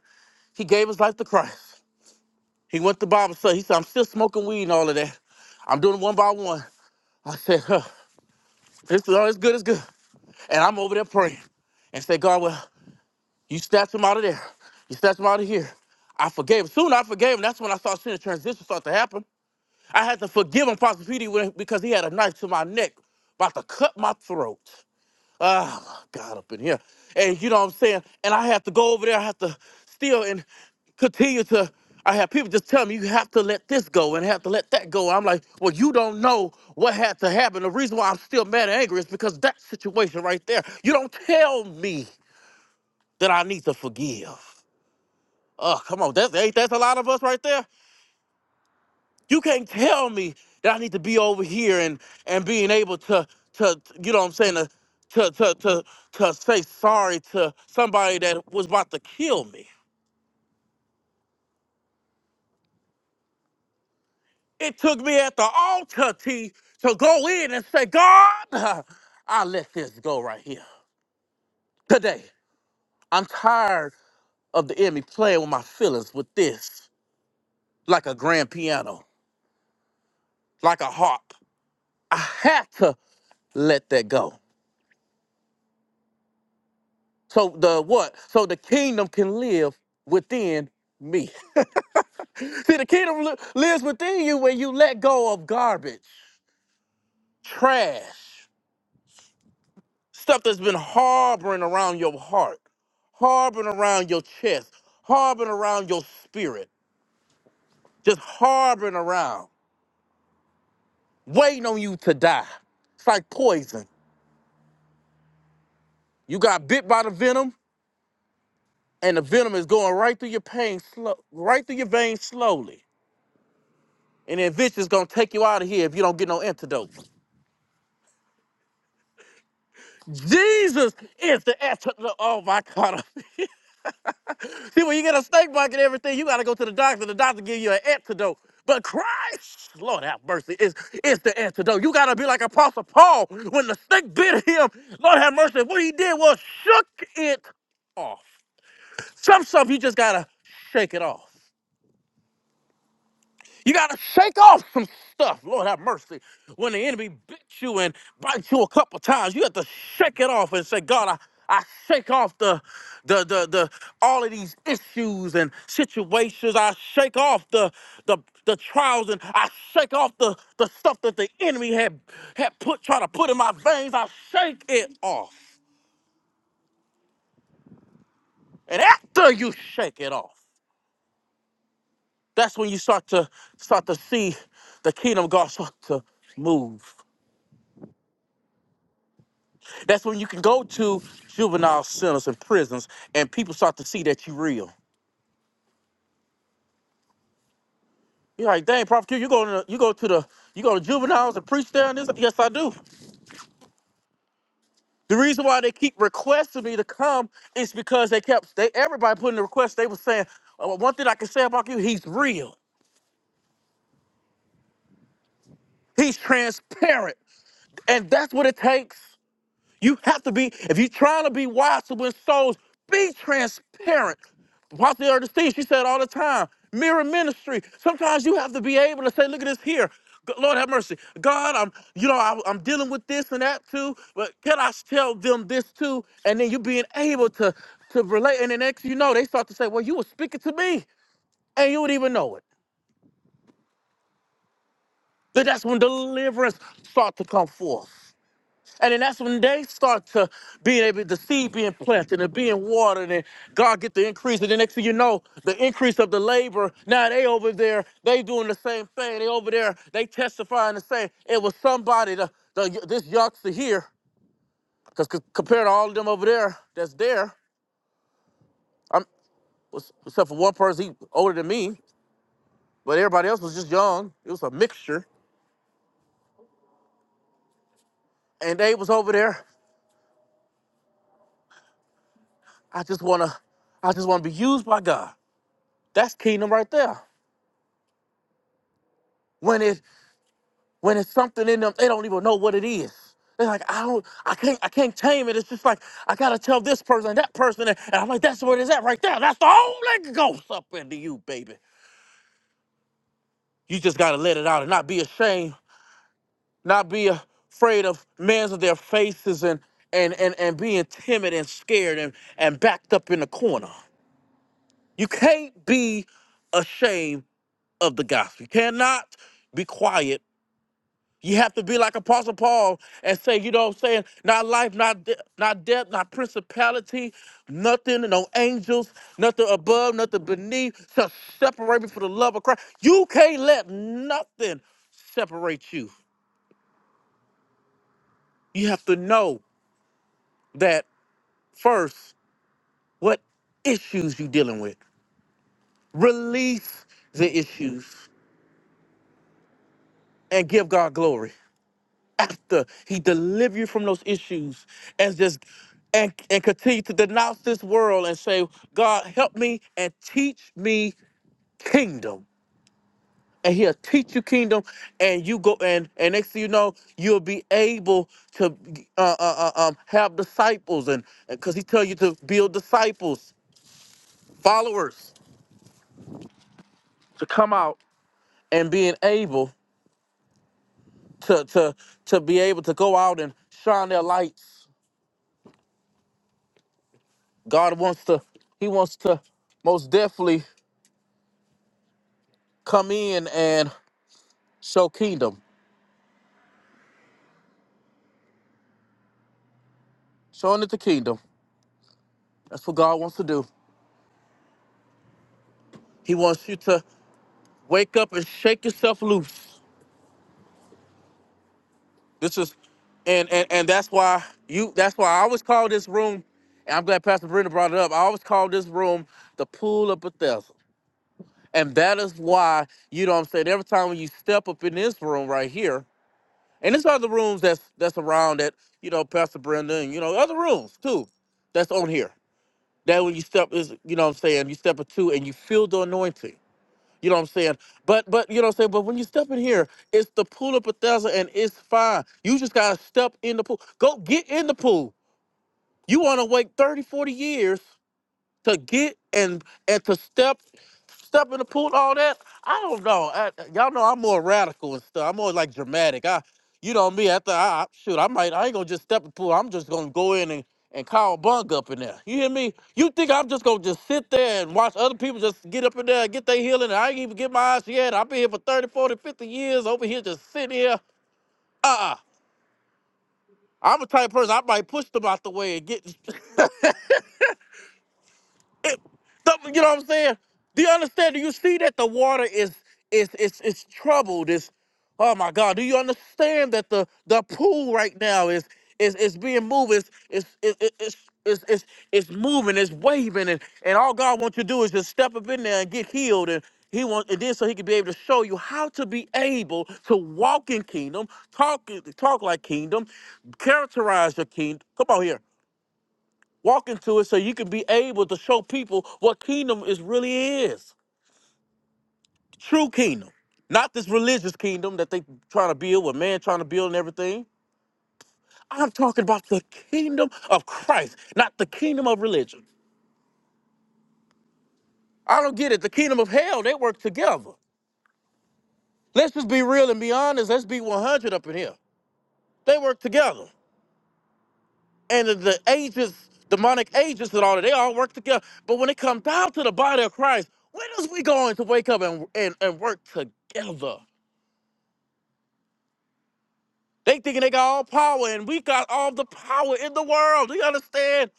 [SPEAKER 8] he gave his life to Christ. He went to Bible study. He said, I'm still smoking weed and all of that. I'm doing it one by one. I said, huh, it's, oh, it's good, it's good. And I'm over there praying and say, God, well, you snatched him out of there. You snatched him out of here. I forgave him. Soon I forgave him. That's when I started seeing the transition start to happen. I had to forgive him, Pastor Petey, when- because he had a knife to my neck, about to cut my throat. Oh my God, up in here. And you know what I'm saying? And I have to go over there, I have to still and continue to I have people just tell me you have to let this go and have to let that go. I'm like, well, you don't know what had to happen. The reason why I'm still mad and angry is because that situation right there. You don't tell me that I need to forgive. Oh, come on, that's ain't that's a lot of us right there. You can't tell me that I need to be over here and and being able to to you know what I'm saying to to to to, to say sorry to somebody that was about to kill me. It took me at the altar T to go in and say, God, I let this go right here. Today, I'm tired of the enemy playing with my feelings with this, like a grand piano, like a harp. I had to let that go. So the what? So the kingdom can live within me. See, the kingdom li- lives within you when you let go of garbage, trash, stuff that's been harboring around your heart, harboring around your chest, harboring around your spirit, just harboring around, waiting on you to die. It's like poison. You got bit by the venom, and the venom is going right through your pain, slow, right through your veins slowly. And then eventually it's gonna take you out of here if you don't get no antidote. Jesus is the antidote. Oh my God. See, when you get a snake bite and everything, you got to go to the doctor. The doctor give you an antidote. But Christ, Lord have mercy, is, is the antidote. You got to be like Apostle Paul. When the snake bit him, Lord have mercy, what he did was shook it off. Some stuff you just got to shake it off. You gotta shake off some stuff. Lord have mercy. When the enemy bit you and bites you a couple times, you have to shake it off and say, God, I, I shake off the, the the the all of these issues and situations. I shake off the the the trials and I shake off the the stuff that the enemy had had put trying to put in my veins. I shake it off. And after you shake it off, that's when you start to start to see the kingdom of God start to move. That's when you can go to juvenile centers and prisons, and people start to see that you real. You're like, dang, Prophet Q, you go to you go to the you go to juveniles and preach there and this. Yes, I do. The reason why they keep requesting me to come is because they kept they everybody putting the request. They were saying, "Oh, one thing I can say about you, he's real, he's transparent, and that's what it takes. You have to be, if you're trying to be wise to win souls, be transparent. Apostle Elder Steve, she said all the time, mirror ministry. Sometimes you have to be able to say, look at this here. G- Lord have mercy. God, I'm, you know, I, I'm dealing with this and that too, but can I tell them this too? And then you being able to to relate. And then next you know, they start to say, well, you were speaking to me and you would even know it. Then that's when deliverance start to come forth. And then that's when they start to being able the seed being planted and being watered and God get the increase. And the next thing you know, the increase of the labor. Now they over there, they doing the same thing. They over there, they testifying and saying it was somebody the, the this youngster here. Because compared to all of them over there that's there, I'm was- except for one person, he older than me, but everybody else was just young. It was a mixture. And they was over there. I just wanna, I just wanna be used by God. That's kingdom right there. When it when it's something in them they don't even know what it is they're like i don't i can't i can't tame it it's just like i gotta tell this person that person and i'm like that's what it's at right there that's the holy ghost up into you baby you just gotta let it out and not be ashamed not be afraid of men's of their faces and and and, and being timid and scared and and backed up in the corner you can't be ashamed of the gospel you cannot be quiet You have to be like Apostle Paul and say, you know what I'm saying? Not life, not de- not death, not principality, nothing, no angels, nothing above, nothing beneath shall separate me from the love of Christ. You can't let nothing separate you. You have to know that first, what issues you dealing with. Release the issues and give God glory. after he deliver you from those issues and just and, and continue to denounce this world and say god help me and teach me kingdom and he'll teach you kingdom and you go and and next thing you know you'll be able to uh, uh, uh, um, have disciples and because he tell you to build disciples followers to come out and being able to to to be able to go out and shine their lights God wants to, He wants to most definitely come in and show kingdom, showing it the kingdom. That's what God wants to do. He wants you to wake up and shake yourself loose. This is, and and and that's why you. That's why I always call this room. And I'm glad Pastor Brenda brought it up. I always call this room the pool of Bethesda, and that is why you know what I'm saying every time when you step up in this room right here. And there's other rooms that's that's around that, you know, Pastor Brenda and you know, other rooms too, that's on here. That when you step is you know what I'm saying, you step into and you feel the anointing. You know what I'm saying? But but you know what I'm saying, but when you step in here, it's the pool of Bethesda and it's fine. You just gotta step in the pool. Go get in the pool. You wanna wait 30, 40 years to get and and to step step in the pool, all that. I don't know. I, y'all know I'm more radical and stuff. I'm more like dramatic. I, you know me. After I I- shoot, I might. I ain't gonna just step in the pool. I'm just gonna go in and and call bunk up in there. You hear me? You think I'm just gonna just sit there and watch other people just get up in there and get their healing and I ain't even get my eyes yet. I've been here for 30, 40, 50 years over here just sitting here. Uh-uh. I'm a type of person, I might push them out the way and get The- you know what I'm saying? Do you understand? Do you see that the water is is is is troubled? Is oh my God? Do you understand that the the pool right now is is is being moved? Is is is is is is it's moving, it's waving, and, and all God wants you to do is just step up in there and get healed. And He wants, and then so He can be able to show you how to be able to walk in kingdom, talk talk like kingdom, characterize your kingdom. Come on here Walk into it so you can be able to show people what kingdom is really is. True kingdom. Not this religious kingdom that they trying to build with man trying to build and everything. I'm talking about the kingdom of Christ, not the kingdom of religion. I don't get it. The kingdom of hell, they work together. Let's just be real and be honest. Let's be 100 up in here. They work together. And the the agents, demonic agents and all that, they all work together. But when it comes down to the body of Christ, when is we going to wake up and, and, and work together? They thinking they got all power, and we got all the power in the world. Do you understand?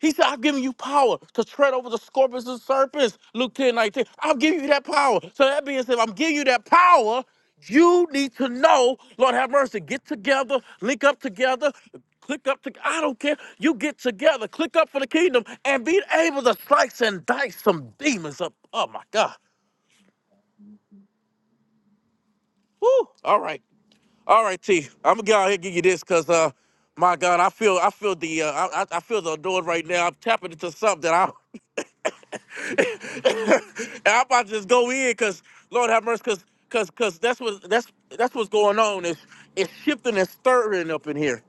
[SPEAKER 8] He said, I've given you power to tread over the scorpions and serpents. Luke 10 I'm giving you that power. So that being said, if I'm giving you that power, you need to know, Lord have mercy, get together, link up together, click up to I don't care. You get together, click up for the kingdom, and be able to slice and dice some demons up. Oh my God. Woo! All right. All right, T. I'm gonna go out here and give you this, cause uh, my God, I feel I feel the uh, I, I I feel the doing right now. I'm tapping into something that I and I'm about to just go in, cause Lord have mercy, cause cause cause that's what that's that's what's going on. It's it's shifting and stirring up in here.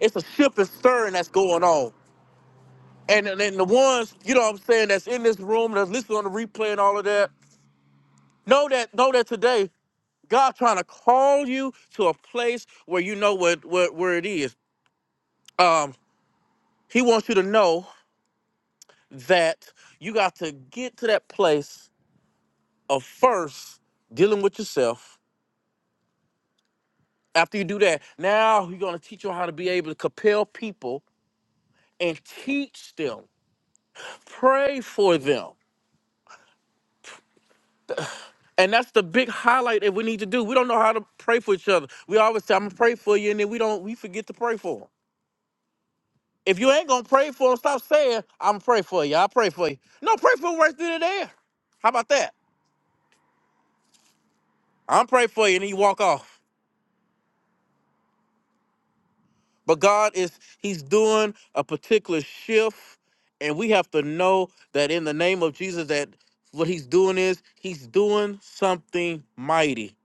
[SPEAKER 8] It's a shift and stirring that's going on. And then then the ones you know what I'm saying that's in this room that's listening on the replay and all of that. Know that know that today God trying to call you to a place where you know what where, where it is. um, he wants you to know that you got to get to that place of first dealing with yourself. After you do that, now he's gonna teach you how to be able to compel people and teach them, pray for them. And that's the big highlight that we need to do. We don't know how to pray for each other. We always say, I'm gonna pray for you, and then we don't we forget to pray for them. If you ain't gonna pray for them, stop saying, I'm gonna pray for you, I'll pray for you. No, pray for them right through there. How about that? I'm going to pray for you, and then you walk off. But God is He's doing a particular shift, and we have to know that in the name of Jesus, that what He's doing is He's doing something mighty.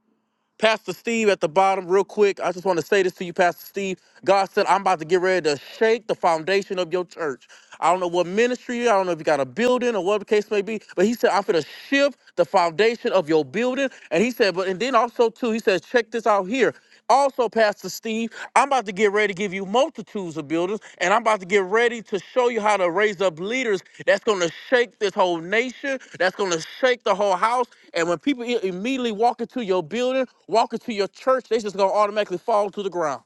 [SPEAKER 8] Pastor Steve at the bottom, real quick. I just want to say this to you, Pastor Steve. God said, I'm about to get ready to shake the foundation of your church. I don't know what ministry, I don't know if you got a building or whatever the case may be, but he said, I'm going to shift the foundation of your building. And he said, but, and then also, too, he says, check this out here. Also, Pastor Steve, I'm about to get ready to give you multitudes of buildings, and I'm about to get ready to show you how to raise up leaders that's going to shake this whole nation, that's going to shake the whole house. And when people i- immediately walk into your building, walk into your church, they just going to automatically fall to the ground.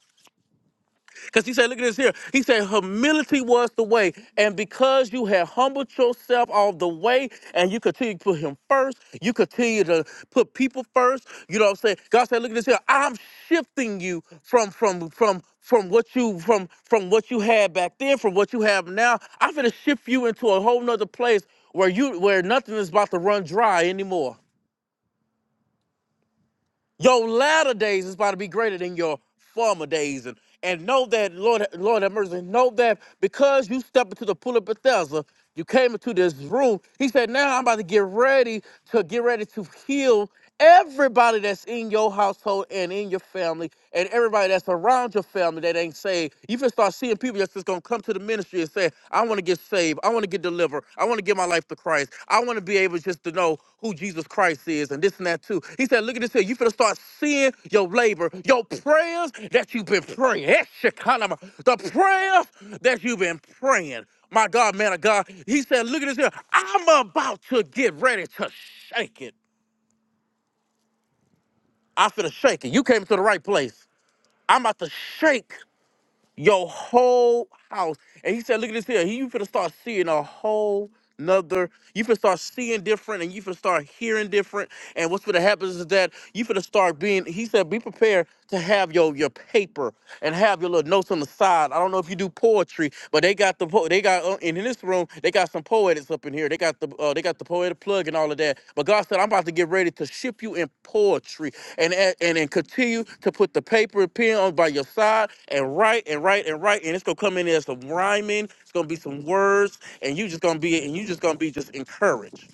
[SPEAKER 8] Because he said, look at this here. He said, humility was the way. And because you had humbled yourself all the way and you continue to put him first, you continue to put people first. You know what I'm saying? God said, look at this here. I'm shifting you from from from from what you from from what you had back then, from what you have now. I'm gonna shift you into a whole nother place where you where nothing is about to run dry anymore. Your latter days is about to be greater than your former days. And, and know that, Lord, Lord have mercy, know that because you stepped into the pool of Bethesda, you came into this room. He said, now I'm about to get ready to get ready to heal everybody that's in your household and in your family and everybody that's around your family that ain't saved. You can start seeing people that's just going to come to the the ministry and say, I want to get saved. I want to get delivered. I want to give my life to Christ. I want to be able just to know who Jesus Christ is and this and that too. He said, look at this here. You finna start seeing your labor, your prayers that you've been praying. Eshekalama. The prayers that you've been praying. My God, man of God. He said, look at this here. I'm about to get ready to shake it. I finna shake it. You came to the right place. I'm about to shake. your whole house. And he said, look at this here. He, you finna start seeing a whole nother. You finna start seeing different and you finna start hearing different. And what's finna happen is that you finna start being, he said, be prepared to have your your paper and have your little notes on the side. I don't know if you do poetry, but they got the po- they got uh, and in this room, they got some poetics up in here. They got the uh, they got the poetic plug and all of that. But God said, I'm about to get ready to ship you in poetry and and and continue to put the paper and pen on by your side and write and write and write. And it's gonna come in there some rhyming. It's gonna be some words, and you just gonna be and you just gonna be just encouraged.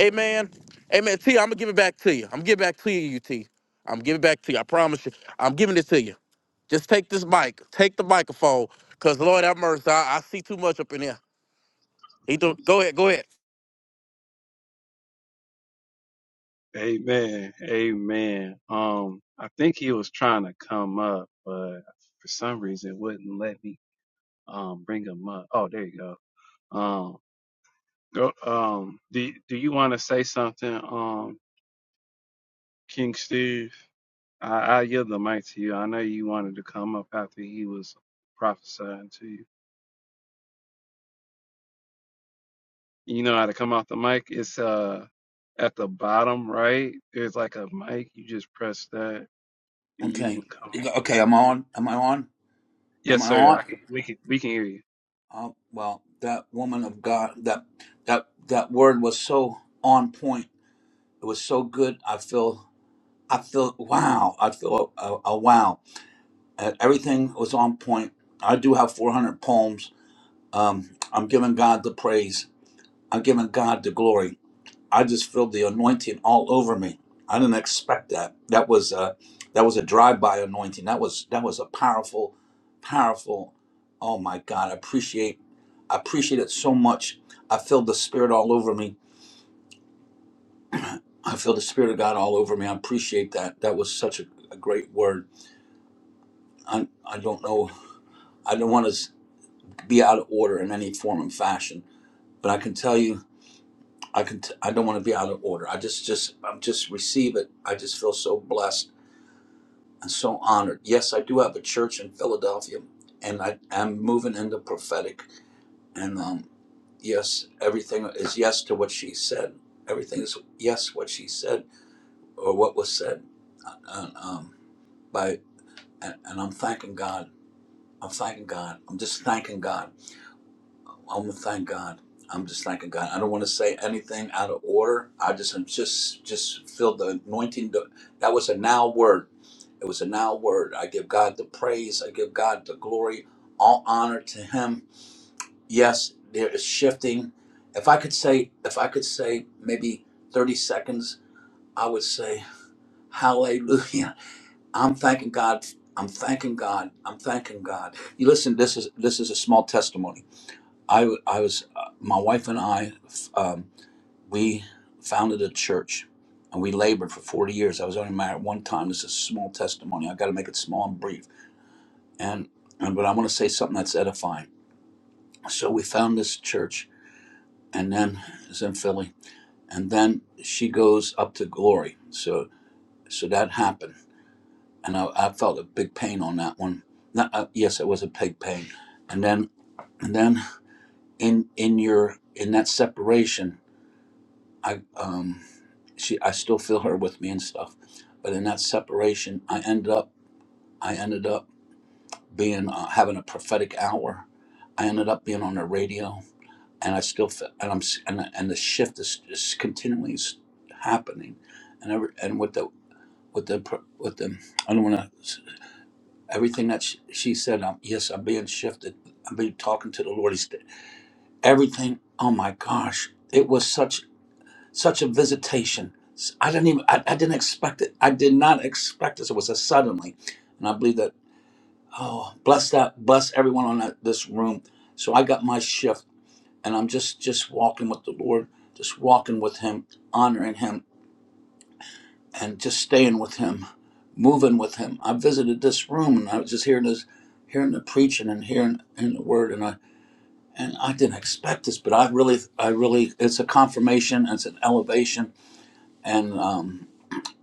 [SPEAKER 8] Amen. Amen. T, I'm gonna give it back to you. I'm gonna give it back to you, T. I'm giving it back to you. I promise you. I'm giving it to you. Just take this mic. Take the microphone. Cause Lord have mercy, I, I see too much up in here. He threw, go ahead, go ahead.
[SPEAKER 1] Amen. Amen. Um, I think he was trying to come up, but for some reason it wouldn't let me um bring him up. Oh, there you go. Um go um do do you want to say something, um, King Steve? I, I yield the mic to you. I know you wanted to come up after he was prophesying to you. You know how to come off the mic? It's uh at the bottom right. There's like a mic. You just press that and you
[SPEAKER 9] Okay.
[SPEAKER 1] can come.
[SPEAKER 9] You
[SPEAKER 1] on.
[SPEAKER 9] go- Okay, I'm on. Am I on? Am
[SPEAKER 1] Yes,
[SPEAKER 9] I
[SPEAKER 1] sir.
[SPEAKER 9] on?
[SPEAKER 1] I can, we can we can hear you.
[SPEAKER 9] Uh, well, that woman of God, that that that word was so on point. It was so good. I feel, I feel, wow. I feel a, a, a wow. Uh, everything was on point. I do have 400 poems. Um, I'm giving God the praise. I'm giving God the glory. I just feel the anointing all over me. I didn't expect that. That was a, that was a drive-by anointing. That was that was a powerful, powerful. Oh my God! I appreciate I appreciate it so much. I feel the spirit all over me. I feel the spirit of God all over me. I appreciate that. That was such a, a great word. I I don't know. I don't want to be out of order in any form and fashion. But I can tell you, I can. T- I don't want to be out of order. I just just I'm just receive it. I just feel so blessed I'm so honored. Yes, I do have a church in Philadelphia, and I am moving into prophetic. And um, yes, everything is yes to what she said. Everything is yes what she said or what was said. And, um, by and, and I'm thanking God. I'm thanking God. I'm just thanking God. I'm gonna thank God. I'm just thanking God. I don't want to say anything out of order. I just I'm just just feel the anointing. That was a now word It was an now word. I give God the praise. I give God the glory. All honor to Him. Yes, there is shifting. If I could say, if I could say maybe 30 seconds, I would say, Hallelujah. I'm thanking God. I'm thanking God. I'm thanking God. You listen. This is this is a small testimony. I w- I was uh, my wife and I f- um, we founded a church and we labored for 40 years. I was only married one time. This is a small testimony. I got to make it small and brief and, and but I want to say something that's edifying. So we found this church, and then it's in Philly, and then she goes up to Glory. So so that happened, and I, I felt a big pain on that one. Not, uh, yes, it was a big pain, and then and then in in your in that separation, I um she I still feel her with me and stuff, but in that separation, I ended up I ended up being uh, having a prophetic hour. I ended up being on the radio and I still feel, and I'm and and the shift is, is continually happening, and every, and with the with the with the I don't want to everything that she, she said. I'm, yes, I'm being shifted. I'm being talking to the Lord. He's everything. Oh my gosh, it was such such a visitation. I I didn't even I, I didn't expect it. I did not expect this. It was a suddenly, and I believe that. Oh, bless that bless everyone on that, this room. So I got my shift and I'm just just walking with the Lord, just walking with Him, honoring Him, and just staying with Him, moving with Him. I visited this room and I was just hearing this, hearing the preaching and hearing, hearing the word, and I and I didn't expect this, but I really, I really, it's a confirmation, it's an elevation, and um,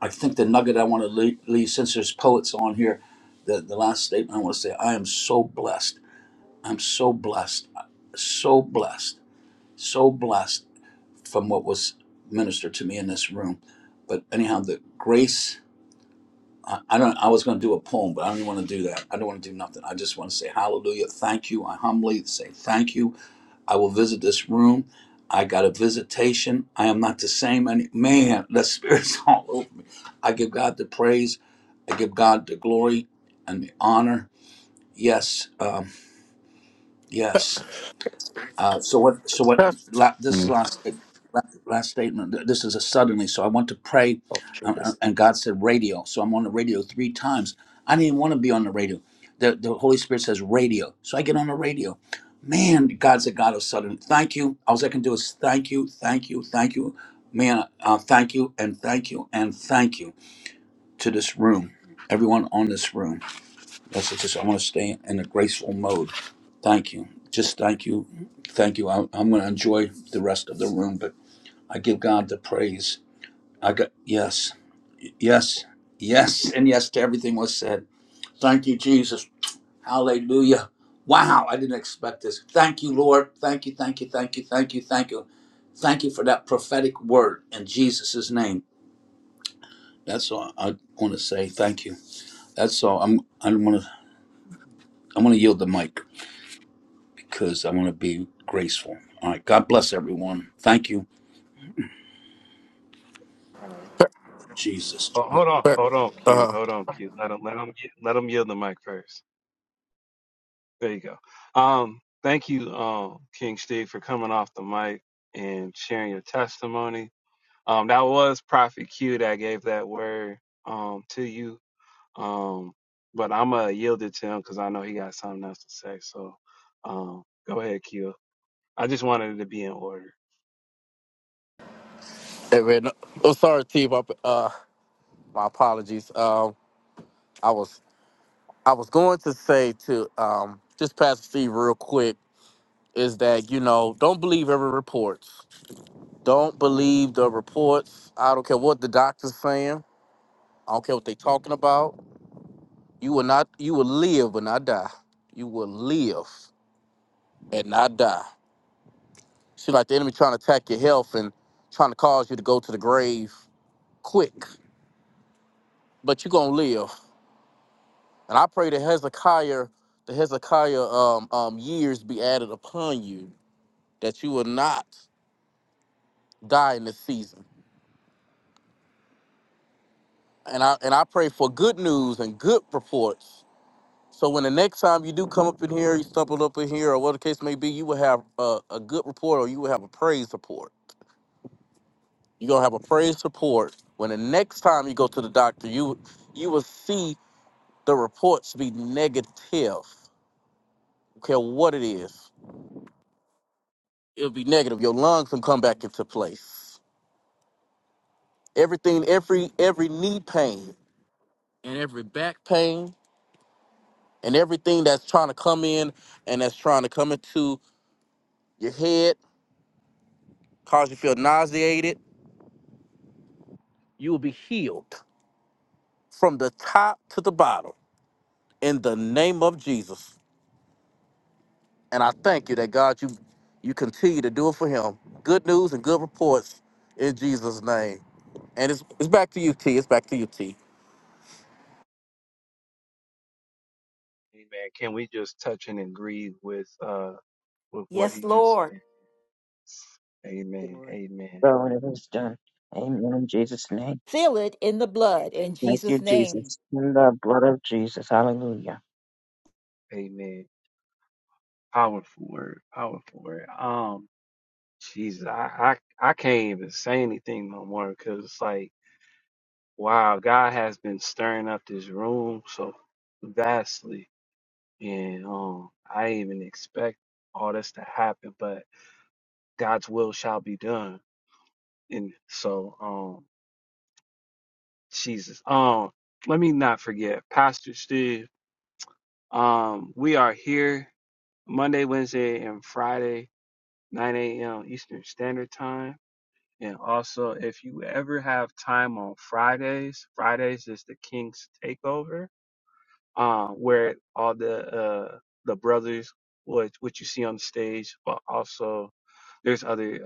[SPEAKER 9] I think the nugget I want to leave, leave since there's poets on here, the the last statement I want to say, I am so blessed. I'm so blessed, so blessed, so blessed from what was ministered to me in this room. But anyhow, the grace. I, I don't. I was going to do a poem, but I don't even want to do that. I don't want to do nothing. I just want to say hallelujah, thank you. I humbly say thank you. I will visit this room. I got a visitation. I am not the same any man. The spirit's all over me. I give God the praise. I give God the glory and the honor. Yes, um, yes. Uh, so what? So what?
[SPEAKER 8] That's
[SPEAKER 9] La, this is
[SPEAKER 8] Mm.
[SPEAKER 9] last eh, la- last statement. Th- This is a suddenly. So I went to pray,
[SPEAKER 8] oh
[SPEAKER 9] uh, uh,
[SPEAKER 8] Jesus.
[SPEAKER 9] and God said radio. So I'm on the radio three times. I didn't want to be on the radio. The the Holy Spirit says radio. So I get on the radio. Man, God's a God of sudden. Thank you. All I can do is thank you, thank you, thank you. Man, uh, thank you and thank you and thank you to this room, everyone on this room. That's just, I want to stay in a graceful mode. Thank you. Just thank you. Thank you. I, I'm going to enjoy the rest of the room, but I give God the praise. I got, yes, yes, yes, and yes to everything was said. Thank you, Jesus. Hallelujah. Wow, I didn't expect this. Thank you, Lord. Thank you, thank you, thank you, thank you, thank you. Thank you for that prophetic word in Jesus' name. That's all I want to say. Thank you. That's all. I'm, I'm going to, I'm going to yield the mic. because I want to be graceful. All right. God bless everyone. Thank you,
[SPEAKER 1] All right.
[SPEAKER 9] Jesus.
[SPEAKER 1] Oh, hold on,
[SPEAKER 8] But
[SPEAKER 1] hold on, Q.
[SPEAKER 8] uh,
[SPEAKER 1] Hold on, Q. Let him let him let him yield the mic first. There you go. Um, thank you, um, King Steve, for coming off the mic and sharing your testimony. Um, that was Prophet Q that gave that word um to you. Um, but I'm gonna yield it to him because I know he got something else to say. So, um, go ahead, Q. I just wanted it to be in order.
[SPEAKER 8] hey, man, no, oh sorry, T. My uh, my apologies. Um, I was I was going to say to um, just Pastor Steve real quick is that you know don't believe every report. Don't believe the reports. I don't care what the doctor's saying. I don't care what they talking about. You will not. You will live but not die. You will live and not die. Shit like the enemy trying to attack your health and trying to cause you to go to the grave quick. But you're gonna live. And I pray that Hezekiah, the Hezekiah um, um, years be added upon you, that you will not die in this season. And I and I pray for good news and good reports. So when the next time you do come up in here, you stumble up in here, or whatever the case may be, you will have a, a good report or you will have a praise report. You're gonna have a praise report when the next time you go to the doctor, you you will see the reports be negative. Okay, what it is, it'll be negative. Your lungs can come back into place. Everything, every every knee pain and every back pain and everything that's trying to come in and that's trying to come into your head, cause you feel nauseated, you will be healed from the top to the bottom in the name of Jesus. And I thank you that God, you you continue to do it for him. Good news and good reports in Jesus' name. And it's it's back to you, T. It's back to you, T.
[SPEAKER 1] Amen. Can we just touch and agree with uh with what
[SPEAKER 6] Yes,
[SPEAKER 1] he just
[SPEAKER 6] Lord.
[SPEAKER 1] said?
[SPEAKER 7] Thank you,
[SPEAKER 1] Amen.
[SPEAKER 7] Lord.
[SPEAKER 1] Amen.
[SPEAKER 7] So when it is done. Amen in Jesus name.
[SPEAKER 6] Feel it in the blood in
[SPEAKER 7] Thank you,
[SPEAKER 6] Jesus' name.
[SPEAKER 7] Jesus. In the blood of Jesus. Hallelujah.
[SPEAKER 1] Amen. Powerful word. Powerful word. Um, Jesus, I I, I can't even say anything no more because it's like, wow, God has been stirring up this room so vastly And um, I didn't even expect all this to happen, but God's will shall be done. And so, um, Jesus, um, let me not forget, Pastor Steve. Um, we are here Monday, Wednesday, and Friday, 9 a.m. Eastern Standard Time. And also, if you ever have time on Fridays, Fridays is the King's Takeover uh, where all the uh, the brothers, what what you see on the stage, but also there's other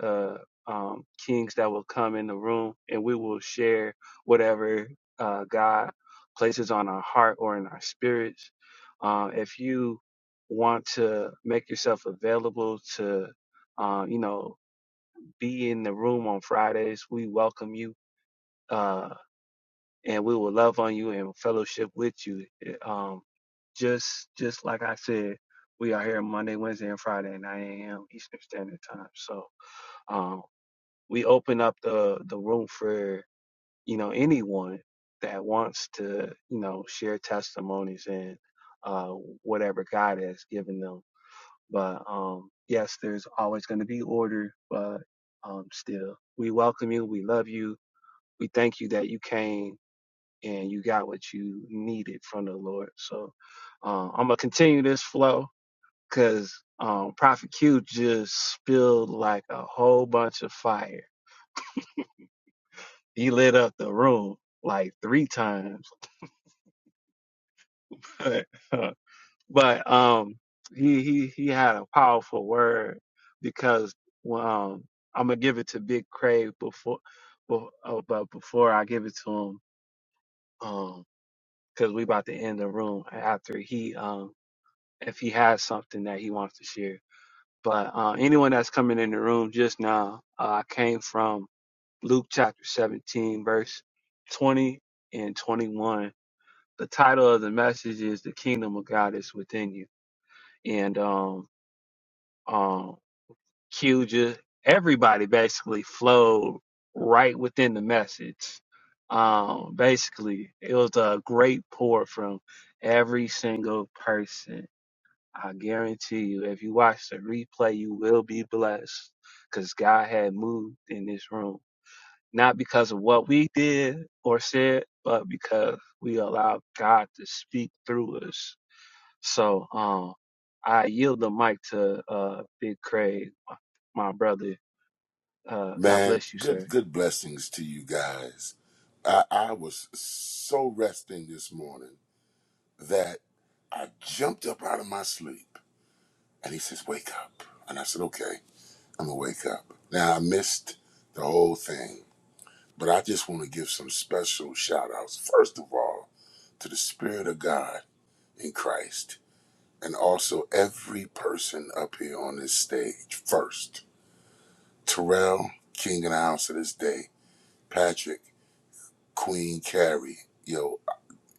[SPEAKER 1] uh, um, kings that will come in the room, and we will share whatever uh, God places on our heart or in our spirits. Uh, if you want to make yourself available to, uh, you know, be in the room on Fridays, we welcome you. Uh, and we will love on you and fellowship with you. Eh, Um, just just like I said, we are here Monday, Wednesday, and Friday, at 9 a.m. Eastern Standard Time. So um, we open up the the room for you know anyone that wants to you know share testimonies and uh, whatever God has given them. But um, yes, there's always going to be order, but um, still, we welcome you. We love you. We thank you that you came and you got what you needed from the Lord. So uh, I'm gonna continue this flow because um, Prophet Q just spilled like a whole bunch of fire. He lit up the room like three times, but um, he he he had a powerful word because um, I'm gonna give it to Big Crave before, bef- uh, but before I give it to him, um, because we about to end the room after he um if he has something that he wants to share. But uh, anyone that's coming in the room just now, uh, I came from Luke chapter 17, verse 20 and 21. The title of the message is "The Kingdom of God is Within You," and um, um, Q just everybody basically flowed right within the message. Um, basically, it was a great pour from every single person I guarantee you, if you watch the replay, you will be blessed because God had moved in this room. Not because of what we did or said, but because we allowed God to speak through us. So um, I yield the mic to uh, Big Craig, my my brother. Uh, God
[SPEAKER 10] Man,
[SPEAKER 1] bless you,
[SPEAKER 10] good
[SPEAKER 1] sir.
[SPEAKER 10] good blessings to you guys. I, I was so resting this morning that I jumped up out of my sleep and he says, Wake up. And I said, Okay, I'm gonna wake up. Now I missed the whole thing, but I just want to give some special shout outs, first of all, to the Spirit of God in Christ, and also every person up here on this stage. First, Terrell, King of the House of this day, Patrick. Queen Carrie. Yo,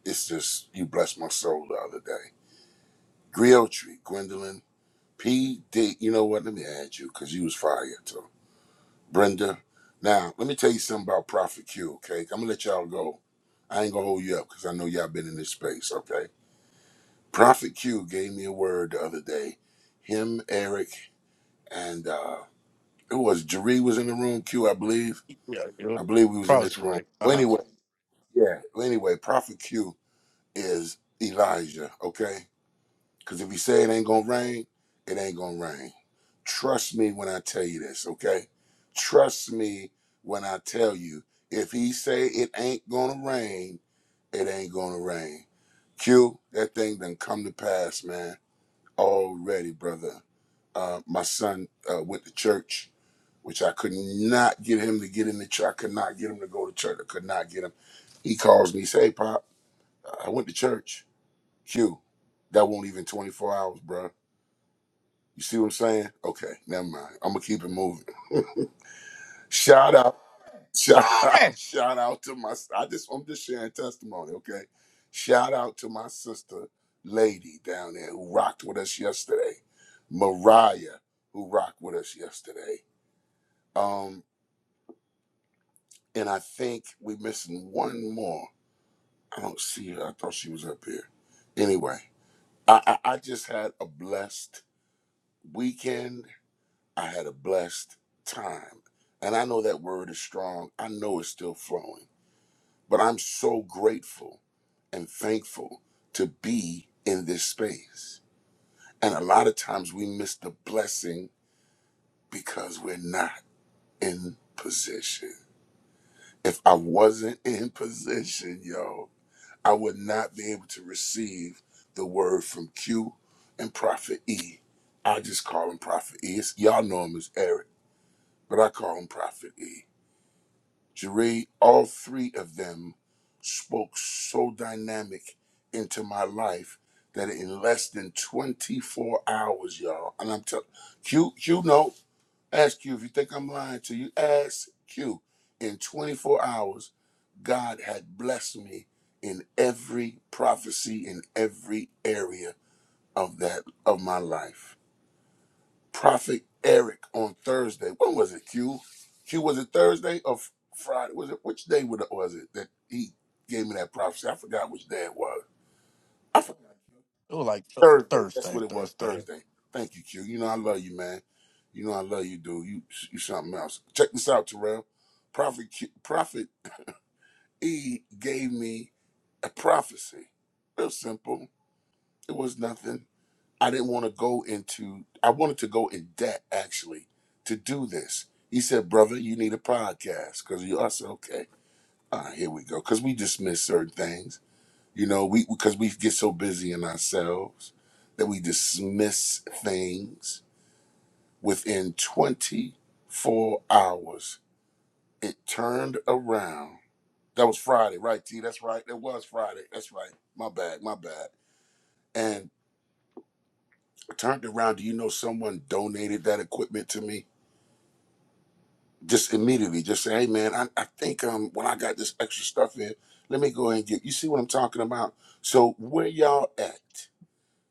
[SPEAKER 10] it's just you blessed my soul the other day. Griotry, Gwendolyn, P. D. You know what? Let me add you because you was fire too. Brenda. Now let me tell you something about Prophet Q. Okay, I'm gonna let y'all go. I ain't gonna hold you up because I know y'all been in this space. Okay. Prophet Q gave me a word the other day. Him, Eric, and uh who was Jeree was in the room. Q, I believe.
[SPEAKER 8] Yeah, yeah.
[SPEAKER 10] I believe we was in
[SPEAKER 8] Promise
[SPEAKER 10] this
[SPEAKER 8] to
[SPEAKER 10] room.
[SPEAKER 8] Rick. Uh
[SPEAKER 10] Well,
[SPEAKER 8] huh.
[SPEAKER 10] anyway, yeah. Well, anyway, Prophet Q is Elijah, okay? Because if he say it ain't gonna rain, it ain't gonna rain. Trust me when I tell you this, okay? Trust me when I tell you, if he say it ain't gonna rain, it ain't gonna rain. Q, that thing done come to pass, man, already, brother. Uh, my son uh, went to church, which I could not get him to get in the church. I could not get him to go to church. I could not get him. He calls me, say, hey, Pop, I went to church. Q, that won't even 24 hours, bro. You see what I'm saying? Okay, never mind. I'm gonna keep it moving. shout out, shout out,
[SPEAKER 8] Glory.
[SPEAKER 10] shout out to my. I just I'm just sharing testimony, okay? Shout out to my sister, lady down there who rocked with us yesterday, Mariah, who rocked with us yesterday. Um, and I think we're missing one more. I don't see her. I thought she was up here. Anyway, I I, I just had a blessed weekend. I had a blessed time. And I know that word is strong. I know it's still flowing. But I'm so grateful and thankful to be in this space. And a lot of times we miss the blessing because we're not in position. If I wasn't in position, yo, I would not be able to receive the word from Q and Prophet E. I just call him Prophet E. It's- Y'all know him as Eric, but I call him Prophet E Jerry, all three of them spoke so dynamic into my life that in less than 24 hours, y'all, and I'm telling Q, Q, no, ask Q if you think I'm lying to you, ask Q. In 24 hours, God had blessed me in every prophecy in every area of that of my life. Prophet Eric on Thursday. When was it? Q. Q was it Thursday or F- Friday? Was it which day would- was it that he gave me that prophecy? I forgot which day it was. I forgot.
[SPEAKER 8] It was like th-
[SPEAKER 10] Thursday. That's
[SPEAKER 8] Thursday,
[SPEAKER 10] what it was.
[SPEAKER 8] Thursday.
[SPEAKER 10] Thursday. Thank you, Q. You know I love you, man. You know I love you, dude. You you something else. Check this out, Terrell. Prophet Q, Prophet E gave me a prophecy. Real simple. It was nothing. I didn't want to go into, I wanted to go in debt actually to do this. He said, Brother, you need a podcast. Because I said, Okay, all right, here we go. Because we dismiss certain things, you know, we because we get so busy in ourselves that we dismiss things. Within 24 hours, it turned around. That was Friday, right, T? That's right. It was Friday. That's right. My bad, my bad. And turned around. Do you know someone donated that equipment to me? just immediately just say, hey man, I, I think um when I got this extra stuff in, let me go ahead and get you see what I'm talking about. So where y'all at,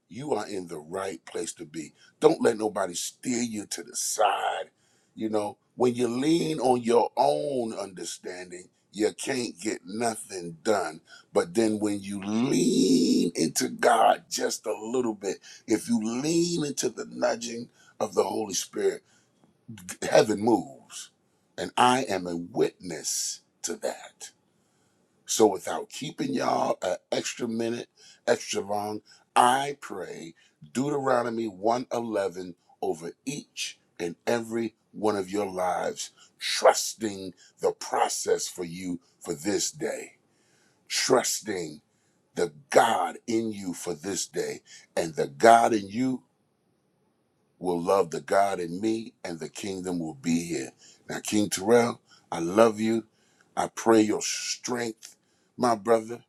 [SPEAKER 10] you are in the right place to be. Don't let nobody steer you to the side. You know, when you lean on your own understanding, you can't get nothing done. But then when you lean into God just a little bit, if you lean into the nudging of the Holy Spirit, heaven moves. And I am a witness to that. So without keeping y'all an extra minute, extra long, I pray Deuteronomy 111 over each and every one of your lives, trusting the process for you for this day, trusting the God in you for this day, and the God in you will love the God in me and the kingdom will be here. Now, King Terrell, I love you. I pray your strength, my brother.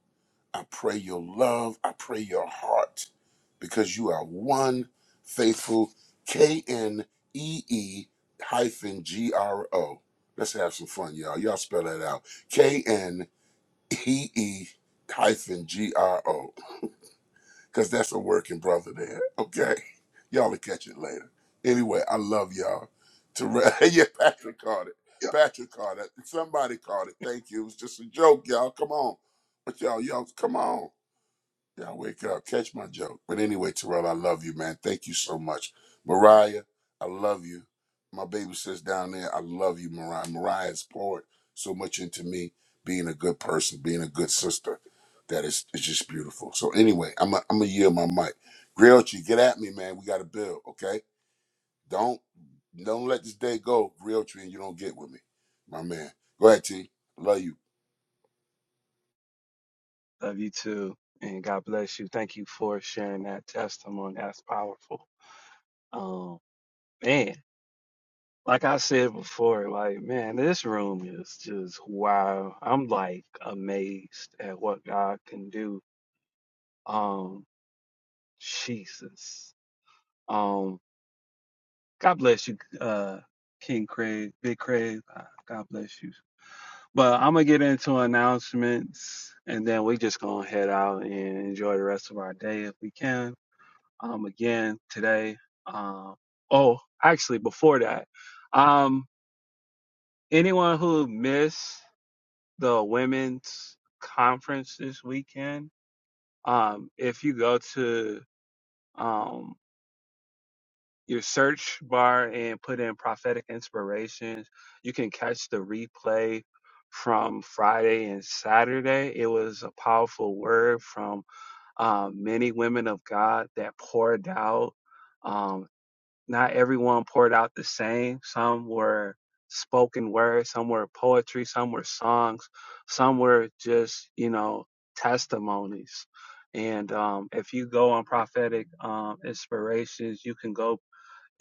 [SPEAKER 10] I pray your love. I pray your heart because you are one faithful K N E E hyphen G R O. Let's have some fun, y'all. Y'all spell that out. K N E E hyphen G R O because that's a working brother there. Okay, y'all will catch it later. Anyway, I love y'all. To yeah, Patrick caught it. Patrick caught it. Somebody caught it. Thank you. It was just a joke, y'all. Come on, but y'all, y'all, come on. Y'all wake up. Catch my joke. But anyway, Terrell, I love you, man. Thank you so much. Mariah, I love you. My baby sis down there, I love you, Mariah. Mariah has poured so much into me being a good person, being a good sister. That is it's just beautiful. So anyway, I'm a, I'm gonna yield my mic. Grilltree, get at me, man. We gotta build, okay? Don't don't let this day go, Grilltree, and you don't get with me, my man. Go ahead, T. Love you.
[SPEAKER 1] Love you too. And God bless you. Thank you for sharing that testimony. That's powerful. Um, man. Like I said before, like, man, this room is just wow. I'm like amazed at what God can do. Um, Jesus. Um, God bless you, uh, King Craig, Big Craig. Uh, God bless you. But I'm gonna get into announcements and then we just gonna head out and enjoy the rest of our day if we can. Um, again, today, um, oh, actually, before that, um, anyone who missed the women's conference this weekend. Um, if you go to um, your search bar and put in prophetic inspirations, you can catch the replay from Friday and Saturday. It was a powerful word from um, many women of God that poured out. um, not everyone poured out the same. Some were spoken word, some were poetry, some were songs, some were just, you know, testimonies. And um, if you go on prophetic um, inspirations, you can go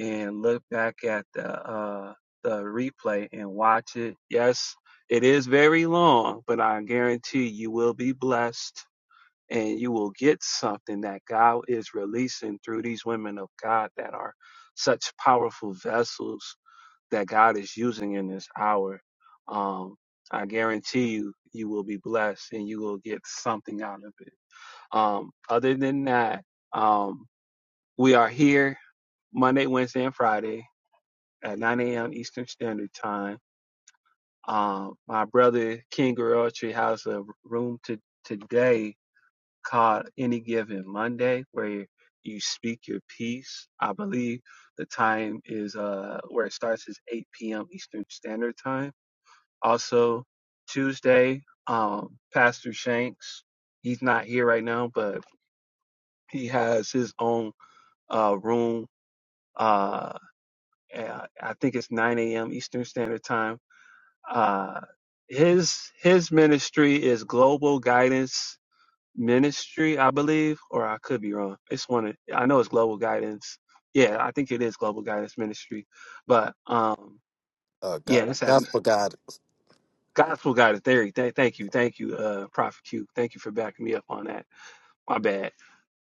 [SPEAKER 1] and look back at the uh, the replay and watch it. Yes, it is very long, but I guarantee you will be blessed and you will get something that God is releasing through these women of God that are such powerful vessels that God is using in this hour. Um, I guarantee you, you will be blessed and you will get something out of it. Um, other than that, um, we are here Monday, Wednesday, and Friday at 9 a.m. Eastern Standard Time. Um, my brother King Garotri has a room to, today called Any Given Monday, where you speak your piece. I believe the time is uh where it starts is 8 p.m. Eastern Standard Time. Also Tuesday, um, Pastor Shanks. He's not here right now, but he has his own uh room. Uh, uh, I think it's 9 a.m. Eastern Standard Time. Uh, his his ministry is Global Guidance ministry, I believe, or I could be wrong. It's one of, I know it's global guidance. Yeah, I think it is global guidance ministry. But um
[SPEAKER 8] Uh, God,
[SPEAKER 1] yeah, that's that
[SPEAKER 8] gospel God.
[SPEAKER 1] gospel guidance theory. Th- thank you. Thank you, uh Prophet Q. Thank you for backing me up on that. My bad.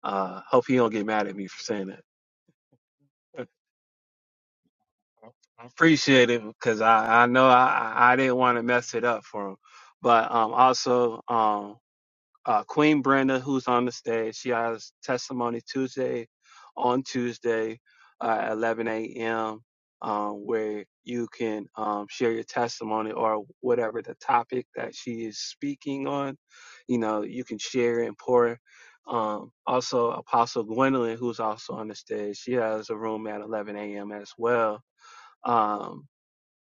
[SPEAKER 1] Uh hope he don't get mad at me for saying that. I appreciate it because I, I know I, I I didn't want to mess it up for him. But um also um, uh, Queen Brenda, who's on the stage. She has Testimony Tuesday on Tuesday uh, at 11 a.m., um, where you can um, share your testimony or whatever the topic that she is speaking on. You know, you can share and pour. Um, also, Apostle Gwendolyn, who's also on the stage, she has a room at 11 a.m. as well. Um,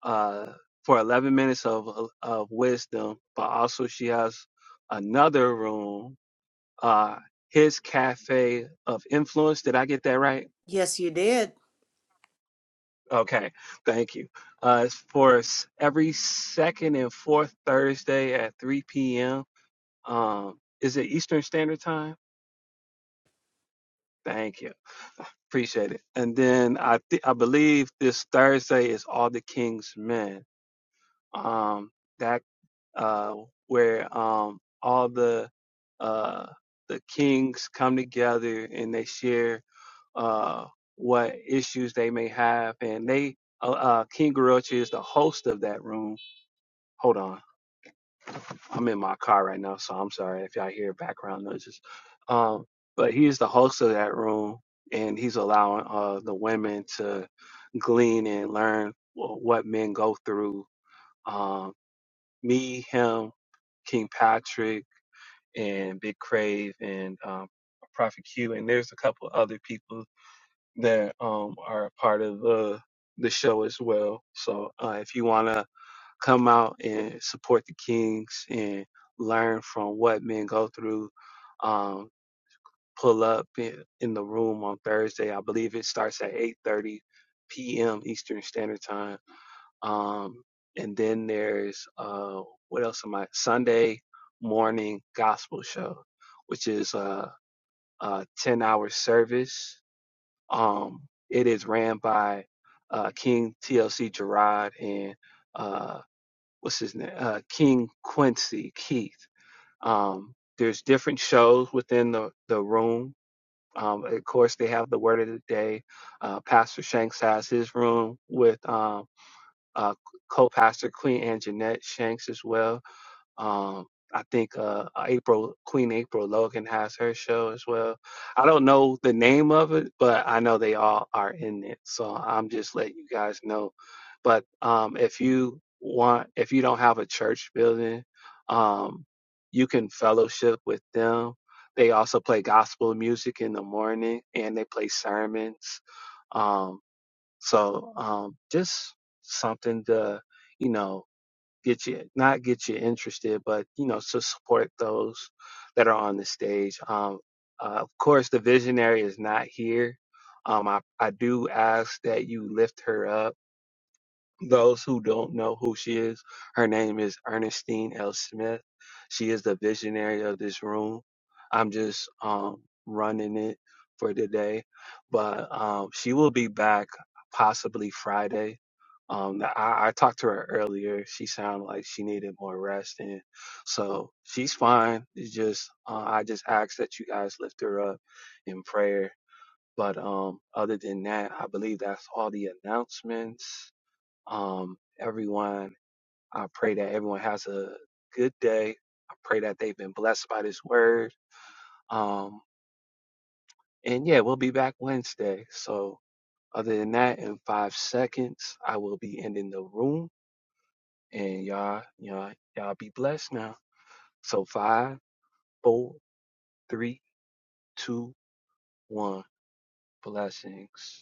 [SPEAKER 1] uh, for 11 minutes of of wisdom, but also she has another room uh, his cafe of influence. Did I get that right?
[SPEAKER 5] Yes, you did.
[SPEAKER 1] Okay, thank you. Uh, it's for s- every second and fourth Thursday at 3 p.m. Um, is it Eastern Standard Time? Thank you. Appreciate it. And then I th- I believe this Thursday is All the King's Men. Um, that uh, where um, all the uh, the kings come together and they share uh, what issues they may have. And they, uh, uh, King Gorochi is the host of that room. Hold on, I'm in my car right now, so I'm sorry if y'all hear background noises. Um, but he is the host of that room, and he's allowing uh, the women to glean and learn wh- what men go through. Um, me, him, King Patrick, and Big Crave, and um, Prophet Q, and there's a couple other people that um are a part of the the show as well. So uh, if you want to come out and support the Kings and learn from what men go through, um, pull up in, in the room on Thursday. I believe it starts at 8:30 p.m. Eastern Standard Time. Um, and then there's uh, what else am I? Sunday morning gospel show, which is a, a 10-hour service um, it is ran by uh, King TLC Gerard and uh, what's his name? Uh, King Quincy Keith. Um, there's different shows within the, the room. Um, of course, they have the word of the day. Uh, Pastor Shanks has his room with um, uh, co pastor Queen Ann Jeanette Shanks as well um, I think uh, April Queen April Logan has her show as well. I don't know the name of it, but I know they all are in it. So I'm just letting you guys know. But um, if you want, if you don't have a church building, um, you can fellowship with them. They also play gospel music in the morning, and they play sermons. Um, so um, just something to, you know, get you not get you interested, but you know to support those that are on the stage. Um, uh, of course, the visionary is not here. Um, I I do ask that you lift her up those who don't know who she is, her name is Ernestine L. Smith. She is the visionary of this room. I'm just um, running it for today, but um, she will be back possibly Friday. Um, I, I talked to her earlier. She sounded like she needed more rest, and so she's fine. It's just uh, I just ask that you guys lift her up in prayer. But um, other than that, I believe that's all the announcements um, everyone, I pray that everyone has a good day. I pray that they've been blessed by this word. Um, and yeah, we'll be back Wednesday. So other than that, in five seconds, I will be ending the room and y'all, y'all, y'all be blessed now. So five, four, three, two, one. Blessings.